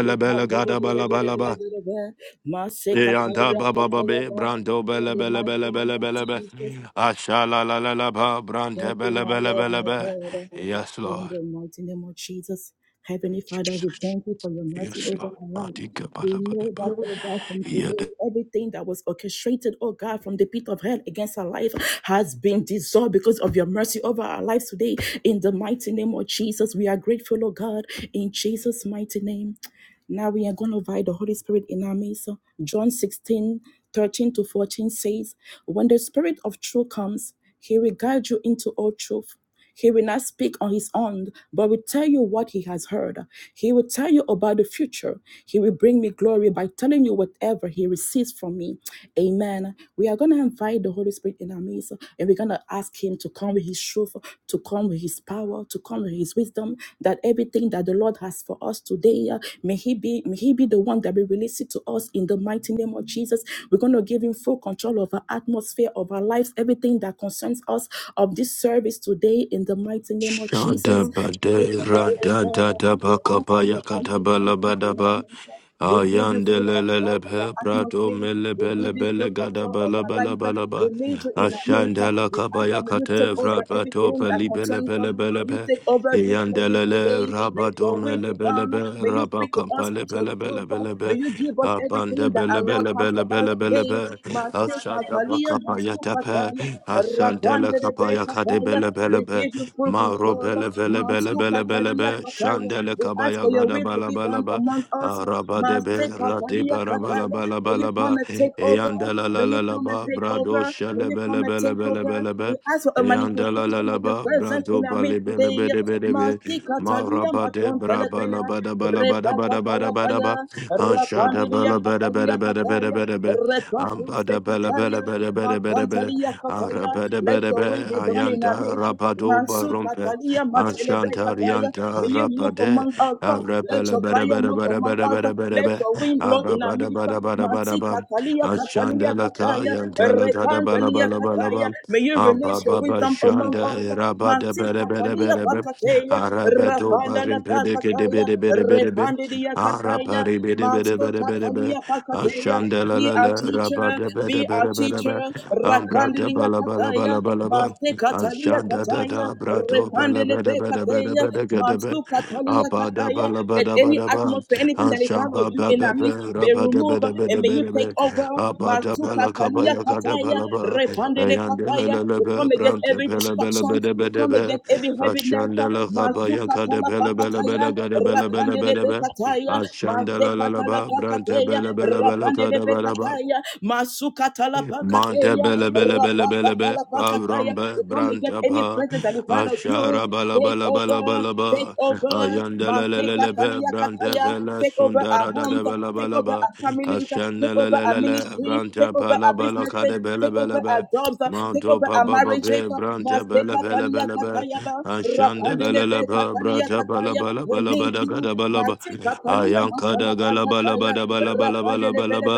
Speaker 1: in the
Speaker 4: baba babababe, brando bele bele
Speaker 1: mighty
Speaker 4: bele
Speaker 1: name
Speaker 4: bele
Speaker 1: of
Speaker 4: bele be.
Speaker 1: Jesus,
Speaker 4: Ashala la la la ba brande
Speaker 1: thank you, my Lord, my
Speaker 4: belebelebelebe.
Speaker 1: God.
Speaker 4: Yes,
Speaker 1: In
Speaker 4: Lord.
Speaker 1: the mighty name of Jesus, Heavenly Father, we
Speaker 4: Jesus.
Speaker 1: thank you for your mercy
Speaker 4: Yes,
Speaker 1: over
Speaker 4: Lord.
Speaker 1: our life.
Speaker 4: Mati gaba
Speaker 1: We
Speaker 4: la ba.
Speaker 1: know that,
Speaker 4: la
Speaker 1: oh God, from
Speaker 4: ba.
Speaker 1: today, everything that was orchestrated, oh God, from the pit of hell against our life has been dissolved because of your mercy over our lives today. In the mighty name of Jesus, we are grateful, oh God, in Jesus' mighty name. Now we are going to invite the Holy Spirit in our midst. So John 16 13 to 14 says, When the Spirit of truth comes, he will guide you into all truth. He will not speak on his own, but will tell you what he has heard. He will tell you about the future. He will bring me glory by telling you whatever he receives from me. Amen. We are going to invite the Holy Spirit in our midst and we're going to ask Him to come with His truth, to come with His power, to come with His wisdom, that everything that the Lord has for us today, uh, may He be may He be the one that will release it to us in the mighty name of Jesus. We're going to give Him full control of our atmosphere, of our lives, everything that concerns us of this service today in the mighty name of
Speaker 4: Shada
Speaker 1: Jesus. We
Speaker 4: bade
Speaker 1: are the living
Speaker 4: rada
Speaker 1: God.
Speaker 4: da da
Speaker 1: We
Speaker 4: ba
Speaker 1: ask
Speaker 4: kapa
Speaker 1: for
Speaker 4: ya
Speaker 1: your
Speaker 4: kata
Speaker 1: mighty
Speaker 4: ba la
Speaker 1: presence
Speaker 4: ba da
Speaker 1: in our
Speaker 4: ba
Speaker 1: midst. We give you
Speaker 4: ayande
Speaker 1: full
Speaker 4: le le le
Speaker 1: control of the
Speaker 4: pe prato
Speaker 1: atmosphere.
Speaker 4: me le
Speaker 1: We
Speaker 4: pe le
Speaker 1: give you
Speaker 4: pe
Speaker 1: full
Speaker 4: le gada
Speaker 1: control
Speaker 4: ba
Speaker 1: of
Speaker 4: la
Speaker 1: our
Speaker 4: ba la
Speaker 1: life.
Speaker 4: ba la
Speaker 1: We
Speaker 4: ba
Speaker 1: need you in our midst.
Speaker 4: ashanda la
Speaker 1: We
Speaker 4: kapa
Speaker 1: ask that
Speaker 4: ya
Speaker 1: may you
Speaker 4: kata
Speaker 1: take over
Speaker 4: vrapa to
Speaker 1: everything
Speaker 4: pe
Speaker 1: that
Speaker 4: li pe le
Speaker 1: concerns
Speaker 4: pe
Speaker 1: us.
Speaker 4: le pe le
Speaker 1: May you
Speaker 4: pe
Speaker 1: take over this
Speaker 4: ayande le
Speaker 1: service
Speaker 4: le
Speaker 1: today. May
Speaker 4: raba to
Speaker 1: your
Speaker 4: me
Speaker 1: will be
Speaker 4: le pe le
Speaker 1: done.
Speaker 4: pe
Speaker 1: May you
Speaker 4: raba
Speaker 1: speak to
Speaker 4: kapa
Speaker 1: us
Speaker 4: le
Speaker 1: with
Speaker 4: pe
Speaker 1: your
Speaker 4: le pe le
Speaker 1: truth.
Speaker 4: pe le pe
Speaker 1: May you give us
Speaker 4: abande
Speaker 1: everything
Speaker 4: pe
Speaker 1: that
Speaker 4: le
Speaker 1: our
Speaker 4: pe
Speaker 1: Lord
Speaker 4: le pe
Speaker 1: has
Speaker 4: le
Speaker 1: for
Speaker 4: pe
Speaker 1: us
Speaker 4: le pe le
Speaker 1: today.
Speaker 4: pe
Speaker 1: Mate
Speaker 4: ashanda ba
Speaker 1: Catalia,
Speaker 4: kapa ya tepe
Speaker 1: Masupataya,
Speaker 4: ashanda la
Speaker 1: Rakwande
Speaker 4: kapa ya
Speaker 1: Rebecca
Speaker 4: kata pe
Speaker 1: Paya.
Speaker 4: le pe le
Speaker 1: We
Speaker 4: pe
Speaker 1: give you to full
Speaker 4: Maro
Speaker 1: control.
Speaker 4: bele bele bele
Speaker 1: Masu
Speaker 4: bele bele
Speaker 1: katalia
Speaker 4: be
Speaker 1: kataya.
Speaker 4: shandele
Speaker 1: We ask
Speaker 4: kabaya
Speaker 1: for your
Speaker 4: gada
Speaker 1: will to
Speaker 4: bala
Speaker 1: be
Speaker 4: bala
Speaker 1: done
Speaker 4: ba
Speaker 1: among us.
Speaker 4: araba de be
Speaker 1: Master
Speaker 4: rati
Speaker 1: katalia
Speaker 4: para bala
Speaker 1: kataya.
Speaker 4: bala
Speaker 1: May you
Speaker 4: bala ba
Speaker 1: come and take over.
Speaker 4: eyandela la
Speaker 1: May
Speaker 4: la
Speaker 1: you
Speaker 4: la
Speaker 1: come and
Speaker 4: ba
Speaker 1: take
Speaker 4: brado
Speaker 1: over. May
Speaker 4: shele
Speaker 1: you
Speaker 4: bele
Speaker 1: come and
Speaker 4: bele
Speaker 1: take
Speaker 4: bele
Speaker 1: over.
Speaker 4: bele be
Speaker 1: We ask for a
Speaker 4: eyandela la
Speaker 1: manifestation
Speaker 4: la
Speaker 1: of your
Speaker 4: ba
Speaker 1: presence
Speaker 4: brado
Speaker 1: in our
Speaker 4: bale
Speaker 1: midst
Speaker 4: bele
Speaker 1: today.
Speaker 4: bele bele be
Speaker 1: Master katalia
Speaker 4: maraba de
Speaker 1: maton
Speaker 4: braba la
Speaker 1: teleteya.
Speaker 4: bada bala bada
Speaker 1: Repa
Speaker 4: bada bada bada
Speaker 1: katalakaya.
Speaker 4: ba anshada
Speaker 1: Rapandilia
Speaker 4: bala bada
Speaker 1: katalia
Speaker 4: bada bada bada
Speaker 1: kataya.
Speaker 4: bada be
Speaker 1: Repa kuste
Speaker 4: ambada bala bala
Speaker 1: kataya.
Speaker 4: bada bada bada be
Speaker 1: Makantalia kataya. Let your will
Speaker 4: Arabadabadabe,
Speaker 1: divine in our
Speaker 4: Ayanta
Speaker 1: midst.
Speaker 4: Rabadoba
Speaker 1: Mansu
Speaker 4: Rompe,
Speaker 1: Katalia Matelebe
Speaker 4: Ashanta
Speaker 1: Kataya.
Speaker 4: Rianta
Speaker 1: May you move
Speaker 4: Rapade,
Speaker 1: among us. Let your fire move among us. Let
Speaker 4: Arapelabadabadabadabadabadabe,
Speaker 1: your wind blow in our midst. Masi
Speaker 4: Arabadabadabadabadabam,
Speaker 1: Katalia Katalia
Speaker 4: Ashandalaka,
Speaker 1: Kataya.
Speaker 4: Yantala
Speaker 1: Repandalia Kataya.
Speaker 4: Gadabalabalabam,
Speaker 1: May you release your
Speaker 4: Ababa
Speaker 1: wisdom among
Speaker 4: Shanda,
Speaker 1: us. Masi Katalia
Speaker 4: Rabadabadabadabadabam,
Speaker 1: Pakateya.
Speaker 4: Arabadoba
Speaker 1: Rapandala Pakataya.
Speaker 4: Rimpedekidibidibidibidibid,
Speaker 1: Repandidia, Kataya. Master
Speaker 4: Araparibidibidibidibidibid,
Speaker 1: Katalia Pakateya. Be our
Speaker 4: Ashandalala
Speaker 1: teacher. Be our teacher.
Speaker 4: Rabadabadabadabadabam,
Speaker 1: Raka
Speaker 4: Ambra
Speaker 1: kandilia
Speaker 4: bala bala
Speaker 1: kataya,
Speaker 4: bala bala ba.
Speaker 1: maste katalia
Speaker 4: Ashanda da
Speaker 1: kataya,
Speaker 4: da bra do bala
Speaker 1: repandele
Speaker 4: bada bada bada
Speaker 1: kataya,
Speaker 4: bada gada ba.
Speaker 1: mastu katalia
Speaker 4: Aba da
Speaker 1: kataya.
Speaker 4: bala
Speaker 1: Let
Speaker 4: bada
Speaker 1: any
Speaker 4: bada ba.
Speaker 1: atmosphere, anything that is out of
Speaker 4: Anshamba
Speaker 1: you
Speaker 4: ba
Speaker 1: in
Speaker 4: ba ba
Speaker 1: our midst, be
Speaker 4: raba da
Speaker 1: removed
Speaker 4: bada
Speaker 1: and
Speaker 4: bada
Speaker 1: may you
Speaker 4: bada
Speaker 1: take
Speaker 4: ba.
Speaker 1: over.
Speaker 4: Aba da
Speaker 1: Mastu
Speaker 4: bala
Speaker 1: katalia
Speaker 4: kabaya ya gada
Speaker 1: kataya,
Speaker 4: bala ba.
Speaker 1: repandele
Speaker 4: Ayanda la
Speaker 1: kataya.
Speaker 4: la la
Speaker 1: We
Speaker 4: ba
Speaker 1: come against
Speaker 4: brante
Speaker 1: every
Speaker 4: bala bala
Speaker 1: distraction.
Speaker 4: bada
Speaker 1: We
Speaker 4: bada
Speaker 1: come
Speaker 4: ba.
Speaker 1: against every heaviness.
Speaker 4: Ashanda la kabaya
Speaker 1: Mastu
Speaker 4: ya gada
Speaker 1: katala
Speaker 4: bala bala
Speaker 1: Kataya,
Speaker 4: bala gada bala bala
Speaker 1: rakandele
Speaker 4: bala ba.
Speaker 1: kataya,
Speaker 4: Ashanda
Speaker 1: maste
Speaker 4: la la la
Speaker 1: katala
Speaker 4: ba brante
Speaker 1: pakataya,
Speaker 4: bala bala bala
Speaker 1: rapandele
Speaker 4: gada
Speaker 1: pe
Speaker 4: bala ba.
Speaker 1: kataya. Mastu Sukatala
Speaker 4: Mante
Speaker 1: pakateya,
Speaker 4: bele bele bele bele be
Speaker 1: rapakatala
Speaker 4: avrambe
Speaker 1: We come against any
Speaker 4: brantapa
Speaker 1: presence that is part of you.
Speaker 4: ashara bala
Speaker 1: Take
Speaker 4: bala bala
Speaker 1: over,
Speaker 4: bala
Speaker 1: take
Speaker 4: ba
Speaker 1: over,
Speaker 4: ayanda le le le
Speaker 1: Manteka
Speaker 4: le be
Speaker 1: Kalia
Speaker 4: brante
Speaker 1: Kataya,
Speaker 4: vela
Speaker 1: take over our
Speaker 4: sundara da
Speaker 1: homes,
Speaker 4: da bala
Speaker 1: take
Speaker 4: bala
Speaker 1: over
Speaker 4: ba
Speaker 1: our families,
Speaker 4: ashanda
Speaker 1: take
Speaker 4: le
Speaker 1: over
Speaker 4: le
Speaker 1: our
Speaker 4: le le
Speaker 1: ministry,
Speaker 4: brante
Speaker 1: take over
Speaker 4: pala
Speaker 1: our
Speaker 4: bala
Speaker 1: businesses,
Speaker 4: kade bele
Speaker 1: take
Speaker 4: bele
Speaker 1: over
Speaker 4: be
Speaker 1: our jobs, take
Speaker 4: manto
Speaker 1: over our
Speaker 4: papa
Speaker 1: marriages,
Speaker 4: pape brante bele
Speaker 1: Masteka
Speaker 4: bele
Speaker 1: Kalia
Speaker 4: bele be
Speaker 1: Kataya,
Speaker 4: ashanda le
Speaker 1: Rapandele
Speaker 4: le le
Speaker 1: Deka
Speaker 4: ba brata bala bala
Speaker 1: we
Speaker 4: bala
Speaker 1: need
Speaker 4: bala
Speaker 1: you,
Speaker 4: kada bala ba
Speaker 1: Manteka Kalia
Speaker 4: ayanka
Speaker 1: Matala
Speaker 4: da gala bala bala bala bala bala
Speaker 1: Kataya,
Speaker 4: bala ba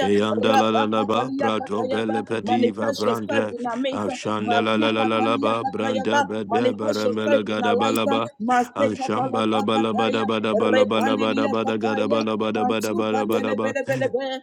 Speaker 4: Eyandalalaba, Brato
Speaker 1: Katayaba,
Speaker 4: Belepediva
Speaker 1: manifest yourself
Speaker 4: Branda,
Speaker 1: in our midst. Masukatalia
Speaker 4: Ashandalalalalaba, Branda
Speaker 1: Katayaba,
Speaker 4: Bede
Speaker 1: manifest
Speaker 4: Baramela
Speaker 1: yourself in our life.
Speaker 4: Gadabalaba,
Speaker 1: Masekatala
Speaker 4: Anshambala Balabada
Speaker 1: Pakataya,
Speaker 4: Bada Balabada Bada
Speaker 1: Repandilia
Speaker 4: Bada Gada
Speaker 1: Kataya,
Speaker 4: Balabada Bada Bada
Speaker 1: Masukatelebelebelebe,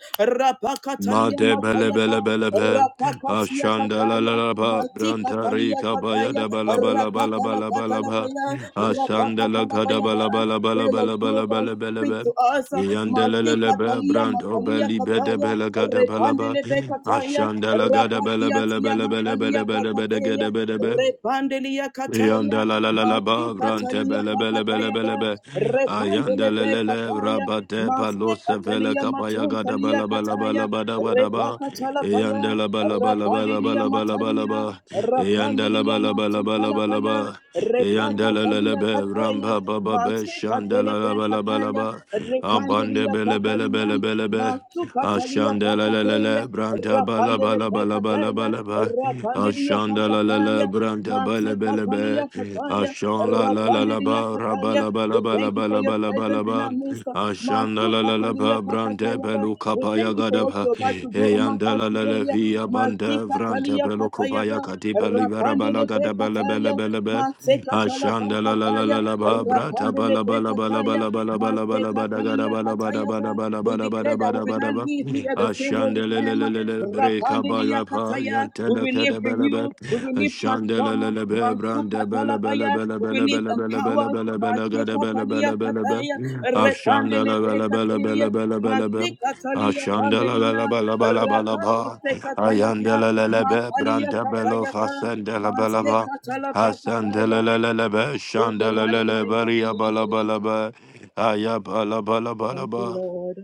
Speaker 4: Ma
Speaker 1: Rapakatalia
Speaker 4: de bele
Speaker 1: Matayaka,
Speaker 4: bele bele be.
Speaker 1: Rapakasia
Speaker 4: Ashanda la la
Speaker 1: Kataya,
Speaker 4: la ba. Branta
Speaker 1: Matikatalia
Speaker 4: rika ba ya
Speaker 1: Kataya,
Speaker 4: da ba la ba la ba la ba
Speaker 1: Rakatala
Speaker 4: la ba la ba.
Speaker 1: Patalapaya,
Speaker 4: Ashanda la
Speaker 1: Rapakatala
Speaker 4: ka da ba
Speaker 1: Payaba,
Speaker 4: la ba la ba la
Speaker 1: Fill
Speaker 4: ba la ba la ba
Speaker 1: us,
Speaker 4: la ba la
Speaker 1: Speak
Speaker 4: ba.
Speaker 1: to us.
Speaker 4: Yanda la
Speaker 1: Masti
Speaker 4: la la ba.
Speaker 1: katalia
Speaker 4: Branto
Speaker 1: matalia
Speaker 4: beli be de
Speaker 1: kataya.
Speaker 4: be la ga da ba la ba.
Speaker 1: Repandele bekataya.
Speaker 4: Ashanda la ga da ba la
Speaker 1: Rapatia
Speaker 4: ba la ba
Speaker 1: tia
Speaker 4: la ba la ba
Speaker 1: matalia
Speaker 4: la ba la
Speaker 1: kakateya.
Speaker 4: ba.
Speaker 1: Repandelia kataya.
Speaker 4: Yanda la la la la
Speaker 1: Mastu
Speaker 4: ba brante
Speaker 1: katalia
Speaker 4: bele bele bele
Speaker 1: kakataya ba.
Speaker 4: bele be.
Speaker 1: Repandele
Speaker 4: Ayanda le le le
Speaker 1: bekataya.
Speaker 4: rabate
Speaker 1: Masti
Speaker 4: palo sevele
Speaker 1: katalia
Speaker 4: kapaya gada
Speaker 1: matuntalia
Speaker 4: bala bala
Speaker 1: kataya.
Speaker 4: bala bada bada ba.
Speaker 1: Repakatala
Speaker 4: Yanda
Speaker 1: paya.
Speaker 4: la bala bala bala
Speaker 1: Rapandelia
Speaker 4: bala bala bala
Speaker 1: matalia.
Speaker 4: ba. Yanda la
Speaker 1: Rakandilia
Speaker 4: bala bala bala bala
Speaker 1: Matsutalapaya,
Speaker 4: ba. Yanda
Speaker 1: Repaka
Speaker 4: la la la
Speaker 1: Kalia
Speaker 4: be
Speaker 1: Kataya,
Speaker 4: ramba ba ba be
Speaker 1: Maseka
Speaker 4: shanda la la
Speaker 1: Telepe
Speaker 4: bala bala
Speaker 1: Kataya,
Speaker 4: ba. Ambande
Speaker 1: Rekandilia
Speaker 4: bele bele
Speaker 1: Kataria,
Speaker 4: bele bele be.
Speaker 1: Matsu Katalia
Speaker 4: Ashanda la la la
Speaker 1: Pakataya,
Speaker 4: la branta bala
Speaker 1: Rapandele
Speaker 4: bala bala bala
Speaker 1: Kataya,
Speaker 4: bala ba.
Speaker 1: Rapandilia
Speaker 4: Ashanda la la la
Speaker 1: Pakataya,
Speaker 4: branta bala
Speaker 1: Matse
Speaker 4: bala ba.
Speaker 1: Katalia Kataya,
Speaker 4: Ashan la la la la
Speaker 1: Rapandilia
Speaker 4: ba
Speaker 1: Kataya.
Speaker 4: rabala bala
Speaker 1: We
Speaker 4: bala
Speaker 1: thank you for you for
Speaker 4: bala
Speaker 1: your
Speaker 4: bala bala
Speaker 1: presence in
Speaker 4: ba.
Speaker 1: our midst.
Speaker 4: Ashanda
Speaker 1: Masu
Speaker 4: la la la ba
Speaker 1: Katalia
Speaker 4: branta
Speaker 1: Pakatayaba.
Speaker 4: pelu
Speaker 1: We
Speaker 4: kapaya
Speaker 1: thank you for
Speaker 4: gada
Speaker 1: what
Speaker 4: ba.
Speaker 1: you're about to do among
Speaker 4: Eyanda
Speaker 1: us
Speaker 4: la la la
Speaker 1: today.
Speaker 4: via
Speaker 1: Masi
Speaker 4: banda vranta
Speaker 1: Katalia
Speaker 4: pelu kupaya
Speaker 1: Katayaba.
Speaker 4: kati bali bara bala
Speaker 1: Rapandele
Speaker 4: gada bala bala
Speaker 1: Pekataya.
Speaker 4: bala ba.
Speaker 1: Mase Katala
Speaker 4: Ashanda la la la
Speaker 1: Bakataya.
Speaker 4: la la ba brata
Speaker 1: Rapandele
Speaker 4: bala bala bala bala
Speaker 1: Pekataya.
Speaker 4: bala bala bala bada gada bala bada
Speaker 1: Masekataliakatayaba.
Speaker 4: bada bada
Speaker 1: We
Speaker 4: bada
Speaker 1: declare that we
Speaker 4: bada
Speaker 1: will
Speaker 4: bada
Speaker 1: not
Speaker 4: bada
Speaker 1: leave here the same way we came.
Speaker 4: Ashandelelelele breka
Speaker 1: Rapandelia
Speaker 4: baya pa
Speaker 1: kataya, We
Speaker 4: yantele
Speaker 1: will
Speaker 4: kede
Speaker 1: live
Speaker 4: bele be.
Speaker 1: renewed. We will live transformed.
Speaker 4: Ashandelelele be brande bele bele
Speaker 1: Mansukatalabaya.
Speaker 4: bele
Speaker 1: We will
Speaker 4: bele
Speaker 1: live
Speaker 4: bele bele bele
Speaker 1: empowered.
Speaker 4: bele bele gede bele
Speaker 1: Masekatalia
Speaker 4: bele bele be.
Speaker 1: kataya, Masekataliakataya.
Speaker 4: Ashandele bele bele
Speaker 1: Repandelekataya.
Speaker 4: bele bele bele be. Ashandele
Speaker 1: Masekataliapandelia.
Speaker 4: bele bele bele bele ba.
Speaker 1: Rapakasekatayaba.
Speaker 4: Ayandelelele be brande belo
Speaker 1: Makaliakatayaba.
Speaker 4: fasendele bele ba.
Speaker 1: Masekatalapakataya.
Speaker 4: Asandelelele be
Speaker 1: In the mighty
Speaker 4: shandelelele
Speaker 1: name of
Speaker 4: beriya bala
Speaker 1: Jesus.
Speaker 4: bala be. Aya bala bala bala
Speaker 1: Thank you,
Speaker 4: ba.
Speaker 1: Lord.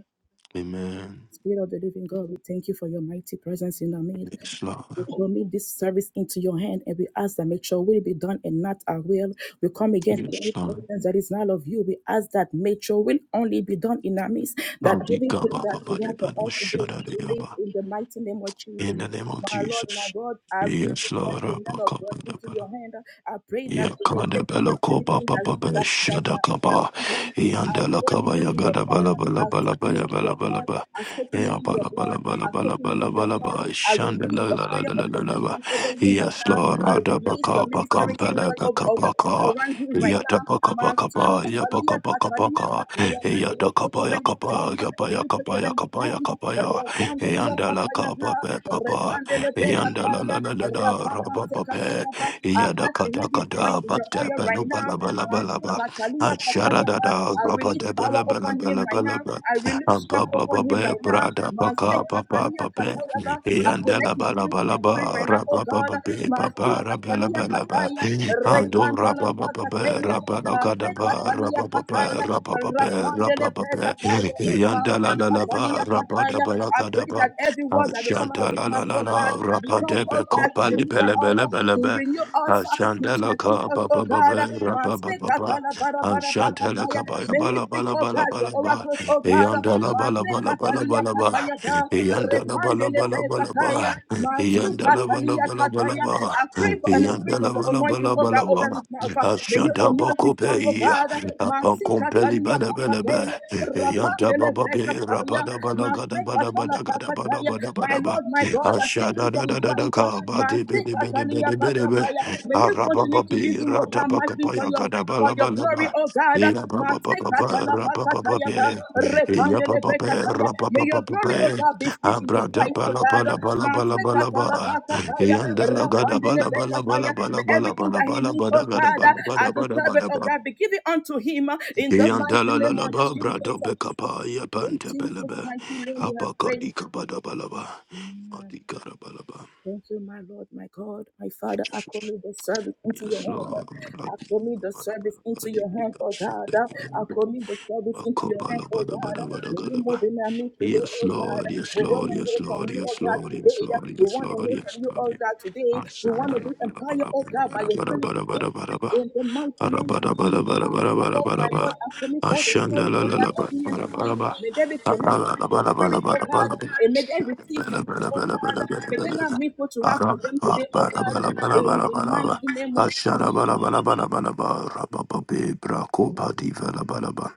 Speaker 4: Amen.
Speaker 1: Spirit of the living God, we thank you for your mighty presence in our midst.
Speaker 4: Slow.
Speaker 1: We commit this service into your hand and we ask that make your will be done and not our will. We come against
Speaker 4: Yes,
Speaker 1: any
Speaker 4: Lord.
Speaker 1: presence that is not of you. We ask that make your will only be done in our midst, that everything that you want for us to do, we live
Speaker 4: Ba-di-ga-ba-ba-ba-di-ba-di-ba-sha-da-di-ya-ba.
Speaker 1: in the mighty name of Jesus.
Speaker 4: In the name of
Speaker 1: My Lord, my
Speaker 4: Jesus.
Speaker 1: God, as.
Speaker 4: Yes,
Speaker 1: Thank
Speaker 4: Lord.
Speaker 1: the man of God into
Speaker 4: Abba-ka-ba-da-ba-da.
Speaker 1: your hand. I pray that you may take over everything that that that, that
Speaker 4: Ya-ka-da-ba-la-ko-ba-ba-ba-ba-sha-da-ka-ba.
Speaker 1: concerns him. I
Speaker 4: Yanda la
Speaker 1: soak him
Speaker 4: kaba
Speaker 1: into your
Speaker 4: gada
Speaker 1: blood.
Speaker 4: bala bala
Speaker 1: I
Speaker 4: bala
Speaker 1: soak him
Speaker 4: bala
Speaker 1: into
Speaker 4: bala
Speaker 1: your
Speaker 4: bala
Speaker 1: blood.
Speaker 4: ba.
Speaker 1: I soak him
Speaker 4: Ya
Speaker 1: into your
Speaker 4: bala bala
Speaker 1: blood.
Speaker 4: bala
Speaker 1: I
Speaker 4: bala
Speaker 1: soak him
Speaker 4: bala
Speaker 1: into your
Speaker 4: bala ba.
Speaker 1: blood. I
Speaker 4: Shanda
Speaker 1: release
Speaker 4: la
Speaker 1: a
Speaker 4: la la
Speaker 1: fire
Speaker 4: la
Speaker 1: of
Speaker 4: la la la ba.
Speaker 1: protection over him right
Speaker 4: Yes,
Speaker 1: now.
Speaker 4: Lord.
Speaker 1: I
Speaker 4: Ada
Speaker 1: release
Speaker 4: baka
Speaker 1: your
Speaker 4: baka
Speaker 1: ministering
Speaker 4: mpela
Speaker 1: angel over,
Speaker 4: baka
Speaker 1: over
Speaker 4: baka.
Speaker 1: around him right
Speaker 4: Yata
Speaker 1: now.
Speaker 4: baka baka
Speaker 1: Master,
Speaker 4: ba. Ya baka
Speaker 1: Katalia,
Speaker 4: baka
Speaker 1: Katalia,
Speaker 4: baka.
Speaker 1: Kataya. May
Speaker 4: Yata
Speaker 1: you take
Speaker 4: kaba
Speaker 1: over
Speaker 4: ya
Speaker 1: his
Speaker 4: kaba
Speaker 1: tongue.
Speaker 4: ya ba
Speaker 1: May
Speaker 4: ya
Speaker 1: you take
Speaker 4: kaba
Speaker 1: over
Speaker 4: ya
Speaker 1: his
Speaker 4: kaba ya
Speaker 1: tongue.
Speaker 4: kaba ya.
Speaker 1: Rakandilia,
Speaker 4: Yanda la kaba pe
Speaker 1: Kataya,
Speaker 4: papa. Yanda la
Speaker 1: Mandelebekataya,
Speaker 4: la la la la. Rababa pe.
Speaker 1: Rapakasekataya ba. I
Speaker 4: Yada
Speaker 1: ask that you
Speaker 4: kada
Speaker 1: be drunk
Speaker 4: kada.
Speaker 1: in your
Speaker 4: Bate
Speaker 1: oil
Speaker 4: pe nu
Speaker 1: right
Speaker 4: bala
Speaker 1: now.
Speaker 4: bala bala ba.
Speaker 1: Masukatalia kataya ba.
Speaker 4: Ashadadada,
Speaker 1: I release power upon him right now.
Speaker 4: rabadabalabalabalabalaba,
Speaker 1: I release strength upon
Speaker 4: ababababa,
Speaker 1: him right now.
Speaker 4: brada, baka, papa,
Speaker 1: Masekatalia
Speaker 4: pape,
Speaker 1: kataya ba. I connect his spirit to your spirit
Speaker 4: yandalabalabalaba,
Speaker 1: right now, oh God.
Speaker 4: rababababe, papa, Rabella
Speaker 1: Masukatalia
Speaker 4: Bella ba
Speaker 1: kataya,
Speaker 4: rabalabalaba, ando,
Speaker 1: Rekantala
Speaker 4: rababababe,
Speaker 1: pakataya,
Speaker 4: rabalakadaba,
Speaker 1: Masekatalia
Speaker 4: rabababe,
Speaker 1: kataya,
Speaker 4: rabababe, rabababe,
Speaker 1: Rapandelebekataya, Masekatalia
Speaker 4: yandalalalaba,
Speaker 1: kataya. I pray
Speaker 4: rabadabalakadaba,
Speaker 1: that that every word that will come out of this mouth, oh God,
Speaker 4: ashantalalalala,
Speaker 1: become, oh
Speaker 4: rabadebe,
Speaker 1: God, to deliver us, to
Speaker 4: kopalibelebelebelebe,
Speaker 1: renew us, to
Speaker 4: ashandalaka,
Speaker 1: strengthen us, oh God.
Speaker 4: babababa,
Speaker 1: Master
Speaker 4: rabababa,
Speaker 1: Katala Bara Bara
Speaker 4: Ashantala
Speaker 1: Bakataya.
Speaker 4: kabaya
Speaker 1: May he
Speaker 4: bala
Speaker 1: speak,
Speaker 4: bala
Speaker 1: oh
Speaker 4: bala
Speaker 1: God, the
Speaker 4: bala ba.
Speaker 1: oracles, oh God.
Speaker 4: Eyandala bala
Speaker 1: Master
Speaker 4: bala bala
Speaker 1: Katalia
Speaker 4: bala ba.
Speaker 1: Kataya Ba.
Speaker 4: Eyandala bala
Speaker 1: Repandele
Speaker 4: bala bala
Speaker 1: Bekataya.
Speaker 4: ba.
Speaker 1: Master
Speaker 4: Eyandala bala
Speaker 1: Katalia
Speaker 4: bala bala
Speaker 1: Kataya.
Speaker 4: ba.
Speaker 1: I pray for an increase
Speaker 4: Eyandala
Speaker 1: of
Speaker 4: bala
Speaker 1: anointing,
Speaker 4: bala
Speaker 1: oh
Speaker 4: bala
Speaker 1: God, over
Speaker 4: ba.
Speaker 1: his mouth. May you
Speaker 4: Ashanta
Speaker 1: anoint his tongue, oh
Speaker 4: bakopeya.
Speaker 1: God. Master
Speaker 4: Apankompeli
Speaker 1: Katalia
Speaker 4: bala bala ba.
Speaker 1: Kataya.
Speaker 4: Eyanda
Speaker 1: Rapandele
Speaker 4: baba be
Speaker 1: Bekataya.
Speaker 4: rabada bala gada bada
Speaker 1: Masekatala
Speaker 4: bada gada bada bada
Speaker 1: My
Speaker 4: bada ba.
Speaker 1: Lord, my God, I thank
Speaker 4: Ashada
Speaker 1: you for
Speaker 4: da
Speaker 1: his
Speaker 4: da da da
Speaker 1: life. uh,
Speaker 4: ka ba de be de be de be
Speaker 1: Masekatalia
Speaker 4: de be de be.
Speaker 1: Pakapaya. May you continue
Speaker 4: Arababa
Speaker 1: to use
Speaker 4: be
Speaker 1: him, oh
Speaker 4: rada
Speaker 1: God, mighty for
Speaker 4: bakapaya
Speaker 1: your
Speaker 4: gada
Speaker 1: for
Speaker 4: bala
Speaker 1: your
Speaker 4: bala ba.
Speaker 1: glory, oh God.
Speaker 4: Ya ba ba ba ba ba
Speaker 1: Masekatala
Speaker 4: ra ba ba ba
Speaker 1: Pakataya ba,
Speaker 4: be. Ya ba
Speaker 1: Repandele
Speaker 4: ba be
Speaker 1: Bekataya.
Speaker 4: ra ba ba
Speaker 1: May
Speaker 4: ba
Speaker 1: your
Speaker 4: ba
Speaker 1: glory, oh
Speaker 4: be.
Speaker 1: God, be seen in his
Speaker 4: Abra da
Speaker 1: life,
Speaker 4: ba
Speaker 1: oh
Speaker 4: la ba
Speaker 1: God.
Speaker 4: la ba la ba la ba la
Speaker 1: Masekatala
Speaker 4: ba.
Speaker 1: Pakataya.
Speaker 4: Yanda la ga da ba
Speaker 1: Rapandele
Speaker 4: la ba la ba
Speaker 1: Bekataya.
Speaker 4: la ba
Speaker 1: May
Speaker 4: la ba la ba
Speaker 1: everything
Speaker 4: la
Speaker 1: that
Speaker 4: ba
Speaker 1: he
Speaker 4: la
Speaker 1: needs,
Speaker 4: ba
Speaker 1: oh
Speaker 4: da ga da
Speaker 1: God,
Speaker 4: ba la ba
Speaker 1: uh, as
Speaker 4: da
Speaker 1: a
Speaker 4: ba da ba
Speaker 1: servant,
Speaker 4: da
Speaker 1: oh
Speaker 4: ba.
Speaker 1: God, be given unto him uh, in the
Speaker 4: Yanda
Speaker 1: mighty
Speaker 4: la la
Speaker 1: name
Speaker 4: la
Speaker 1: of
Speaker 4: ba bra da
Speaker 1: Jesus.
Speaker 4: be ka pa ya pan
Speaker 1: In
Speaker 4: te be le
Speaker 1: Jesus'
Speaker 4: be.
Speaker 1: mighty When you
Speaker 4: Apa
Speaker 1: have
Speaker 4: ka
Speaker 1: prayed.
Speaker 4: di ka ba da ba la ba. Ma
Speaker 1: Amen.
Speaker 4: di ka da ba la ba.
Speaker 1: Thank you, my Lord, my God, my Father. I
Speaker 4: Jesus.
Speaker 1: commit the service into your
Speaker 4: Yes,
Speaker 1: hand.
Speaker 4: Lord. Ra
Speaker 1: I
Speaker 4: di
Speaker 1: commit
Speaker 4: la
Speaker 1: the
Speaker 4: ba la ba
Speaker 1: service
Speaker 4: la ba
Speaker 1: into
Speaker 4: di.
Speaker 1: your hand, oh
Speaker 4: So
Speaker 1: God.
Speaker 4: da di da.
Speaker 1: I commit the service
Speaker 4: Ba
Speaker 1: into
Speaker 4: ko
Speaker 1: your
Speaker 4: ba
Speaker 1: hand,
Speaker 4: la ba
Speaker 1: oh
Speaker 4: da ba
Speaker 1: God.
Speaker 4: da ba da
Speaker 1: May
Speaker 4: ga da
Speaker 1: you
Speaker 4: ba.
Speaker 1: move in our midst today,
Speaker 4: Yes,
Speaker 1: oh God.
Speaker 4: Lord. Yes,
Speaker 1: We want
Speaker 4: Lord.
Speaker 1: to hear
Speaker 4: Yes,
Speaker 1: from
Speaker 4: Lord.
Speaker 1: you, oh
Speaker 4: Yes,
Speaker 1: God,
Speaker 4: Lord.
Speaker 1: today.
Speaker 4: Yes, Lord.
Speaker 1: We
Speaker 4: Yes,
Speaker 1: want to
Speaker 4: Lord.
Speaker 1: hear from
Speaker 4: Yes,
Speaker 1: you, oh
Speaker 4: Lord.
Speaker 1: God, today. We want
Speaker 4: Ashanda
Speaker 1: to
Speaker 4: la
Speaker 1: be
Speaker 4: ba
Speaker 1: empowered,
Speaker 4: la ba
Speaker 1: oh
Speaker 4: la
Speaker 1: God,
Speaker 4: ba
Speaker 1: by
Speaker 4: la
Speaker 1: your
Speaker 4: ba la ba
Speaker 1: spirit
Speaker 4: la ba
Speaker 1: today.
Speaker 4: la
Speaker 1: In the mighty
Speaker 4: ba la
Speaker 1: name
Speaker 4: ba
Speaker 1: of
Speaker 4: la
Speaker 1: Jesus,
Speaker 4: ba la ba la ba la
Speaker 1: my
Speaker 4: ba la ba la
Speaker 1: God,
Speaker 4: ba la
Speaker 1: my God,
Speaker 4: ba.
Speaker 1: I commit all the souls, oh
Speaker 4: Ashanda la la
Speaker 1: God,
Speaker 4: la
Speaker 1: that
Speaker 4: ba
Speaker 1: are
Speaker 4: la ba
Speaker 1: here
Speaker 4: la ba
Speaker 1: today.
Speaker 4: la ba.
Speaker 1: May they be
Speaker 4: Ara la
Speaker 1: connected to
Speaker 4: la
Speaker 1: your
Speaker 4: ba la ba la
Speaker 1: spirit,
Speaker 4: ba la
Speaker 1: oh
Speaker 4: ba
Speaker 1: God,
Speaker 4: la ba.
Speaker 1: and may they receive from
Speaker 4: Bele
Speaker 1: you,
Speaker 4: bele
Speaker 1: oh
Speaker 4: bele
Speaker 1: God.
Speaker 4: bele bele
Speaker 1: May they
Speaker 4: bele
Speaker 1: not
Speaker 4: bele.
Speaker 1: meet what you have for
Speaker 4: Ara
Speaker 1: them today, oh
Speaker 4: ba ba la
Speaker 1: God.
Speaker 4: ba la ba la ba
Speaker 1: In
Speaker 4: la
Speaker 1: the
Speaker 4: ba la ba.
Speaker 1: mighty name of
Speaker 4: Ashara ba
Speaker 1: Jesus.
Speaker 4: la ba la ba la ba la ba. Ra ba ba be bra ko ba
Speaker 1: Thank
Speaker 4: di va la ba la ba.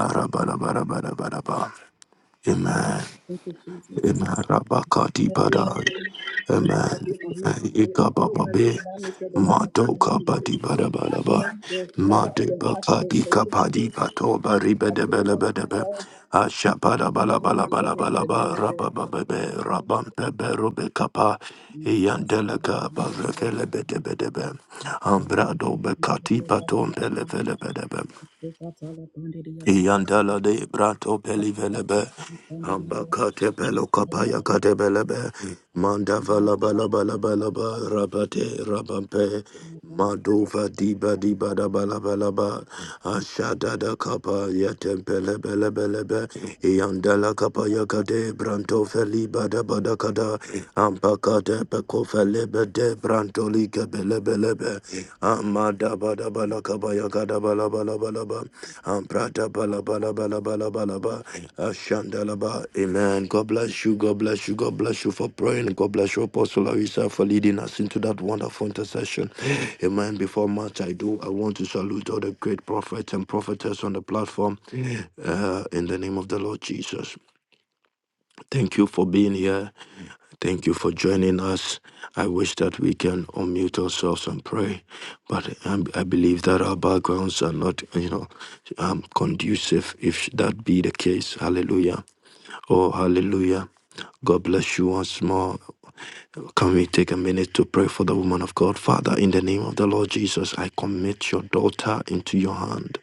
Speaker 4: Ara ba la ba la ba la ba la ba. Amen.
Speaker 1: you, Jesus.
Speaker 4: Rabakati
Speaker 1: Everyone
Speaker 4: Badai, Amen.
Speaker 1: everyone here today, I pray that you
Speaker 4: Ikabababe,
Speaker 1: will not miss the last of you
Speaker 4: Madoka
Speaker 1: today.
Speaker 4: Badi
Speaker 1: I
Speaker 4: Badabalaba,
Speaker 1: thank the Father of
Speaker 4: Made
Speaker 1: the heart for the
Speaker 4: Bakadi Kapadi
Speaker 1: opportunity
Speaker 4: Patoba
Speaker 1: you are giving us to
Speaker 4: Ribedebelebedebe,
Speaker 1: serve.
Speaker 4: Ashapada
Speaker 1: Abraham over to the men
Speaker 4: Balabalabalaba,
Speaker 1: of God.
Speaker 4: Rabababe, Rabampebe Rubekapa,
Speaker 1: And so I will come
Speaker 4: Yandeleka
Speaker 1: to the Lord and come
Speaker 4: Barekelebedebedebe, Ambrado
Speaker 1: to the
Speaker 4: Bekati
Speaker 1: Lord and come
Speaker 4: Patom
Speaker 1: to the Lord.
Speaker 4: Pelefelebedebe,
Speaker 1: So that's all I wanted to hear. Come
Speaker 4: Yandela de Brato Pelivelebe,
Speaker 1: the Lord.
Speaker 4: Ambakate pelo kapaya kate belebe mandava laba laba laba laba rabate rabampe madova diba diba daba laba laba ashada da kapa yatempele bele bele be yandala kapa katé branto feli bada bada kada ambakate peko fele bede branto lika bele bele be amada bada bala kapa yakada bala bala bala ba amprata bala bala bala bala bala ba Ashandalaba. Amen. God bless you. God bless you. God bless you for praying. God bless you, Apostle Larissa, for leading us into that wonderful intercession. Amen. Before much I do, I want to salute all the great prophets and prophetess on the platform uh, in the name of the Lord Jesus. Thank you for being here. Thank you for joining us. I wish that we can unmute ourselves and pray, but um, I believe that our backgrounds are not, you know, um, conducive if that be the case. Hallelujah. Oh, hallelujah. God bless you once more. Can we take a minute to pray for the woman of God? Father, in the name of the Lord Jesus, I commit your daughter into your hand.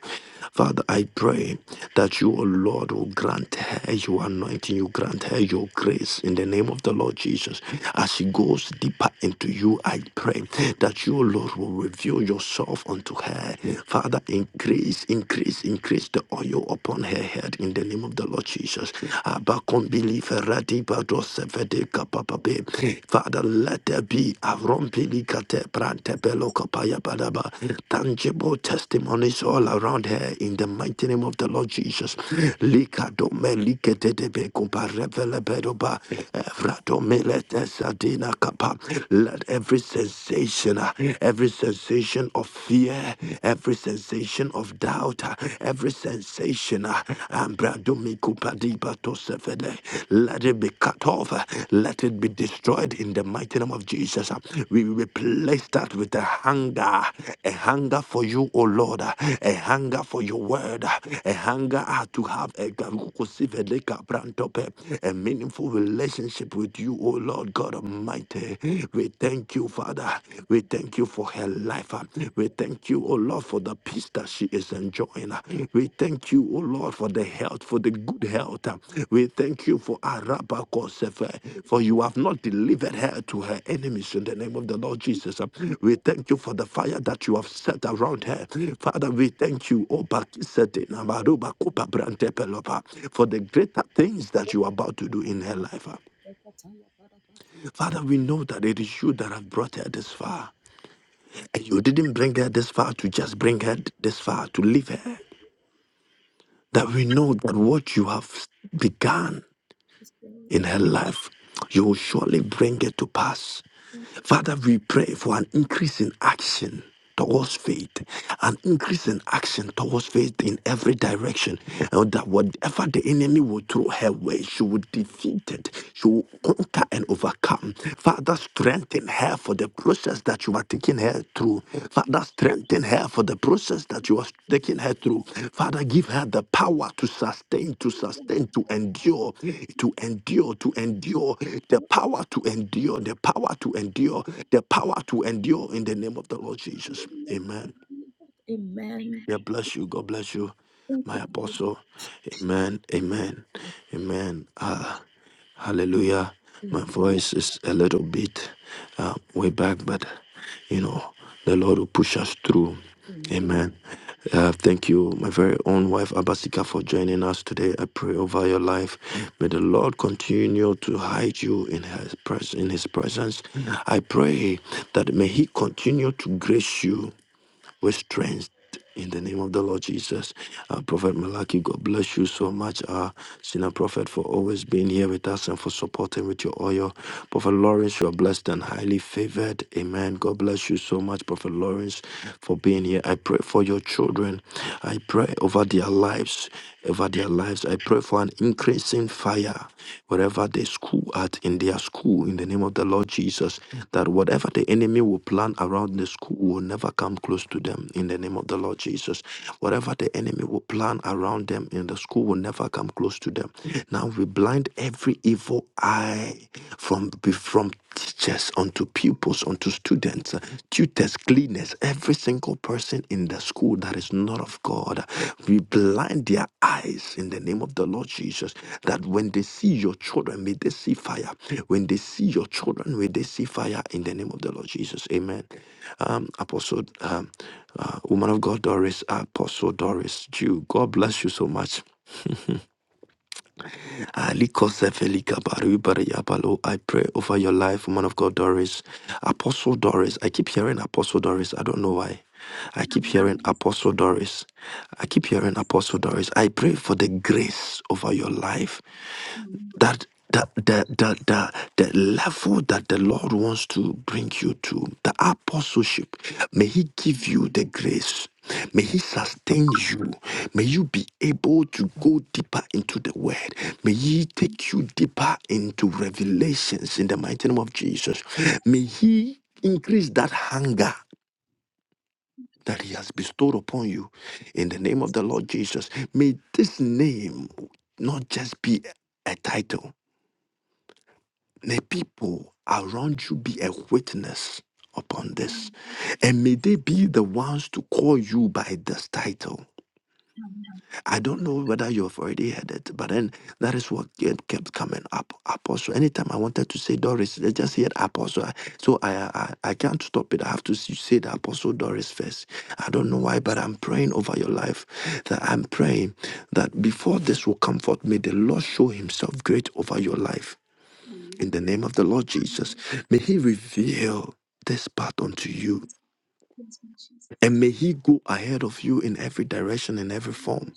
Speaker 4: Father, I pray that you, O Lord, will grant her your anointing, you grant her your grace in the name of the Lord Jesus. As she goes deeper into you, I pray that you, O Lord, will reveal yourself unto her. Father, increase, increase, increase the the oil upon her head in the name of the Lord Jesus. Abacon believe radi badosefede kapapape. Father, let there be a rompilicate prantebelo kapaya badaba. Tangible testimonies all around her in the mighty name of the Lord Jesus. Likadome likedebe kuparevele bedoba. Evradome let esadina kapa. Let every sensation, uh, every sensation of fear. Yeah, every sensation of doubt, uh, every sensation, uh, ambradomikupadibatosefele, let it be cut off, uh, let it be destroyed in the mighty name of Jesus. uh. We replace that with a hunger, a hunger for you, O Lord, uh, a hunger for your word, uh, a hunger uh, to have a, garukosefele kabrantope, a meaningful relationship with you, O Lord God Almighty. We thank Thank you, Father. We thank you for her life. We thank you, O Lord, for the peace that she is enjoying. We thank you, O Lord, for the health, for the good health. We thank you for Araba Kosefe, for you have not delivered her to her enemies in the name of the Lord Jesus. We thank you for the fire that you have set around her. Father, we thank you, O Bakisete Namaruba Kupa Brantepelopa, for the greater things that you are about to do in her life. Father, we know that it is you that have brought her this far. And You didn't bring her this far to just bring her this far to leave her. That we know that what you have begun in her life, you will surely bring it to pass. Father, we pray for an increase in action towards faith, an increase in action towards faith in every direction, and that whatever the enemy will throw her way, she will defeat it, she will conquer and overcome. Father, strengthen her for the process that you are taking taking her through. Father, strengthen her for the process that you are taking her through. Father, give her the power to sustain, to sustain, to endure, to endure, to endure, the power to endure, the power to endure, the power to endure in the name of the Lord Jesus. Amen.
Speaker 1: Amen.
Speaker 4: God bless you. God bless you, my apostle. Amen. Amen. Amen. Ah, hallelujah. My voice is a little bit uh, way back, but you know, the Lord will push us through. Amen. Uh, thank you, my very own wife, Abasika, for joining us today. I pray over your life. May the Lord continue to hide you in His, pres- in his presence. I pray that may He continue to grace you with strength. In the name of the Lord Jesus, uh, Prophet Malachi, God bless you so much, uh, Senior Prophet, for always being here with us and for supporting with your oil. Prophet Lawrence, you are blessed and highly favored. Amen. God bless you so much, Prophet Lawrence, for being here. I pray for your children. I pray over their lives over their lives. I pray for an increasing fire wherever they school at in their school in the name of the Lord Jesus. That whatever the enemy will plan around the school will never come close to them in the name of the Lord Jesus. Whatever the enemy will plan around them in the school will never come close to them. Now we blind every evil eye from from teachers, unto pupils, unto students, uh, tutors, cleaners, every single person in the school that is not of God. We blind their eyes in the name of the Lord Jesus that when they see your children, may they see fire. When they see your children, may they see fire in the name of the Lord Jesus. Amen. Um, Apostle, um, uh, woman of God, Doris, Apostle Doris, Jew, God bless you so much. Alikosefelikabaribariyabalo. I pray over your life, woman of God, Doris. Apostle Doris. I keep hearing Apostle Doris. I don't know why. I
Speaker 5: Yes, my
Speaker 4: keep hearing
Speaker 5: Father.
Speaker 4: Apostle Doris. I keep hearing Apostle Doris. I pray for the grace over your life that the, the, the, the, the level that the Lord wants to bring you to, the apostleship, may He give you the grace. May He sustain you. May you be able to go deeper into the Word. May He take you deeper into revelations in the mighty name of Jesus. May He increase that hunger that He has bestowed upon you in the name of the Lord Jesus. May this name not just be a title May people around you be a witness upon this. And may they be the ones to call you by this title. I don't know whether you've already heard it, but then that is what kept kept coming up. Apostle. Anytime I wanted to say Doris, I just heard Apostle. So I, I I can't stop it. I have to s- say the Apostle Doris first. I don't know why, but I'm praying over your life. That I'm praying that before this will come forth, may the Lord show Himself great over your life in the name of the Lord Jesus. May He reveal this path unto you and may He go ahead of you in every direction, in every form.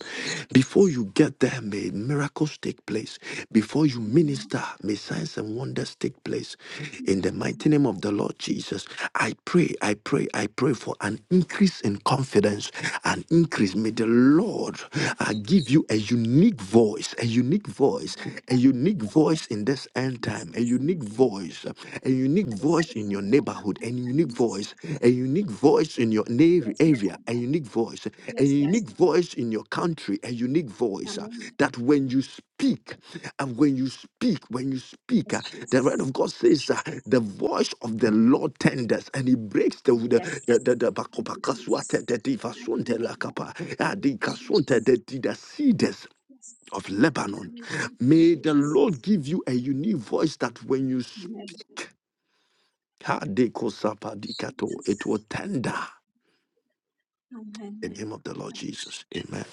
Speaker 4: Before you get there, may miracles take place. Before you minister, may signs and wonders take place. In the mighty name of the Lord Jesus, I pray, I pray, I pray for an increase in confidence, an increase. May the Lord uh, give you a unique voice, a unique voice a unique voice in this end time, a unique voice, a unique voice in your neighborhood, a unique voice, a unique voice in your na- area, a unique voice, a
Speaker 5: Yes, Lord.
Speaker 4: unique voice in your country, a unique voice uh,
Speaker 5: Amen.
Speaker 4: that when you speak, and when you speak, when you speak,
Speaker 5: Yes,
Speaker 4: uh, the word
Speaker 5: Jesus.
Speaker 4: of God says uh, the voice of the Lord tenders and he breaks the the the the, the, the,
Speaker 5: Yes.
Speaker 4: the,
Speaker 5: Thank you,
Speaker 4: the,
Speaker 5: Jesus.
Speaker 4: the, the, the,
Speaker 5: Thank you,
Speaker 4: the,
Speaker 5: Father. Thank you,
Speaker 4: the, the
Speaker 5: Jesus.
Speaker 4: the the cedars
Speaker 5: Yes.
Speaker 4: of
Speaker 5: Thank you,
Speaker 4: Lebanon.
Speaker 5: Father. Thank you,
Speaker 4: May the
Speaker 5: Jesus.
Speaker 4: Lord give you a unique voice that when you speak,
Speaker 5: Amen.
Speaker 4: it
Speaker 5: Jesus.
Speaker 4: will tender in
Speaker 5: Amen.
Speaker 4: the name of the Lord
Speaker 5: Thank you,
Speaker 4: Jesus.
Speaker 5: Jesus.
Speaker 4: Amen.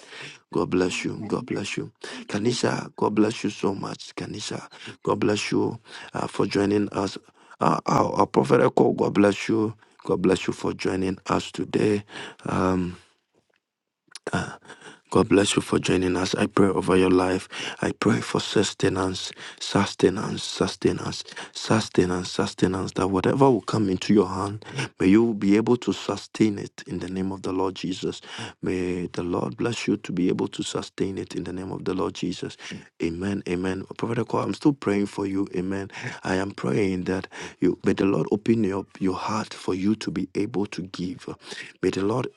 Speaker 4: God bless you. God
Speaker 5: Amen.
Speaker 4: bless you.
Speaker 5: Thank you,
Speaker 4: Kanisha, God bless you so much. Kanisha,
Speaker 5: Father.
Speaker 4: God bless you uh, for joining us. Uh, our, our prophet Echo, God bless you. God bless you for joining us today. Um, God bless you for joining us. I pray over your life. I pray for sustenance, sustenance, sustenance, sustenance, sustenance. That whatever will come into your hand, may you be able to sustain it in the name of the Lord Jesus. May the Lord bless you to be able to sustain it in the name of the Lord Jesus. Amen. Amen. Prophet Akwa, I'm still praying for you. Amen. I am praying that you may the Lord open up your heart for you to be able to give. May the Lord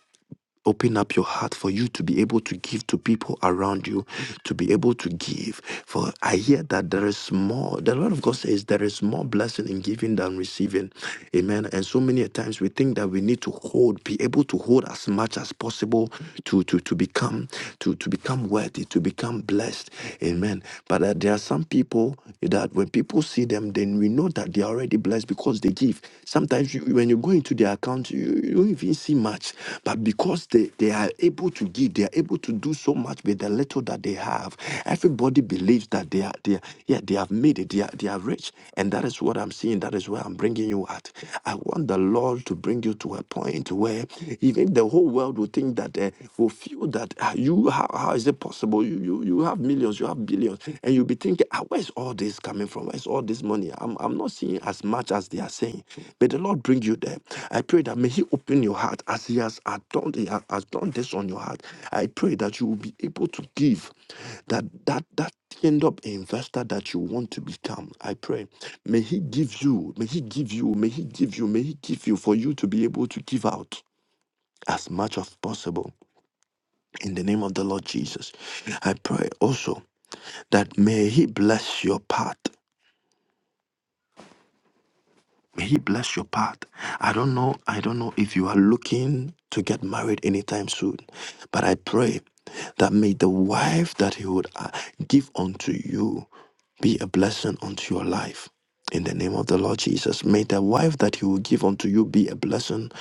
Speaker 4: Open up your heart for you to be able to give to people around you, to be able to give. For I hear that there is more. The Lord of God says there is more blessing in giving than receiving. Amen. And so many times we think that we need to hold, be able to hold as much as possible to, to, to become to, to become worthy, to become blessed. Amen. But uh, there are some people people eh, that when people see them, then we know that they are already blessed because they give. Sometimes you, when you go into their account, you, you don't even see much. But because they, they are able to give, they are able to do so much with the little that they have. Everybody believes that they are, they are yeah, they have made it. They are, they are rich. And that is what I'm seeing. That is where I'm bringing you at. I want the Lord to bring you bring you to a point where even the whole world will think that uh, will feel that ah, you how, how is it possible? You, you you have millions, you have billions, and you'll be thinking, ah, where's all this coming from? Where's all this money? I'm I'm not seeing as much as they are saying. May the Lord bring you there. I pray that may He open your heart as He has has done He has done this on your heart. I pray that you will be able to give that that that end up investor that you want to become i pray may he give you may he give you may he give you may he give you for you to be able to give out as much as possible in the name of the lord jesus i pray also that may he bless your path May he bless your path. I don't know, I don't know if you are looking to get married anytime soon, but I pray that may the wife that he would uh, give unto you be a blessing unto your life. In the name of the Lord Jesus, may the wife that he will give unto you be a blessing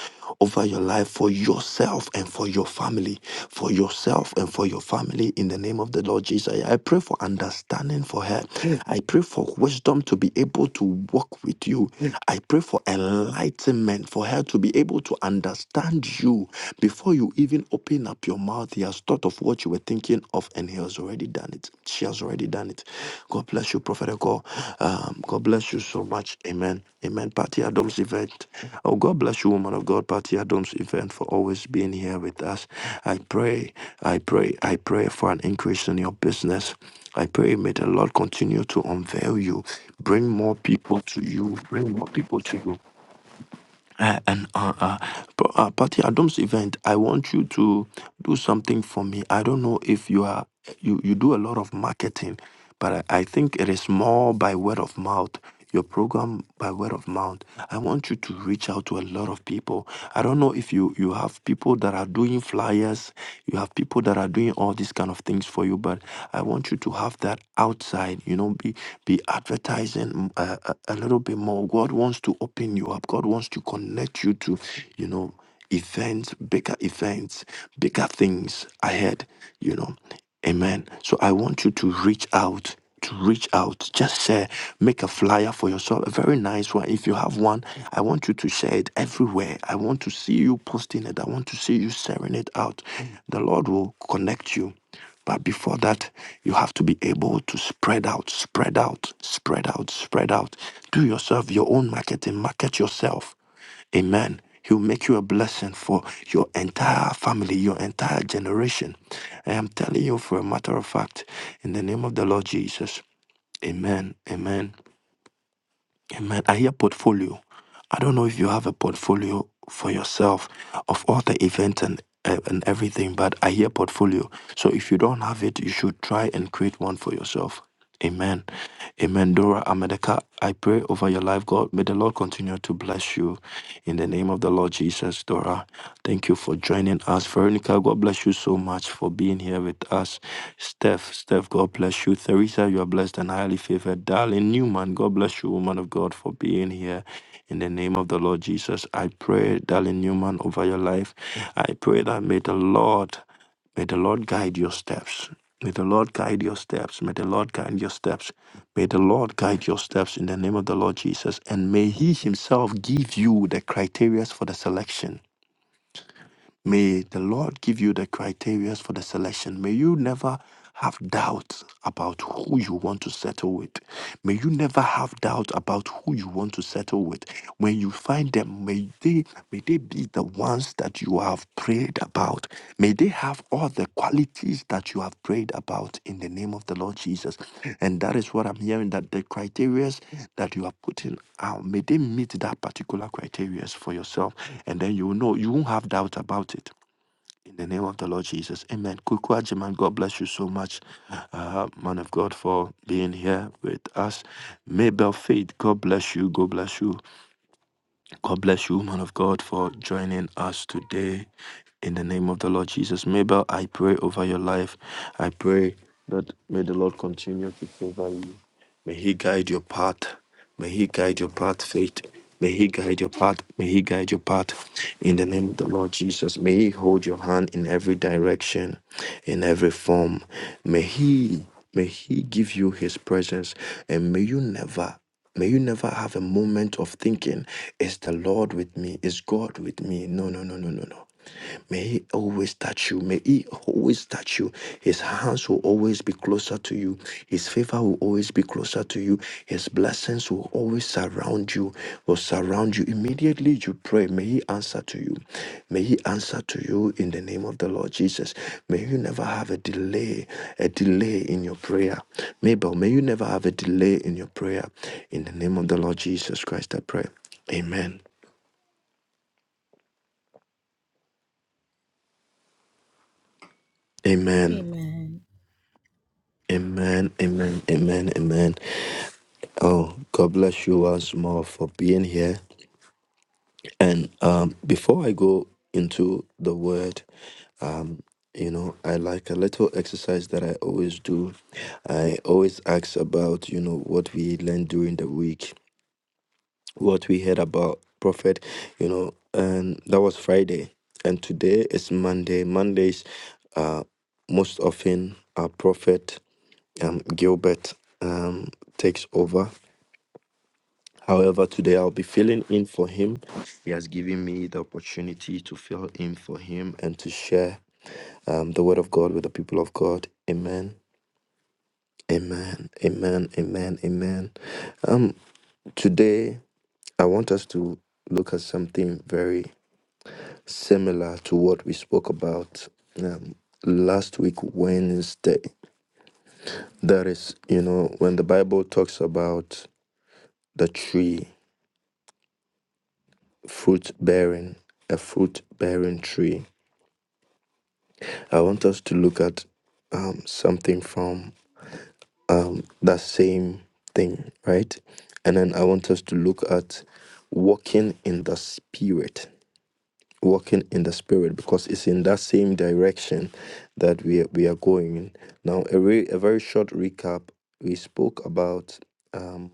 Speaker 4: over your life for yourself and for your family. For yourself and for your family, in the name of the Lord Jesus. I pray for understanding for her. I pray for wisdom to be able to walk with you I pray for enlightenment for her to be able to understand you before you even open up your mouth. He has thought of what you were thinking of, and he has already done it. She has already done it. God bless you, Prophet Eko. Um, God bless you so much. Amen. Amen. Patty Adams event. Oh, God bless you, woman of God, Patty Adams event, for always being here with us. I pray, I pray, I pray for an increase in your business. I pray, may the Lord continue to unveil you, bring more people to you, bring more people to you. Uh, and uh, uh, but, uh, Patty Adams event, I want you to do something for me. I don't know if you are you you do a lot of marketing, but I, I think it is more by word of mouth. Your program by word of mouth. I want you to reach out to a lot of people. I don't know if you you have people that are doing flyers, you have people that are doing all these kind of things for you, but I want you to have that outside you know be be advertising uh, a, a little bit more god wants to open you up god wants to connect you to you know events bigger events bigger things ahead you know amen so i want you to reach out to reach out. Just share, make a flyer for yourself, a very nice one. If you have one, I want you to share it everywhere. I want to see you posting it. I want to see you sharing it out. The Lord will connect you. But before that, you have to be able to spread out, spread out, spread out, spread out. Do yourself your own marketing, market yourself. Amen. He will make you a blessing for your entire family, your entire generation. I am telling you for a matter of fact, in the name of the Lord Jesus. Amen. Amen. Amen. I hear portfolio. I don't know if you have a portfolio for yourself of all the events and uh, and everything, but I hear portfolio. So if you don't have it, you should try and create one for yourself. Amen. Amen. Dora Amedeka, I pray over your life, God. May the Lord continue to bless you in the name of the Lord Jesus, Dora. Thank you for joining us. Veronica, God bless you so much for being here with us. Steph, Steph, God bless you. Theresa, you are blessed and highly favored. Darling Newman, God bless you, woman of God, for being here. In the name of the Lord Jesus, I pray, darling Newman, over your life. I pray that may the Lord, may the Lord guide your steps. May the Lord guide your steps. May the Lord guide your steps. May the Lord guide your steps in the name of the Lord Jesus. And may He Himself give you the criteria for the selection. May the Lord give you the criteria for the selection. May you never have doubt about who you want to settle with. May you never have doubt about who you want to settle with. When you find them, may they may they be the ones that you have prayed about, may they have all the qualities that you have prayed about in the name of the Lord Jesus. And that is what I'm hearing that the criteria that you are putting out, may they meet that particular criteria for yourself. And then you will know, you won't have doubt about it. In the name of the Lord Jesus. Amen. Kukwa Jiman, God bless you so much, uh, man of God, for being here with us. Mabel Faith, God bless you. God bless you. God bless you, man of God, for joining us today. In the name of the Lord Jesus. Mabel, I pray over your life. I pray that may the Lord continue to favor you. May He guide your path. May He guide your path, faith. May He guide your path. May He guide your path. In the name of the Lord Jesus, may He hold your hand in every direction, in every form. May He, may He give you His presence, and may you never May you never have a moment of thinking, is the Lord with me? Is God with me? No, no, no, no, no, no. May He always touch you. May He always touch you. His hands will always be closer to you. His favor will always be closer to you. His blessings will always surround you. Will surround you immediately. You pray. May He answer to you. May He answer to you in the name of the Lord Jesus. May you never have a delay, a delay in your prayer. Mabel, may you never have a delay in your prayer. In the name of the Lord Jesus Christ, I pray. Amen. Amen.
Speaker 1: Amen.
Speaker 4: Amen, amen, amen, amen. Oh, God bless you once more for being here. And um, before I go into the word, um, you know, I like a little exercise that I always do. I always ask about, you know, what we learned during the week, what we heard about prophet, you know, and that was Friday. And today is Monday. Mondays uh, most often our prophet um, Gilbert um, takes over. However, today I'll be filling in for him. He has given me the opportunity to fill in for him and to share um, the word of God with the people of God. Amen. Amen. Amen. Amen. Amen. Um, today I want us to look at something very similar to what we spoke about um, last week Wednesday. That is, you know, when the Bible talks about the tree, fruit bearing, a fruit bearing tree. I want us to look at um, something from um, that same thing, right? And then I want us to look at walking in the spirit, walking in the spirit, because it's in that same direction that we are, we are going. Now, a, re- a very short recap: we spoke about. um,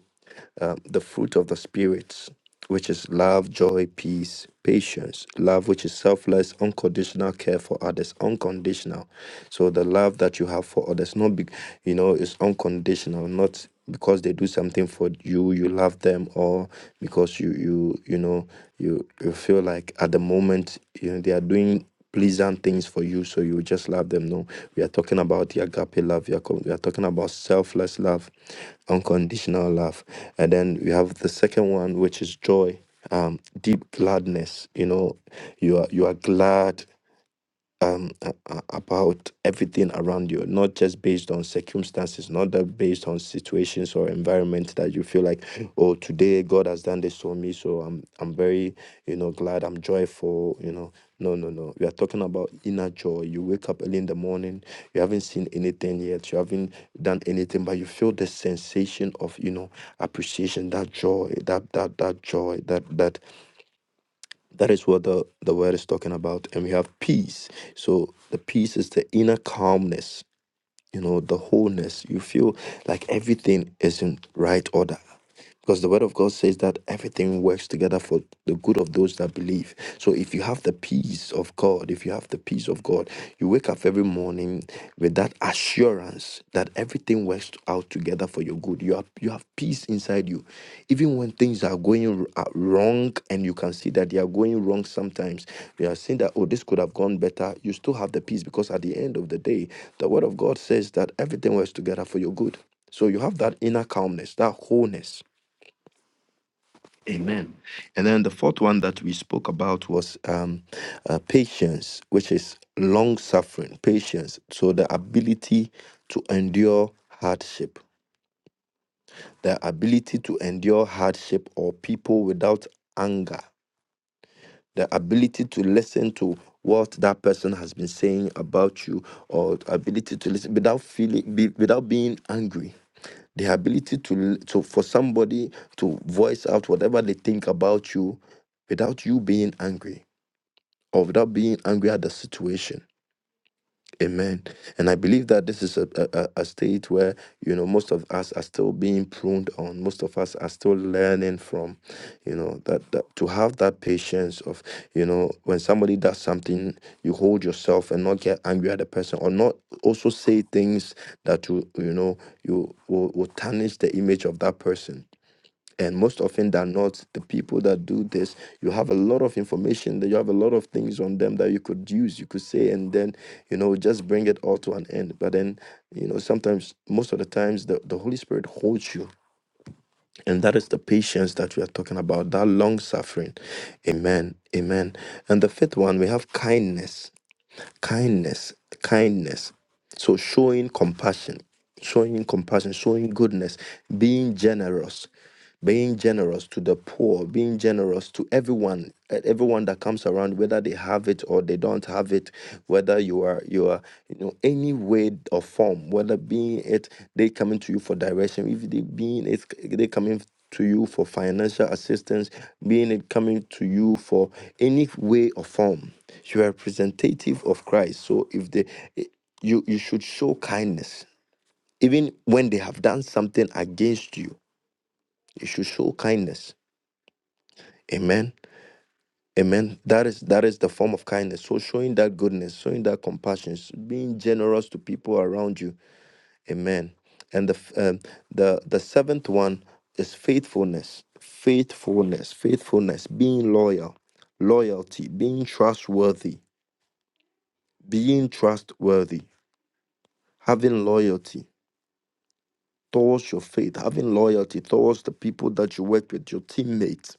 Speaker 4: um, the fruit of the Spirit, which is love, joy, peace, patience. Love, which is selfless, unconditional care for others, unconditional. So the love that you have for others, not be, you know, is unconditional, not because they do something for you, you love them, or because you you you know you you feel like at the moment you know they are doing pleasant things for you so you just love them no we are talking about the agape love we are, co- we are talking about selfless love unconditional love and then we have the second one which is joy um deep gladness you know you are you are glad um, a- a- about everything around you, not just based on circumstances, not that based on situations or environment that you feel like, oh, today God has done this for me, so I'm I'm very you know glad, I'm joyful, you know. No, no, no. We are talking about inner joy. You wake up early in the morning, you haven't seen anything yet, you haven't done anything, but you feel the sensation of you know appreciation, that joy, that that that joy, that that that is what the, the word is talking about. And we have peace. So the peace is the inner calmness, you know, the wholeness. You feel like everything is in right order. Because the word of God says that everything works together for the good of those that believe. So if you have the peace of God, if you have the peace of God, you wake up every morning with that assurance that everything works out together for your good. You have you have peace inside you, even when things are going r- uh, wrong, and you can see that they are going wrong sometimes. You are seeing that oh, this could have gone better. You still have the peace because at the end of the day, the word of God says that everything works together for your good. So you have that inner calmness, that wholeness. Amen. And then the fourth one that we spoke about was um, uh, patience, which is long suffering, patience. So the ability to endure hardship. the ability to endure hardship or people without anger, the ability to listen to what that person has been saying about you, or the ability to listen without feeling, be, without being angry. The ability to, to for somebody to voice out whatever they think about you without you being angry or without being angry at the situation Amen. And I believe that this is a, a, a a state where, you know, most of us are still being pruned on. Most of us are still learning from, you know, that, that to have that patience of, you know, when somebody does something, you hold yourself and not get angry at the person or not also say things that you, you know, you will, will tarnish the image of that person and most often than not the people that do this you have a lot of information that you have a lot of things on them that you could use you could say and then you know just bring it all to an end but then you know sometimes most of the times the, the holy spirit holds you and that is the patience that we are talking about that long suffering amen amen and the fifth one we have kindness kindness, kindness. So showing compassion, showing compassion, showing goodness, being generous, being generous to the poor, being generous to everyone, eh, everyone that comes around, whether they have it or they don't have it, whether you are you are you know any way or form, whether being it they coming to you for direction, if they being it they coming to you for financial assistance, being it coming to you for any way or form you are representative of christ so if they eh, you you should show kindness even when they have done something against you you should show kindness amen amen that is that is the form of kindness so showing that goodness showing that compassion being generous to people around you amen and the f- um, the the seventh one is faithfulness faithfulness faithfulness being loyal loyalty being trustworthy being trustworthy having loyalty towards your faith, having loyalty towards the people that you work with, your teammates.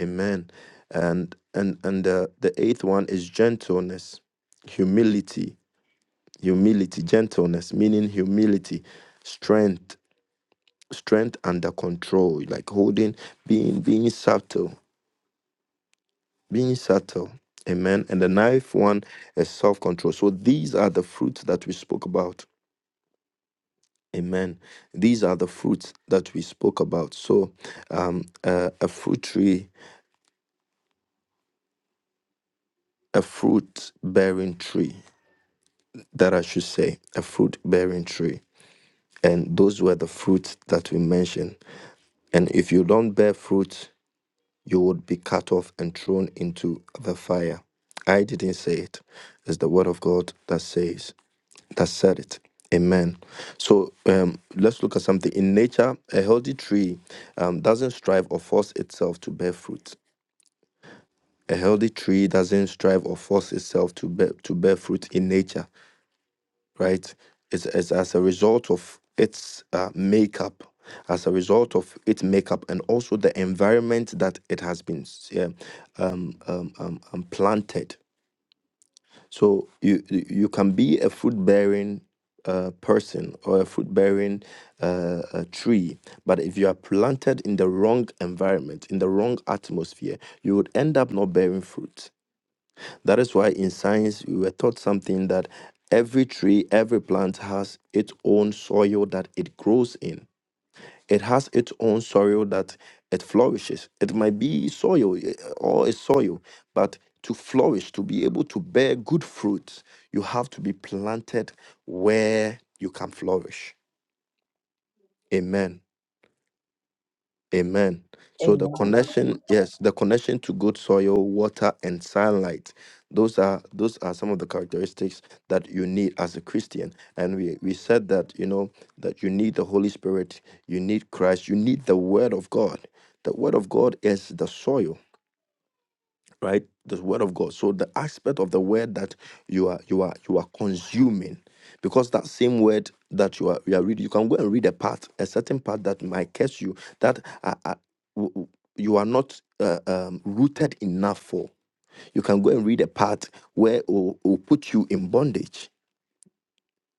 Speaker 4: Amen. And and and the, the eighth one is gentleness, humility, humility, gentleness, meaning humility, strength, strength under control, like holding, being being subtle, being subtle. Amen. And the ninth one is self-control. So these are the fruits that we spoke about Amen. These are the fruits that we spoke about. So, um, uh, a fruit tree, a fruit bearing tree, that I should say, a fruit bearing tree. And those were the fruits that we mentioned. And if you don't bear fruit, you would be cut off and thrown into the fire. I didn't say it. It's the word of God that says. that said it. Amen. So um, let's look at something. In nature, a healthy tree um, doesn't strive or force itself to bear fruit. A healthy tree doesn't strive or force itself to bear, to bear fruit in nature, right? It's, it's as a result of its uh, makeup, as a result of its makeup, and also the environment that it has been yeah, um, um, um, um, planted So you you you can be a fruit bearing uh, person or a fruit bearing uh, uh tree, but if you are planted in the wrong environment, in the wrong atmosphere, you would end up not bearing fruit. That is why in science we were taught something that every tree, every plant has its own soil that it grows in it has its own soil that it flourishes. It might be soil eh, or a soil, but to flourish, to be able to bear good fruit, you have to be planted where you can flourish. Amen. Amen. So the
Speaker 1: Amen.
Speaker 4: connection, yes, the connection to good soil, water, and sunlight. Those are those are some of the characteristics that you need as a Christian. And we, we said that, you know, that you need the Holy Spirit, you need Christ, you need the Word of God. The Word of God is the soil right the word of god so the aspect of the word that you are you are you are consuming because that same word that you are you are reading you can go and read a part a certain part that might catch you that uh, uh, w- w- you are not uh, um, rooted enough for you can go and read a part where it will will put you in bondage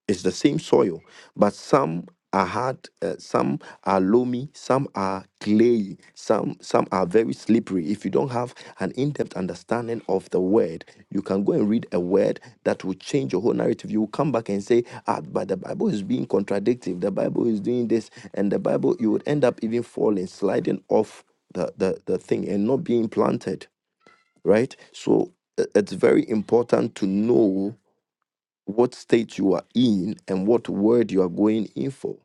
Speaker 4: it's the same soil, but some are hard, uh, some are loamy, some are clay, some some are very slippery. If you don't have an in-depth understanding of the word, you can go and read a word that will change your whole narrative. You will come back and say, "Ah, but the Bible is being contradictive. The Bible is doing this, and the Bible." You would end up even falling, sliding off the the, the thing, and not being planted. Right. So i- it's very important to know what state you are in and what word you are going in for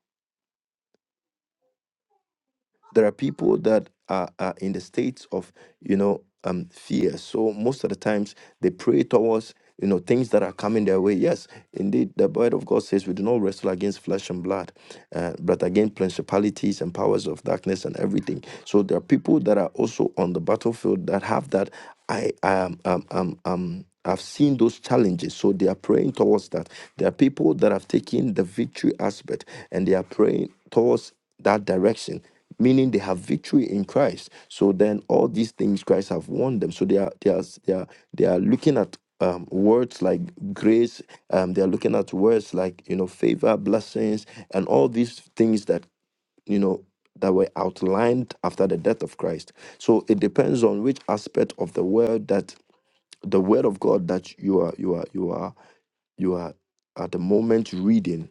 Speaker 4: there are people that are, are in the states of you know um fear so most of the times they pray towards you know things that are coming their way yes indeed the word of god says we do not wrestle against flesh and blood uh, but against principalities and powers of darkness and everything so there are people that are also on the battlefield that have that i um um um, um I've seen those challenges, so they are praying towards that. There are people that have taken the victory aspect and they are praying towards that direction meaning they have victory in christ so then all these things christ have won them so they are they are they are, they are looking at um, words like grace um, they are looking at words like you know favor blessings and all these things that you know that were outlined after the death of christ so it depends on which aspect of the word that the word of god that you are you are you are you are at the moment reading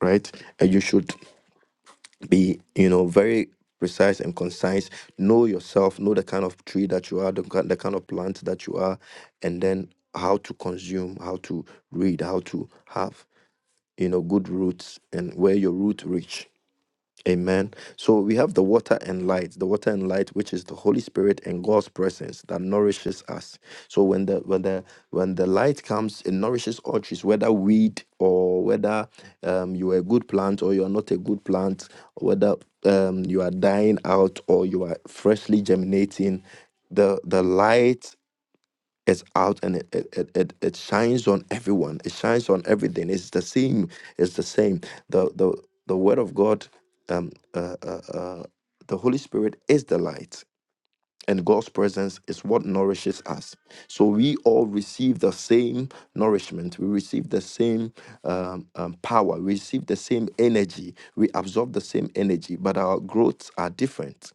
Speaker 4: right And you should be you know very precise and concise know yourself know the kind of tree that you are the, ki- the kind of plant that you are and then how to consume how to read how to have you know good roots and where your root reach Amen. So we have the water and light, the water and light, which is the Holy Spirit and God's presence that nourishes us. So when the when the when the light comes, it nourishes all trees, whether weed or whether um, you are a good plant or you are not a good plant, whether um, you are dying out or you are freshly germinating. The the light it's out and it it, it it it shines on everyone it shines on everything it's the same it's the same the the the word of god um uh, uh, uh the holy spirit is the light and god's presence is what nourishes us so we all receive the same nourishment we receive the same um, um, power we receive the same energy we absorb the same energy but our growths are different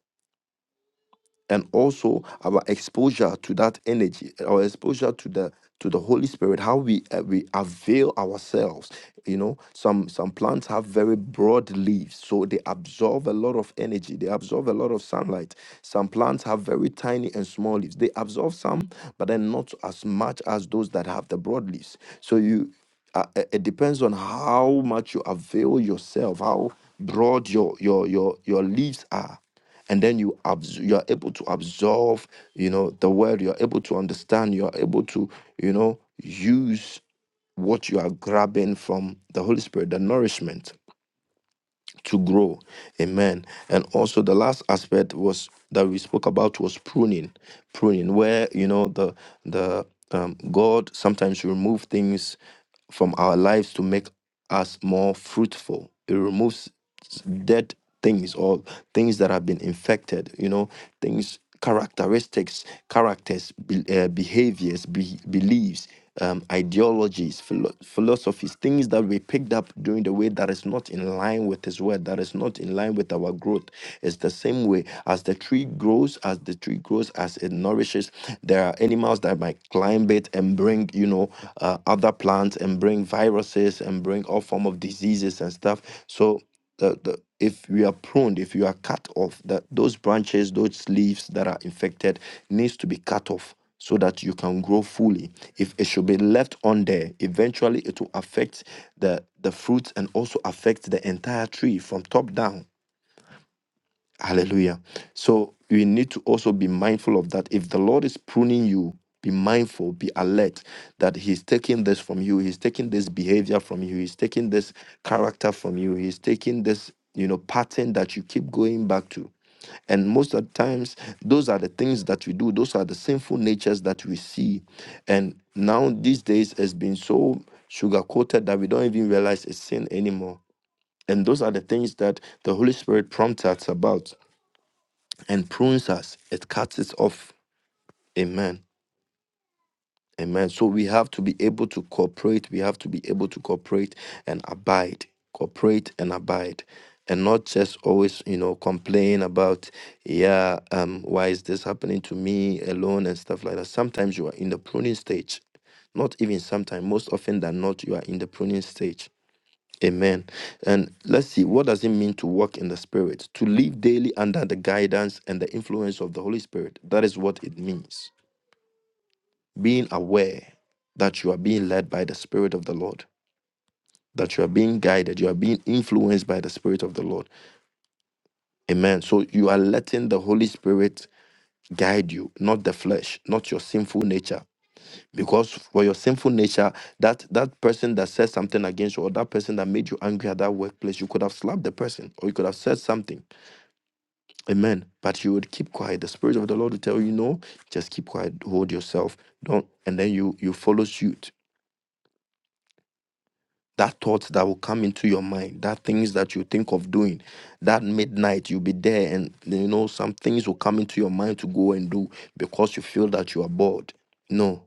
Speaker 4: and also our exposure to that energy our exposure to the to the holy spirit how we uh, we avail ourselves you know some some plants have very broad leaves so they absorb a lot of energy they absorb a lot of sunlight some plants have very tiny and small leaves they absorb some but then not as much as those that have the broad leaves so you uh, uh, it depends on how much you avail yourself how broad your your your your leaves are and then you abs- you are able to absorb you know the word you are able to understand you are able to you know use what you are grabbing from the holy spirit the nourishment to grow amen and also the last aspect was that we spoke about was pruning pruning where you know the the um, god sometimes remove things from our lives to make us more fruitful. It removes dead things or things that have been infected you know things characteristics characters be, uh, behaviors be, beliefs um, ideologies philo- philosophies things that we picked up during the way that is not in line with his word that is not in line with our growth it's the same way as the tree grows as the tree grows as it nourishes there are animals that might climb it and bring you know uh, other plants and bring viruses and bring all form of diseases and stuff so the, the if we are pruned, if you are cut off, that those branches, those leaves that are infected needs to be cut off so that you can grow fully. If it should be left on there, eventually it will affect the the fruits and also affect the entire tree from top down. Hallelujah. So we need to also be mindful of that. If the Lord is pruning you, be mindful, be alert that He's taking this from you, He's taking this behavior from you, He's taking this character from you, He's taking this, you know, pattern that you keep going back to. And most of the times, those are the things that we do. Those are the sinful natures that we see. And now these days has been so sugar coated that we don't even realize it's sin anymore. And those are the things that the Holy Spirit prompts us about and prunes us, it cuts it off. Amen. Amen. So we have to be able to cooperate. We have to be able to cooperate and abide. Cooperate and abide. And not just always, you know, complain about, yeah, um, why is this happening to me alone and stuff like that. Sometimes you are in the pruning stage. Not even sometimes, most often than not, you are in the pruning stage Amen. And let's see, what does it mean to walk in the Spirit? To live daily under the guidance and the influence of the Holy Spirit. That is what it means. Being aware that you are being led by the Spirit of the Lord, that you are being guided, you are being influenced by the Spirit of the Lord. Amen. So you are letting the Holy Spirit guide you, not the flesh, not your sinful nature. Because for your sinful nature, that that person that said something against you, or that person that made you angry at that workplace, you could have slapped the person, or you could have said something Amen. But you would keep quiet. The Spirit of the Lord will tell you no. Just keep quiet. Hold yourself. Don't. And then you you follow suit. That thought that will come into your mind. That things that you think of doing. That midnight you'll be there, and you know some things will come into your mind to go and do because you feel that you are bored. No.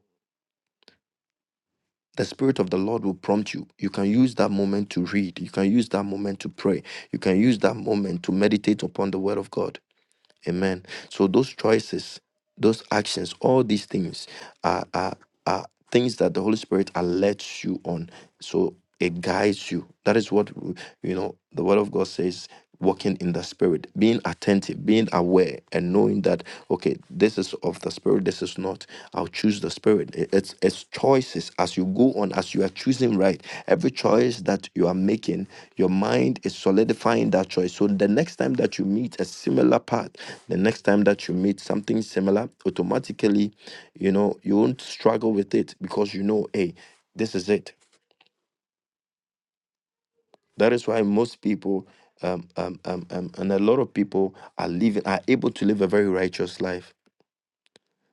Speaker 4: The Spirit of the Lord will prompt you. You can use that moment to read. You can use that moment to pray. You can use that moment to meditate upon the Word of God. Amen. So those choices, those actions, all these things are are, are things that the Holy Spirit alerts you on. So it guides you. That is what w- you know. The Word of God says, walking in the Spirit, being attentive, being aware, and knowing that okay, this is of the Spirit, this is not. I'll choose the Spirit. I- It's it's choices as you go on, as you are choosing right. Every choice that you are making, your mind is solidifying that choice. So the next time that you meet a similar path, the next time that you meet something similar, automatically, you know, you won't struggle with it because you know, hey, this is it. That is why most people um, um, um, um, and a lot of people are living are able to live a very righteous life.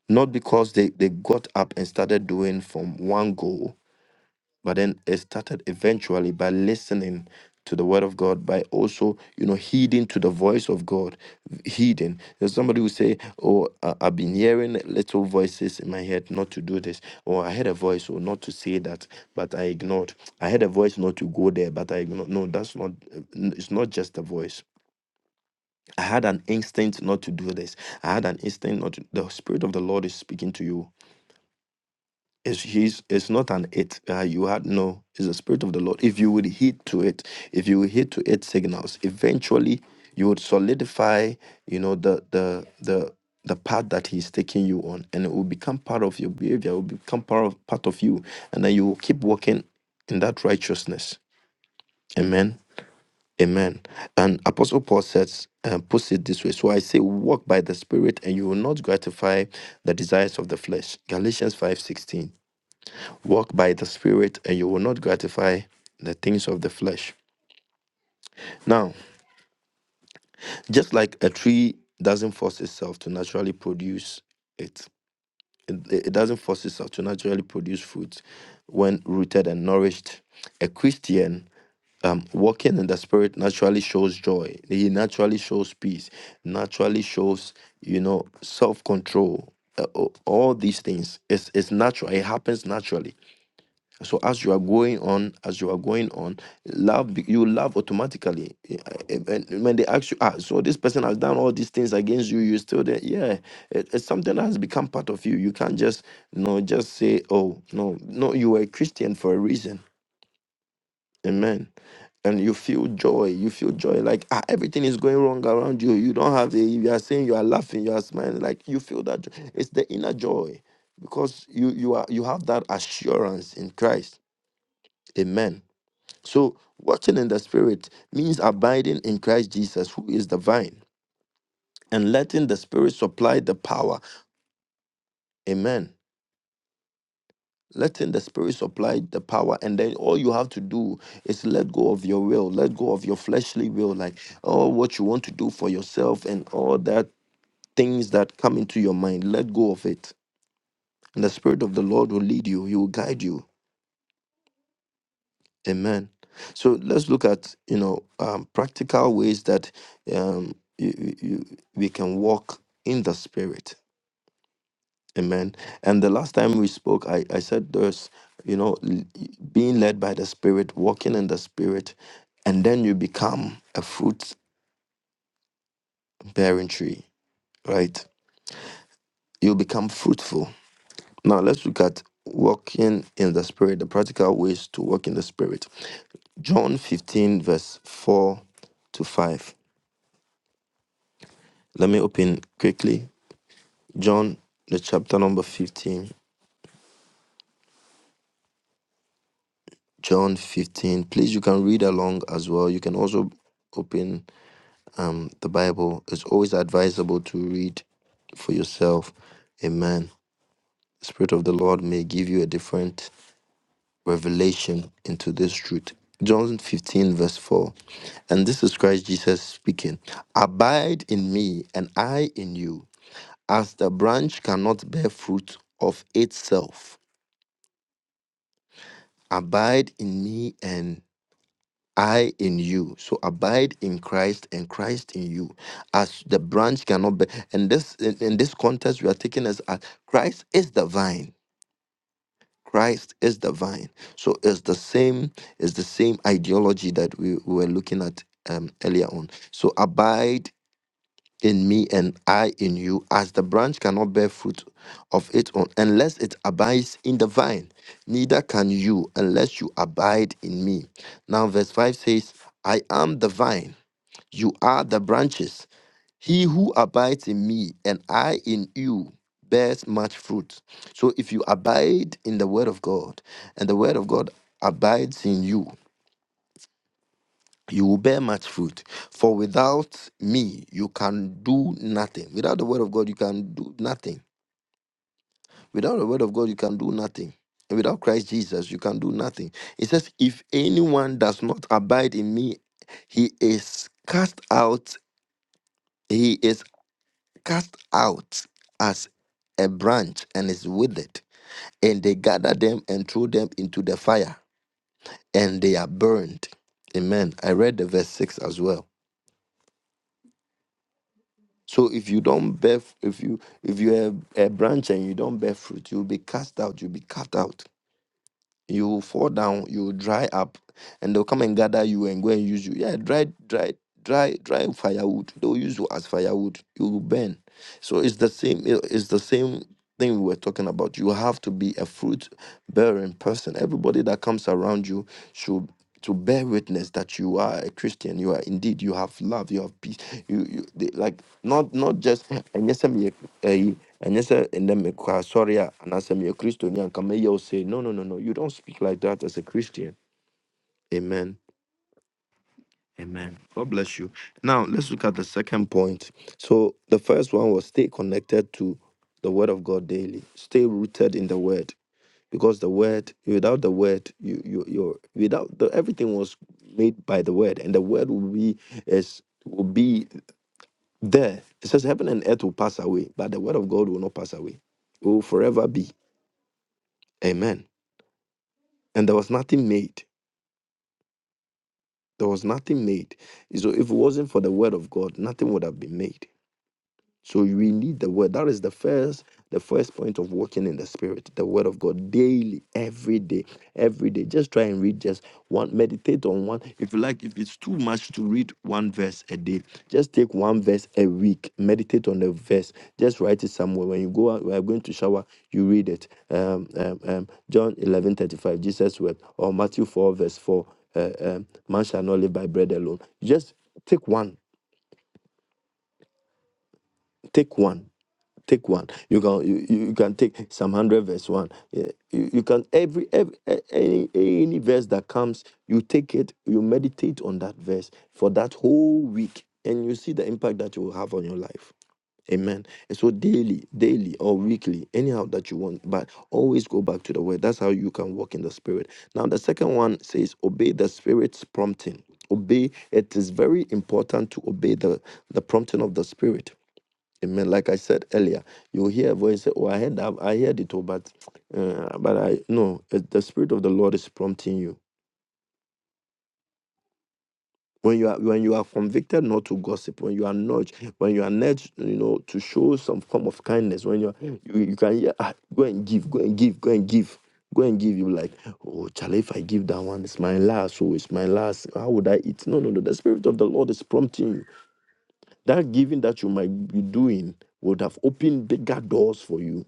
Speaker 4: Not because they, they got up and started doing from one goal, but then it started eventually by listening to the word of God by also you know heeding to the voice of God heeding there's somebody who say oh I- I've been hearing little voices in my head not to do this or I had a voice or not to say that but I ignored I had a voice not to go there but I ignored no that's not it's not just a voice I had an instinct not to do this I had an instinct not to the spirit of the Lord is speaking to you it's, he's, it's not an it. Uh, you had no. It's the spirit of the Lord. If you would heed to it, if you would heed to its signals, eventually you would solidify. You know the the the the path that he's taking you on, and it will become part of your behavior. It will become part of part of you, and then you will keep walking in that righteousness. Amen. Amen. And Apostle Paul says, uh, puts it this way. So I say, walk by the Spirit, and you will not gratify the desires of the flesh. Galatians five sixteen. Walk by the Spirit, and you will not gratify the things of the flesh. Now, just like a tree doesn't force itself to naturally produce it, it, it doesn't force itself to naturally produce fruit when rooted and nourished. A Christian um, walking in the spirit naturally shows joy. He naturally shows peace. Naturally shows, you know, self control. all these things. It's it's natural. It happens naturally So as you are going on, as you are going on, love be- you love automatically. Eh, eh, When when they ask you, ah, so this person has done all these things against you, you still there? Yeah, it- it's something that has become part of you. You can't just no, just say, oh no, no, you were a Christian for a reason. Amen. And you feel joy. You feel joy. Like ah, everything is going wrong around you. You don't have a. You are saying you are laughing. You are smiling. Like you feel that. joy. It's the inner joy because you you are you have that assurance in Christ. Amen. So, watching in the Spirit means abiding in Christ Jesus, who is the vine, and letting the Spirit supply the power. Amen. Letting the Spirit supply the power, and then all you have to do is let go of your will, let go of your fleshly will, like, oh, what you want to do for yourself, and all that things that come into your mind. Let go of it. And the Spirit of the Lord will lead you, He will guide you. Amen. So let's look at you know um, practical ways that um, you, you, you- we can walk in the spirit. Amen. And the last time we spoke, I, I said there's you know l- being led by the spirit, walking in the spirit, and then you become a fruit bearing tree, right? You become fruitful. Now let's look at walking in the spirit, the practical ways to walk in the spirit. John 15 verse 4 to 5. Let me open quickly. John, the chapter number 15. John 15. Please, you can read along as well. You can also open um, the Bible. It's always advisable to read for yourself. Amen. The Spirit of the Lord may give you a different revelation into this truth. John 15, verse 4. And this is Christ Jesus speaking Abide in me, and I in you, as the branch cannot bear fruit of itself abide in me and I in you. So abide in Christ and Christ in you. As the branch cannot be and this in, in this context we are taking as uh, Christ is the vine. Christ is the vine. So it's the same, it's the same ideology that we, we were looking at um, earlier on. So abide in me and I in you, as the branch cannot bear fruit of its own unless it abides in the vine, neither can you unless you abide in me. Now, verse 5 says, I am the vine, you are the branches. He who abides in me and I in you bears much fruit. So, if you abide in the word of God and the word of God abides in you, you will bear much fruit. For without me, you can do nothing. Without the word of God, you can do nothing. Without the word of God, you can do nothing. And without Christ Jesus, you can do nothing. It says, If anyone does not abide in me, he is cast out, he is cast out as a branch and is withered. And they gather them and throw them into the fire, and they are burned. Amen. I read the verse 6 as well. So if you don't bear, f- if you if you have a branch and you don't bear fruit, you'll be cast out. You'll be cut out. You will fall down. You will dry up, and they'll come and gather you and go and use you. Yeah, dry, dry, dry, dry firewood. They'll use you as firewood. You will burn. So it's the same. it- It's the same thing we were talking about. You have to be a fruit bearing person. Everybody that comes around you should to bear witness that you are a Christian. You are indeed. You have love. You have peace. You, you they, like not not just and yes, I'm and yes, and then sorry, and I am a Christian. And Camille say, no, no, no, no. You don't speak like that as a Christian. Amen. Amen. God bless you. Now let's look at the second point. So the first one was stay connected to the Word of God daily. Stay rooted in the Word because the word without the word you you you without the everything was made by the word and the word will be as will be there it says heaven and earth will pass away but the word of god will not pass away it will forever be amen and there was nothing made there was nothing made so if it wasn't for the word of god nothing would have been made So we need the word. That is the first, the first point of walking in the spirit, the word of God daily, every day, every day. Just try and read just one, meditate on one. If you like, if it's too much to read one verse a day, just take one verse a week. Meditate on the verse. Just write it somewhere. When you go out, we are going to shower, you read it. Um, um, um, John eleven thirty five, Jesus word, or Matthew 4, verse 4. Uh, um, man shall not live by bread alone. Just take one, take one. take one you can you, you you can take psalm 100 verse 1 Yeah, you, you can every, every a- any any verse that comes you take it you meditate on that verse for that whole week and you see the impact that you will have on your life amen and so daily daily or weekly anyhow that you want but always go back to the word that's how you can walk in the spirit now the second one says obey the spirit's prompting obey it is very important to obey the the prompting of the spirit Amen. Like I said earlier, you hear a voice say, "Oh, I heard that. I heard it all, but, uh, but I no. It, the spirit of the Lord is prompting you. When you are when you are convicted not to gossip, when you are nudged, when you are nudged, you know, to show some form of kindness. When you are, you, you can hear, ah, go and give, go and give, go and give, go and give. You like, oh, Charlie, if I give that one, it's my last. Oh, it's my last. How would I eat? No, no, no. The spirit of the Lord is prompting you. That giving that you might be doing would have opened bigger doors for you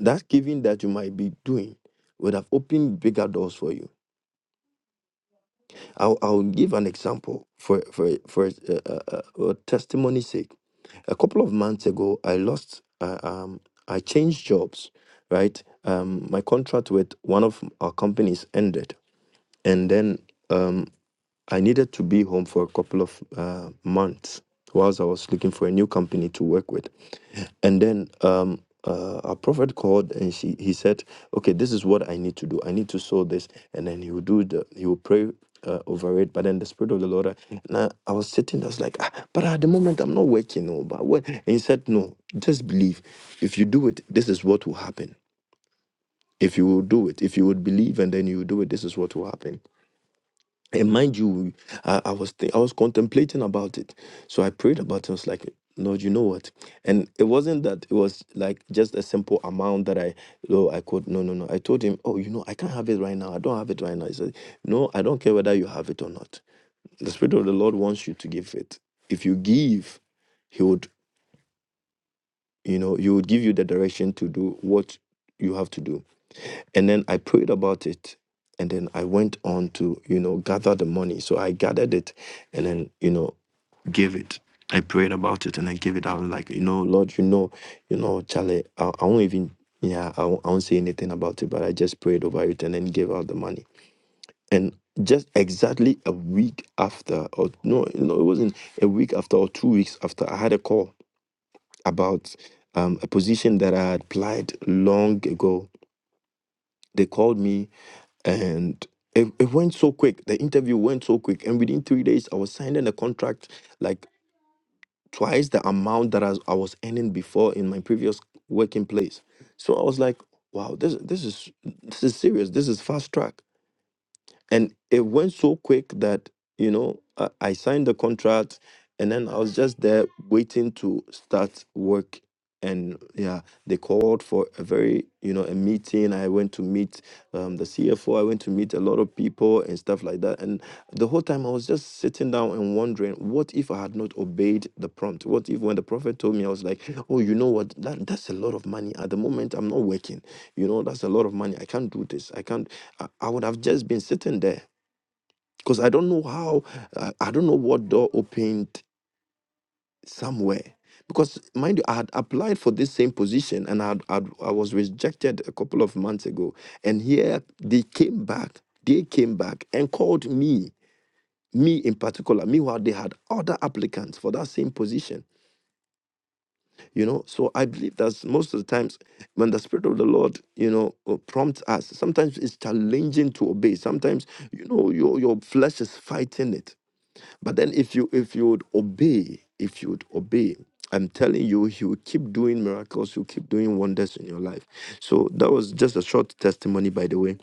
Speaker 4: That giving that you might be doing would have opened bigger doors for you. I'll, I'll give an example for for for uh, uh, uh, testimony's sake. A couple of months ago, I lost. Uh, um, I changed jobs, right? Um, my contract with one of our companies ended, and then um, I needed to be home for a couple of uh, months whilst I was looking for a new company to work with. And then um, uh, a prophet called and she, he said, Okay, this is what I need to do. I need to sow this. And then he will do the, he will pray. Uh, over it, but then the spirit of the Lord. And I, I was sitting, I was like, ah, but at the moment I'm not working. No, but what? And he said, no, just believe. If you do it, this is what will happen. If you will do it, if you would believe, and then you do it, this is what will happen. And mind you, I, I was thi- I was contemplating about it. So I prayed about it. I was like, Lord, you know what? And it wasn't that it was like just a simple amount that I oh I could no no no. I told him, Oh, you know, I can't have it right now. I don't have it right now. He said, No, I don't care whether you have it or not. The Spirit of the Lord wants you to give it. If you give, He would, you know, He would give you the direction to do what you have to do. And then I prayed about it. And then I went on to, you know, gather the money. So I gathered it and then, you know, gave it. I prayed about it and I gave it out. Like, you know, Lord, you know, you know, Charlie, I, I won't even, yeah, I won't, I won't say anything about it, but I just prayed over it and then gave out the money. And just exactly a week after, or no, no, it wasn't a week after or two weeks after, I had a call about um, a position that I had applied long ago. They called me and it, it went so quick the interview went so quick and within three days i was signing a contract like twice the amount that I, I was earning before in my previous working place so i was like wow this this is this is serious this is fast track and it went so quick that you know I, I signed the contract and then i was just there waiting to start work and yeah they called for a very you know a meeting i went to meet um, the cfo i went to meet a lot of people and stuff like that and the whole time i was just sitting down and wondering what if i had not obeyed the prompt what if when the prophet told me i was like oh you know what that, that's a lot of money at the moment i'm not working you know that's a lot of money i can't do this i can't I I would have just been sitting there because I don't know how, uh, I don't know what door opened somewhere. Because mind you, I had applied for this same position and I, had, I'd- I was rejected a couple of months ago. And here they came back, they came back and called me, me in particular. Meanwhile, they had other applicants for that same position. you know so i believe that most of the times when the spirit of the lord you know uh, prompts us sometimes it's challenging to obey sometimes you know your your flesh is fighting it but then if you if you would obey if you would obey i'm telling you he will keep doing miracles he'll keep doing wonders in your life so that was just a short testimony by the way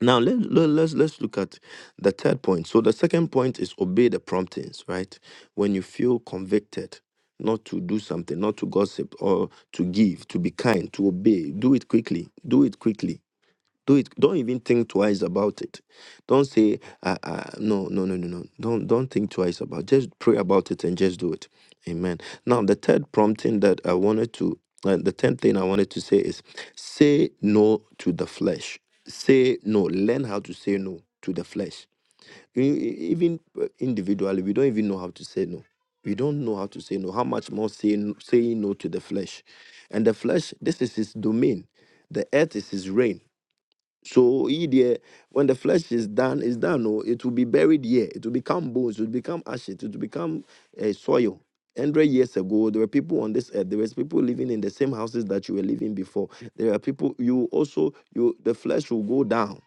Speaker 4: now let, let let's let's look at the third point. So the second point is obey the promptings, right? When you feel convicted not to do something, not to gossip or to give, to be kind, to obey, do it quickly. Do it quickly do it. Don't even think twice about it. Don't say, uh, uh, no, no, no, no, no. Don't don't think twice about. It. Just pray about it and just do it. Amen. Now the third prompting that I wanted to, uh, the tenth thing I wanted to say is, say no to the flesh. Say no. Learn how to say no to the flesh. E- e- Even uh, individually, we don't even know how to say no. We don't know how to say no. How much more saying saying no to the flesh, and the flesh. This is his domain. The earth is his reign. So he there, when the flesh is done, is done. Oh, it will be buried here. It will become bones. It will become ashes. It will become uh, soil. Hundred years ago, there were people on this earth. There was people living in the same houses that you were living before. There are people. You also you the flesh will go down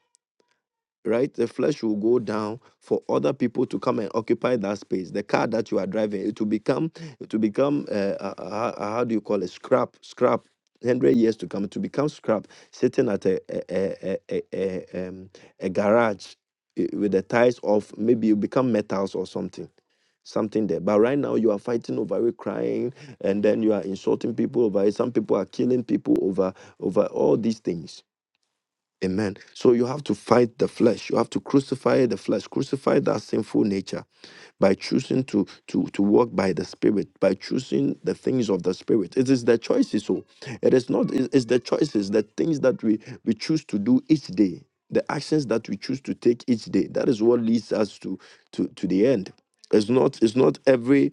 Speaker 4: right? The flesh will go down for other people to come and occupy that space. The car that you are driving, it will become, it will become, uh, uh, uh, how uh, how do you call it? Scrap, scrap. Hundred years to come to become scrap, sitting at a a a a, a, a, um, a garage eh, with the ties off. Maybe you become metals or something, something there. But right now you are fighting over it, crying, and then you are insulting people over it. Some people are killing people over over all these things Amen. So you have to fight the flesh. You have to crucify the flesh, crucify that sinful nature by choosing to to to walk by the spirit, by choosing the things of the spirit. It is the choices. So it is not. it- It's the choices, the things that we we choose to do each day, the actions that we choose to take each day. That is what leads us to to to the end. It's not. It's not every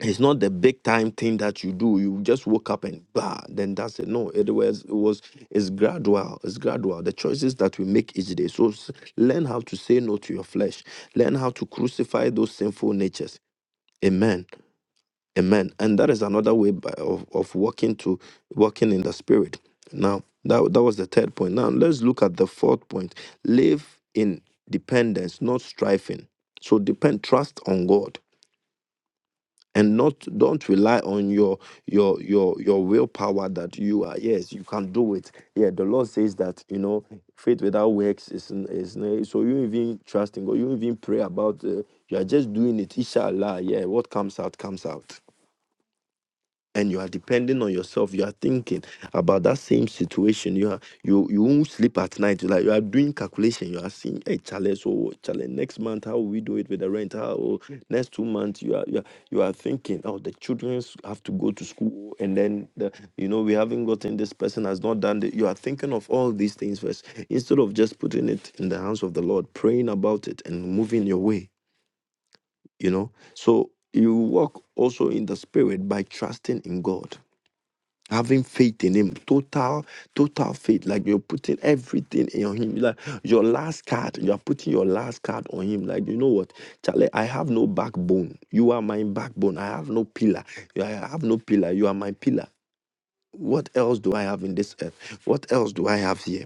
Speaker 4: it's not the big time thing that you do. You just woke up and bah, then that's it. No, it was it was it's gradual. It's gradual. The choices that we make each day. So s- learn how to say no to your flesh. Learn how to crucify those sinful natures. Amen. Amen. And that is another way by, of of walking to walking in the spirit. Now that that was the third point. Now let's look at the fourth point. Live in dependence, not striving. So depend trust on God and not don't rely on your your your your willpower that you are yes you can do it yeah the lord says that you know faith without works is n- is n- so you even trusting in god you even pray about uh, you are just doing it inshallah yeah what comes out comes out and you are depending on yourself you are thinking about that same situation you are you you won't sleep at night You like you are doing calculation you are seeing hey challenge so challenge next month how will we do it with the rent how oh, next two months you are, you are you are thinking oh the children have to go to school and then the, you know we haven't gotten this person has not done it you are thinking of all these things first instead of just putting it in the hands of the lord praying about it and moving your way you know so you walk also in the spirit by trusting in god having faith in him total total faith like you're putting everything in him like your last card you are putting your last card on him like you know what charlie i have no backbone you are my backbone i have no pillar You- i have no pillar you are my pillar what else do i have in this earth what else do i have here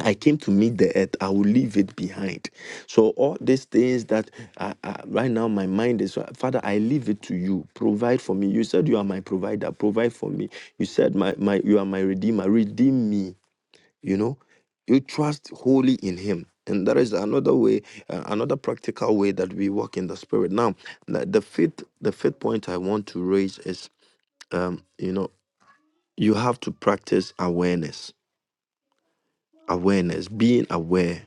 Speaker 4: I came to meet the earth. I will leave it behind. So all these things that uh, uh, right now my mind is, uh, Father, I leave it to you. Provide for me. You said you are my provider. Provide for me. You said my my you are my redeemer. Redeem me. You know, you trust wholly in Him. And that is another way, uh, another practical way that we walk in the Spirit. Now, the, the fifth, the fifth point I want to raise is, um, you know, you have to practice awareness. Awareness, being aware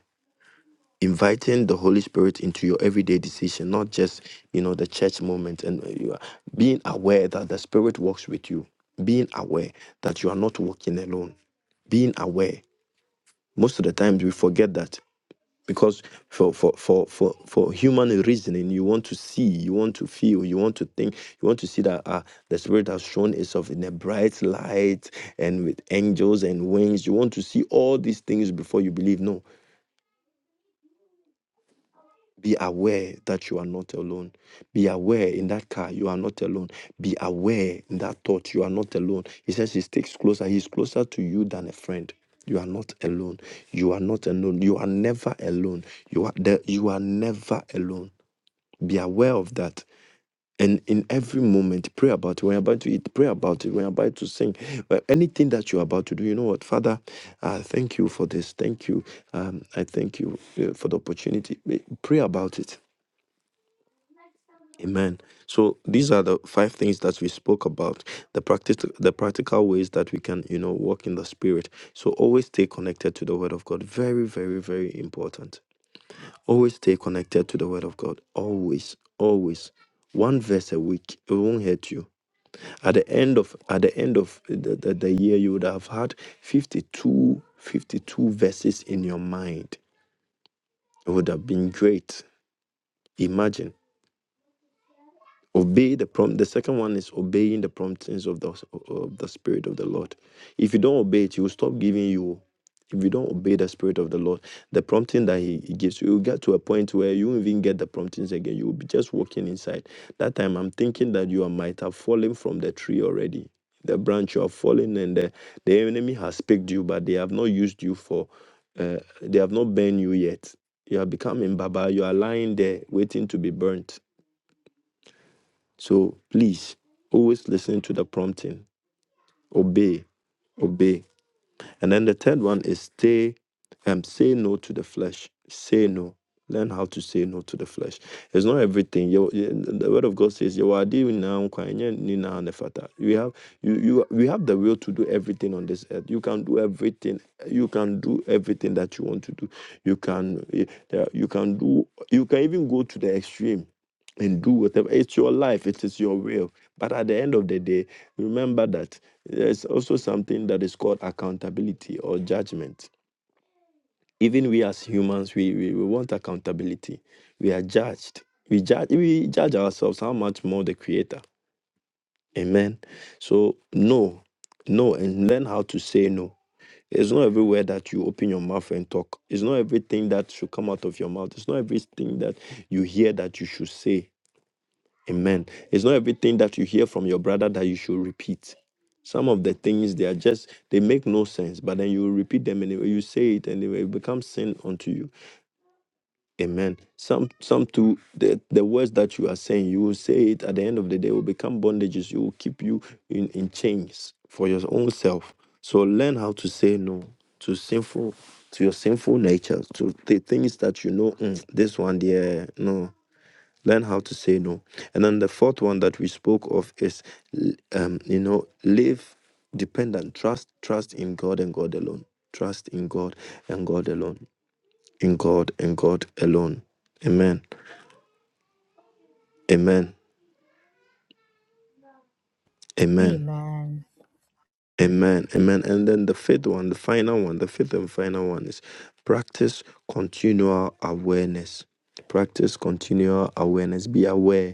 Speaker 4: inviting the holy spirit into your everyday decision not just you know the church moment and uh, you are being aware that the spirit walks with you being aware that you are not walking alone being aware most of the times we forget that because for for for for, for human reasoning you want to see you want to feel you want to think you want to see that uh, the spirit has shown itself in a bright light and with angels and wings you want to see all these things before you believe no Be aware that you are not alone. Be aware in that car, you are not alone. Be aware in that thought, you are not alone. He says he sticks closer. He's closer to you than a friend. You are not alone. You are not alone. You are never alone. You are there. You are never alone. Be aware of that. And in every moment, pray about it. When you're about to eat, pray about it. When you're about to sing, uh, anything that you're about to do, you know what, Father, I thank you for this. Thank you. Um, I thank you uh, for the opportunity. Pray about it Amen. So these are the five things that we spoke about. The practice, the practical ways that we can, you know, walk in the spirit. So always stay connected to the word of God. Very, very, very important. Always stay connected to the word of God. Always, always. One verse a week. It won't hurt you. At the end of at the end of the, the, the year, you would have had 52 52 verses in your mind. It would have been great. Imagine. Obey the prompt. The second one is obeying the promptings of the of the Spirit of the Lord. If you don't obey it, He will stop giving you. If you don't obey the Spirit of the Lord, the prompting that He, he gives you, you get to a point where you won't even get the promptings again. You will be just walking inside. That time, I'm thinking that you are- might have fallen from the tree already. The branch you have fallen, and the, the enemy has picked you, but they have not used you for. Uh, they have not burned you yet. You have become in Baba. You are lying there waiting to be burnt so please always listen to the prompting. Obey, obey. And then the third one is stay um say no to the flesh. Say no. Learn how to say no to the flesh. It's not everything. You, you- the word of God says you are doing now. nkwa, enye ni na nefata." We have you, you we have the will to do everything on this earth. You can do everything. You can do everything that you want to do. You can eh, there- you can do you can even go to the extreme and do whatever. It's your life. It is your will. But at the end of the day, remember that there's also something that is called accountability or judgment. Even we as humans, we, we, we want accountability. We are judged. We judge we judge ourselves how much more the creator. Amen. So no, no, and learn how to say no. It's not everywhere that you open your mouth and talk. It's not everything that should come out of your mouth. It's not everything that you hear that you should say. Amen. It's not everything that you hear from your brother that you should repeat. Some of the things they are just they make no sense, but then you repeat them anyway. You say it anyway. It becomes sin unto you. Amen. Some some to the, the words that you are saying, you will say it at the end of the day will become bondages. You will keep you in, in chains for your own self. So learn how to say no to sinful to your sinful nature, to the things that you know. "Mm, this one, yeah, no learn how to say no and then the fourth one that we spoke of is um, you know live dependent trust trust in god and god alone trust in god and god alone in god and god alone amen amen amen
Speaker 1: Amen.
Speaker 4: amen amen and then the fifth one the final one the fifth and final one is practice continual awareness practice continual awareness be aware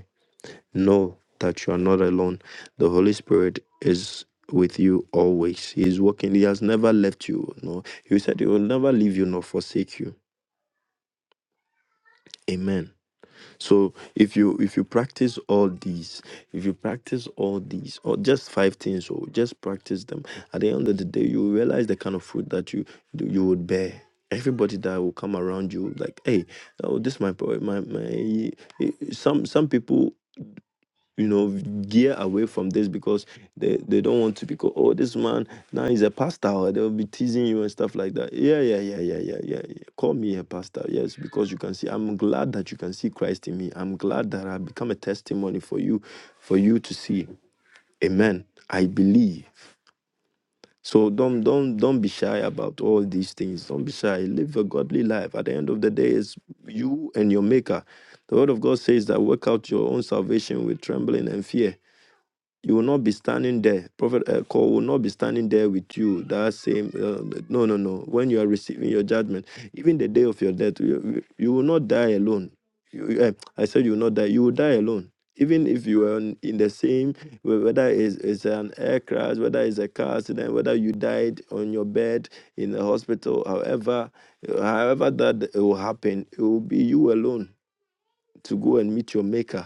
Speaker 4: Know that you are not alone. The Holy Spirit is with you always. He is working. He has never left you. No, He said He will never leave you nor forsake you. Amen. So if you if you practice all these, if you practice all these, or just five things, or just practice them, at the end of the day, you will realize the kind of fruit that you you would bear. Everybody that will come around you, like, hey, oh, this my boy, my my. Some some people you know gear away from this because they they don't want to be called oh this man now he's a pastor or they'll be teasing you and stuff like that yeah yeah yeah yeah yeah yeah yeah. call me a pastor yes because you can see i'm glad that you can see christ in me i'm glad that i've become a testimony for you for you to see amen i believe so don't don't don't be shy about all these things don't be shy live a godly life at the end of the day it's you and your maker the word of god says that work out your own salvation with trembling and fear you will not be standing there. Prophet Echo will not be standing there with you. That same, uh, no, no, no. When you are receiving your judgment, even the day of your death, you, you will not die alone. You, uh, I said you will not die. You will die alone. Even if you are in in the same, wh- whether it's, it's an air crash, whether it's a car accident, whether you died on your bed in the hospital, however, however that it will happen, it will be you alone to go and meet your maker.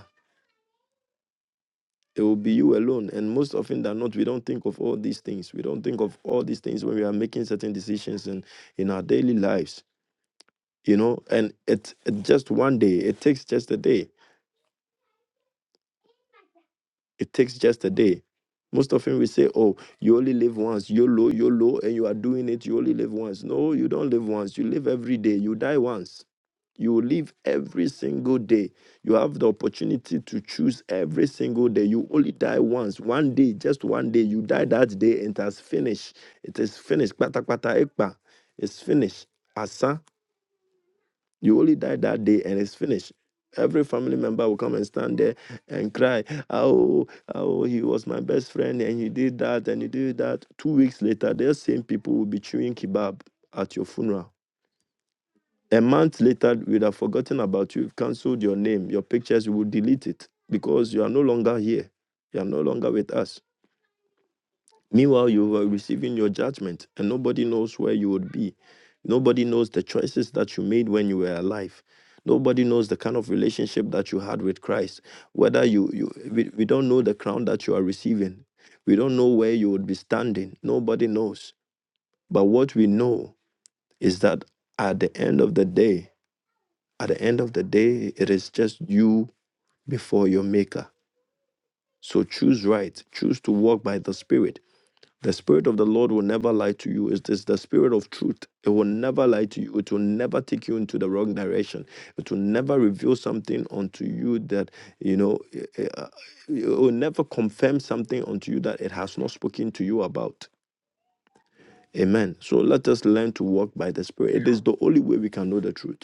Speaker 4: It will be you alone. And most often than not, we don't think of all these things. We don't think of all these things when we are making certain decisions in, in our daily lives. You know, and it, it just one day, it takes just a day It takes just a day. Most often we say, oh, you only live once, YOLO, YOLO, and you are doing it, you only live once. No, you don't live once. You live every day. You die once. You will live every single day. You have the opportunity to choose every single day. You only die once. One day, just one day. You die that day, and it has finished. It is finished. Kpata kpata ekpa. It's finished. Asa you only die that day and it's finished. Every family member will come and stand there and cry, Oh, oh, he was my best friend and he did that and he did that. Two weeks later, those same people will be chewing kebab at your funeral. A month later, we'd have forgotten about you, cancelled your name, your pictures, we will delete it because you are no longer here. You are no longer with us. Meanwhile, you are receiving your judgment, and nobody knows where you would be. Nobody knows the choices that you made when you were alive. Nobody knows the kind of relationship that you had with Christ. Whether you, you we, we don't know the crown that you are receiving. We don't know where you would be standing. Nobody knows. But what we know is that at the end of the day, at the end of the day, it is just you before your maker. So choose right. Choose to walk by the Spirit The Spirit of the Lord will never lie to you. It is the Spirit of truth. It will never lie to you. It will never take you into the wrong direction. It will never reveal something unto you that, you know, it, it uh, it will never confirm something unto you that it has not spoken to you about. Amen. So let us learn to walk by the Spirit. It is the only way we can know the truth.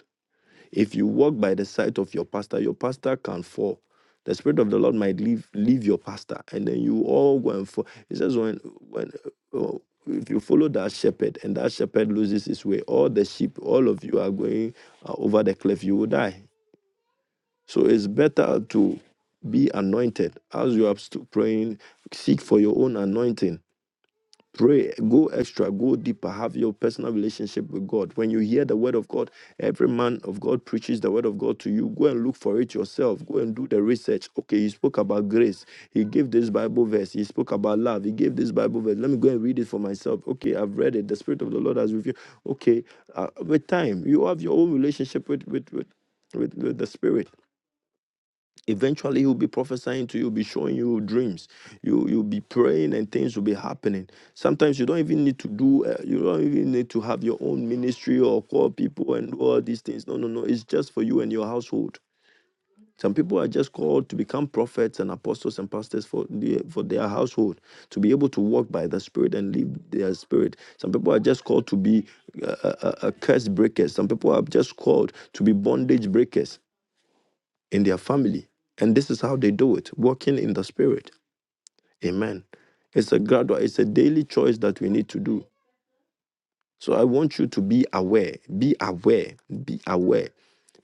Speaker 4: If you walk by the side of your pastor, your pastor can fall. The spirit of the Lord might leave leave your pastor, and then you all go and fall. It says when when uh, if you follow that shepherd and that shepherd loses his way, all the sheep, all of you are going uh, over the cliff. You will die. So it's better to be anointed as you are st- praying. Seek for your own anointing Pray, go extra, go deeper, have your personal relationship with God. When you hear the word of God, every man of God preaches the word of God to you. Go and look for it yourself. Go and do the research. Okay, he spoke about grace. He gave this Bible verse. He spoke about love. He gave this Bible verse. Let me go and read it for myself. Okay, I've read it. The Spirit of the Lord has revealed. Okay, uh, with time, you have your own relationship with with with, with, with the Spirit eventually he'll be prophesying to you, be showing you dreams. You you'll be praying and things will be happening. Sometimes you don't even need to do uh, you don't even need to have your own ministry or call people and do all these things. No, no, no. It's just for you and your household. Some people are just called to become prophets and apostles and pastors for the, for their household to be able to walk by the spirit and live their spirit. Some people are just called to be uh, uh, uh, curse breakers. Some people are just called to be bondage breakers in their family. And this is how they do it, walking in the spirit. Amen. It's a gradual, it's a daily choice that we need to do. So I want you to be aware, be aware, be aware,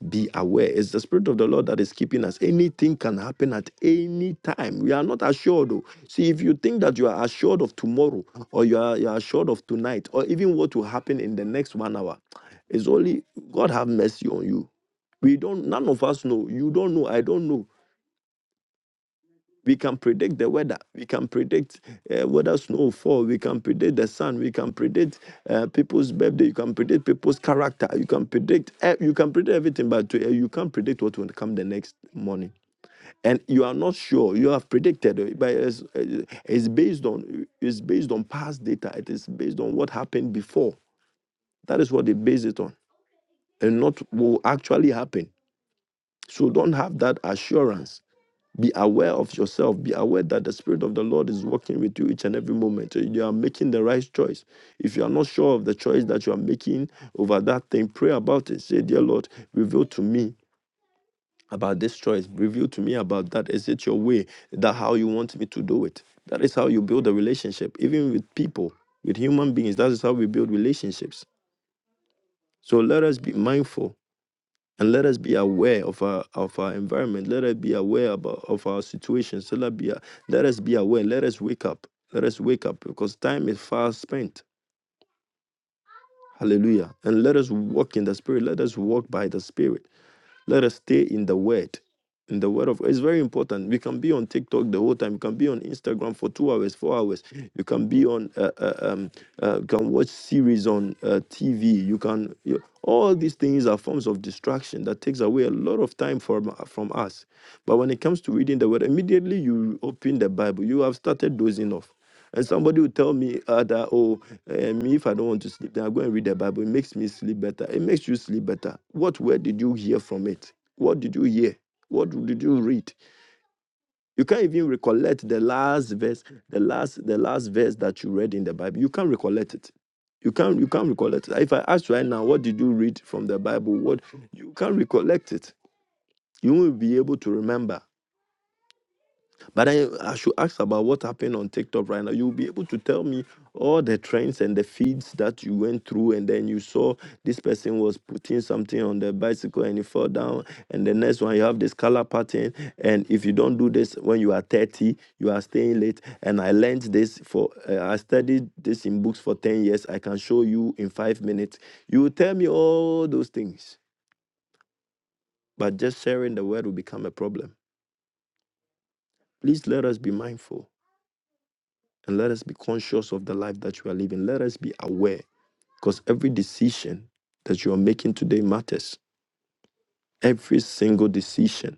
Speaker 4: be aware. It's the spirit of the Lord that is keeping us. Anything can happen at any time. We are not assured. oh. See, if you think that you are assured of tomorrow or you are, you are assured of tonight or even what will happen in the next one hour, it's only God have mercy on you. We don't, none of us know. You don't know. I don't know. We can predict the weather. We can predict uh, whether snow will fall. We can predict the sun. We can predict uh, people's birthday. You can predict people's character. You can predict. eh, you can predict everything, but uh, you can't predict what will come the next morning. And you are not sure. You have predicted, uh, but it's, uh, it's based on it's based on past data. It is based on what happened before. That is what they base it on, and not what will actually happen. So don't have that assurance be aware of yourself. Be aware that the Spirit of the Lord is working with you each and every moment. So You are making the right choice. If you are not sure of the choice that you are making over that thing, pray about it. Say, Dear Lord, reveal to me about this choice. Reveal to me about that. Is it your way? Is that how you want me to do it? That is how you build a relationship, even with people, with human beings. That is how we build relationships. So let us be mindful and let us be aware of our of our environment. Let us be aware about of our situations. So let us be let us be aware. Let us wake up. Let us wake up because time is fast spent. Hallelujah. And let us walk in the spirit. Let us walk by the spirit. Let us stay in the word. In the word of it's very important. We can be on TikTok the whole time. You can be on Instagram for two hours, four hours. You can be on, uh, uh, um, uh, you can watch series on uh, TV. You can you, all these things are forms of distraction that takes away a lot of time from from us. But when it comes to reading the word, immediately you open the Bible, you have started dozing off and somebody will tell me uh, that, oh, eh, me, if I don't want to sleep, then I go and read the Bible. It makes me sleep better. It makes you sleep better. What word did you hear from it? What did you hear? What did you read? You can't even recollect the last verse, the last, the last verse that you read in the Bible. You can't recollect it. You can't, you can't recollect it. If I ask right now, what did you read from the Bible? What you can't recollect it. You won't be able to remember. But I, I should ask about what happened on TikTok right now. You'll be able to tell me all the trends and the feeds that you went through, and then you saw this person was putting something on the bicycle and he fell down. And the next one, you have this color pattern. And if you don't do this when you are 30, you are staying late. And I learned this for, uh, I studied this in books for 10 years. I can show you in five minutes. You will tell me all those things, but just sharing the word will become a problem. Please let us be mindful. and let us be conscious of the life that we are living. Let us be aware because every decision that you are making today matters. Every single decision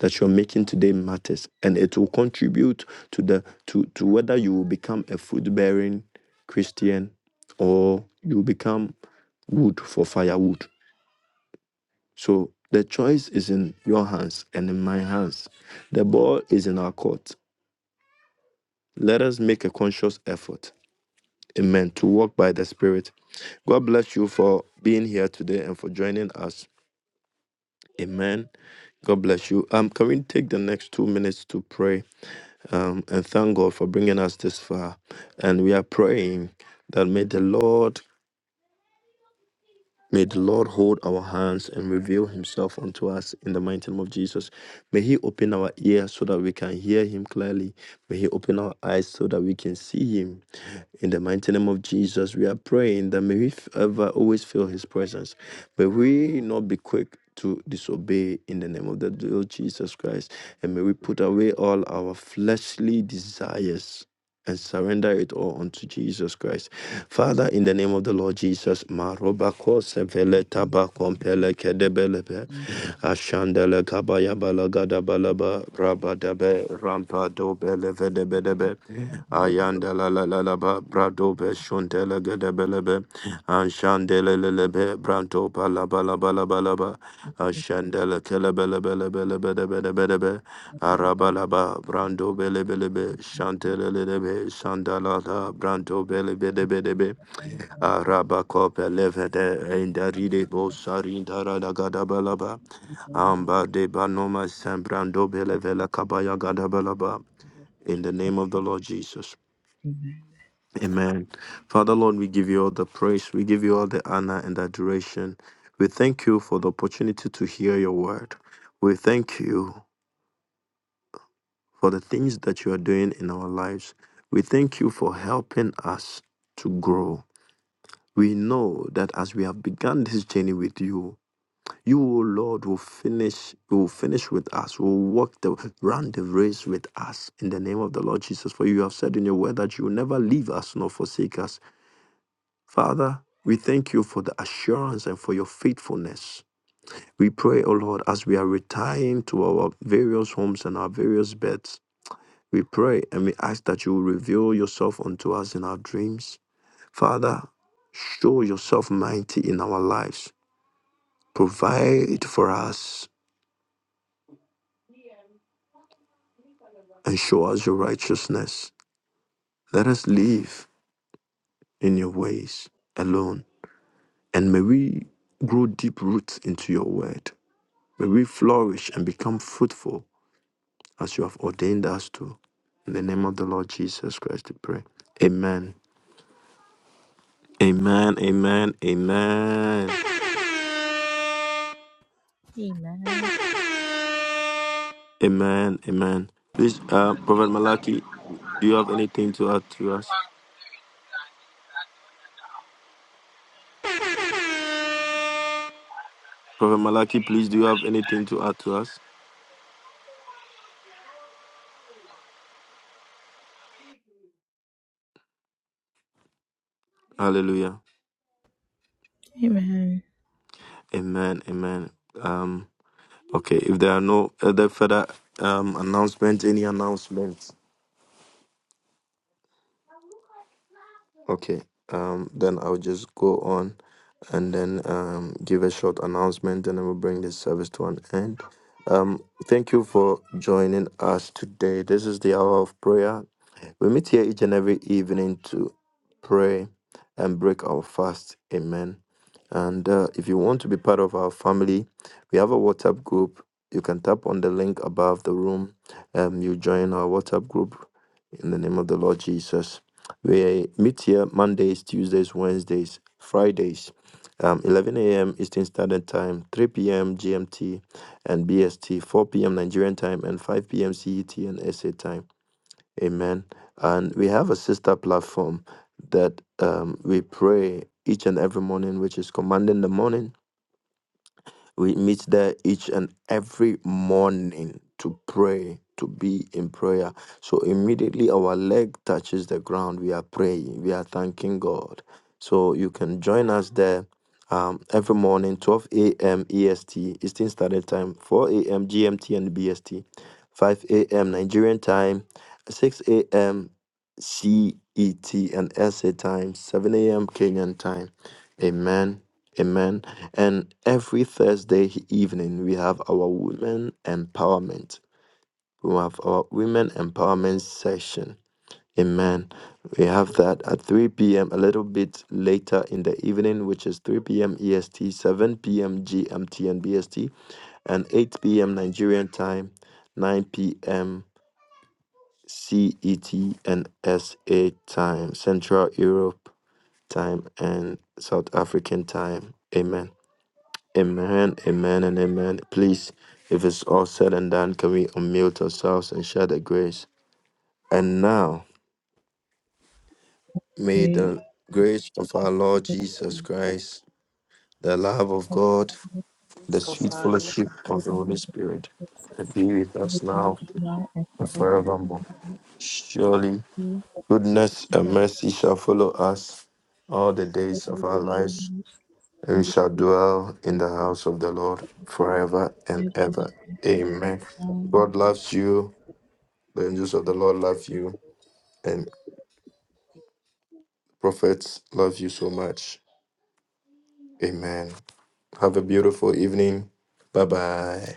Speaker 4: that you're making today matters and it will contribute to the to, to whether you will become a fruit bearing Christian or you will become wood for firewood. So the choice is in your hands and in my hands. The ball is in our court. Let us make a conscious effort Amen. To walk by the Spirit. God bless you for being here today and for joining us. Amen. God bless you. Um, can we take the next two minutes to pray um, and thank God for bringing us this far? And we are praying that may the Lord May the Lord hold our hands and reveal himself unto us in the mighty name of Jesus. May he open our ears so that we can hear him clearly. May he open our eyes so that we can see him. In the mighty name of Jesus, we are praying that may we ever always feel his presence. May we not be quick to disobey in the name of the Lord Jesus Christ. And may we put away all our fleshly desires and surrender it all unto Jesus Christ. Father, in the name of the Lord Jesus, Marobako Sevele Tabakompele Kedebelebe Ashandele Kabaya Balagada Balaba Rabadabe Rampa Dobele Vedebedebe Ayandala Lalaba Bradobe Shuntele Gedebelebe Anshandele Lelebe Branto Palabala Balabalaba Ashandele Kelebele Arabalaba, Brando Belebelebe, Shantelelebe, Sandalada, Brando Belebelebe, Arabacope Levede, Indaride Bosarindara Gadabalaba, Amba de Banoma San Brando Belevela Kabaya Gadabalaba. In the name of the Lord Jesus. Amen. Father Lord, we give you all the praise, we give you all the honor and adoration. We thank you for the opportunity to hear your word. We thank you. for the things that you are doing in our lives. We thank you for helping us to grow. We know that as we have begun this journey with you, you, O Lord, will finish, will finish with us, will walk the run the race with us in the name of the Lord Jesus. For you have said in your word that you will never leave us nor forsake us. Father, we thank you for the assurance and for your faithfulness. We pray, O Lord, as we are retiring to our various homes and our various beds, we pray and we ask that you will reveal yourself unto us in our dreams. Father, show yourself mighty in our lives. Provide for us and show us your righteousness. Let us live in your ways alone. And may we grow deep roots into your word. May we flourish and become fruitful as you have ordained us to. In the name of the Lord Jesus Christ, we pray. Amen. Amen. Amen. Amen.
Speaker 1: Amen. Amen.
Speaker 4: Amen. Amen. Please, uh, Prophet Malachi, do you have anything to add to us? Prophet Malachi, please, do you have anything to add to us? Hallelujah.
Speaker 1: Amen.
Speaker 4: Amen. Amen. Um, okay, if there are no other further um, announcements, any announcements? Okay, um, then I'll just go on and then um, give a short announcement and then we'll bring this service to an end. Um, thank you for joining us today. This is the hour of prayer. We meet here each and every evening to pray and break our fast. Amen. And uh, if you want to be part of our family, we have a WhatsApp group. You can tap on the link above the room. Um, you join our WhatsApp group in the name of the Lord Jesus. We meet here Mondays, Tuesdays, Wednesdays, Fridays, um, 11 a.m. Eastern Standard Time, 3 p.m. GMT and BST, 4 p.m. Nigerian Time, and 5 p.m. CET and SA Time. Amen. And we have a sister platform that um, we pray each and every morning, which is commanding the morning. We meet there each and every morning to pray, to be in prayer. So immediately our leg touches the ground, we are praying, we are thanking God. So you can join us there um, every morning, 12 a.m. EST, Eastern Standard Time, 4 a.m. GMT and BST, 5 a.m. Nigerian time, 6 a.m. CET and SA time, 7 a.m. Kenyan time. Amen Amen. And every Thursday evening, we have our women empowerment. We have our women empowerment session. Amen. We have that at 3 p.m. a little bit later in the evening, which is 3 p.m. EST, 7 p.m. GMT and BST, and 8 p.m. Nigerian time, 9 p.m. CET and SA time, Central Europe time, and South African time. Amen. Amen, amen, and amen. Please, if it's all said and done, can we unmute ourselves and share the grace? And now,
Speaker 1: Yeah.
Speaker 4: may
Speaker 1: Praise
Speaker 4: the grace of our Lord Jesus Christ, the love of God, the sweet fellowship
Speaker 1: the
Speaker 4: of the
Speaker 1: Lord
Speaker 4: Holy Spirit be with
Speaker 1: of the
Speaker 4: us
Speaker 1: Spirit now
Speaker 4: now
Speaker 1: now and
Speaker 4: and
Speaker 1: forever.
Speaker 4: forevermore. Surely, goodness and
Speaker 1: Forever,
Speaker 4: mercy shall follow us all the days of our
Speaker 1: amen.
Speaker 4: lives and
Speaker 1: And
Speaker 4: we shall dwell in the house of the Lord forever and
Speaker 1: forever and
Speaker 4: ever. Amen. God loves you. The angels of the Lord love you. And prophets love you so much. Amen. Have a beautiful evening. Bye bye.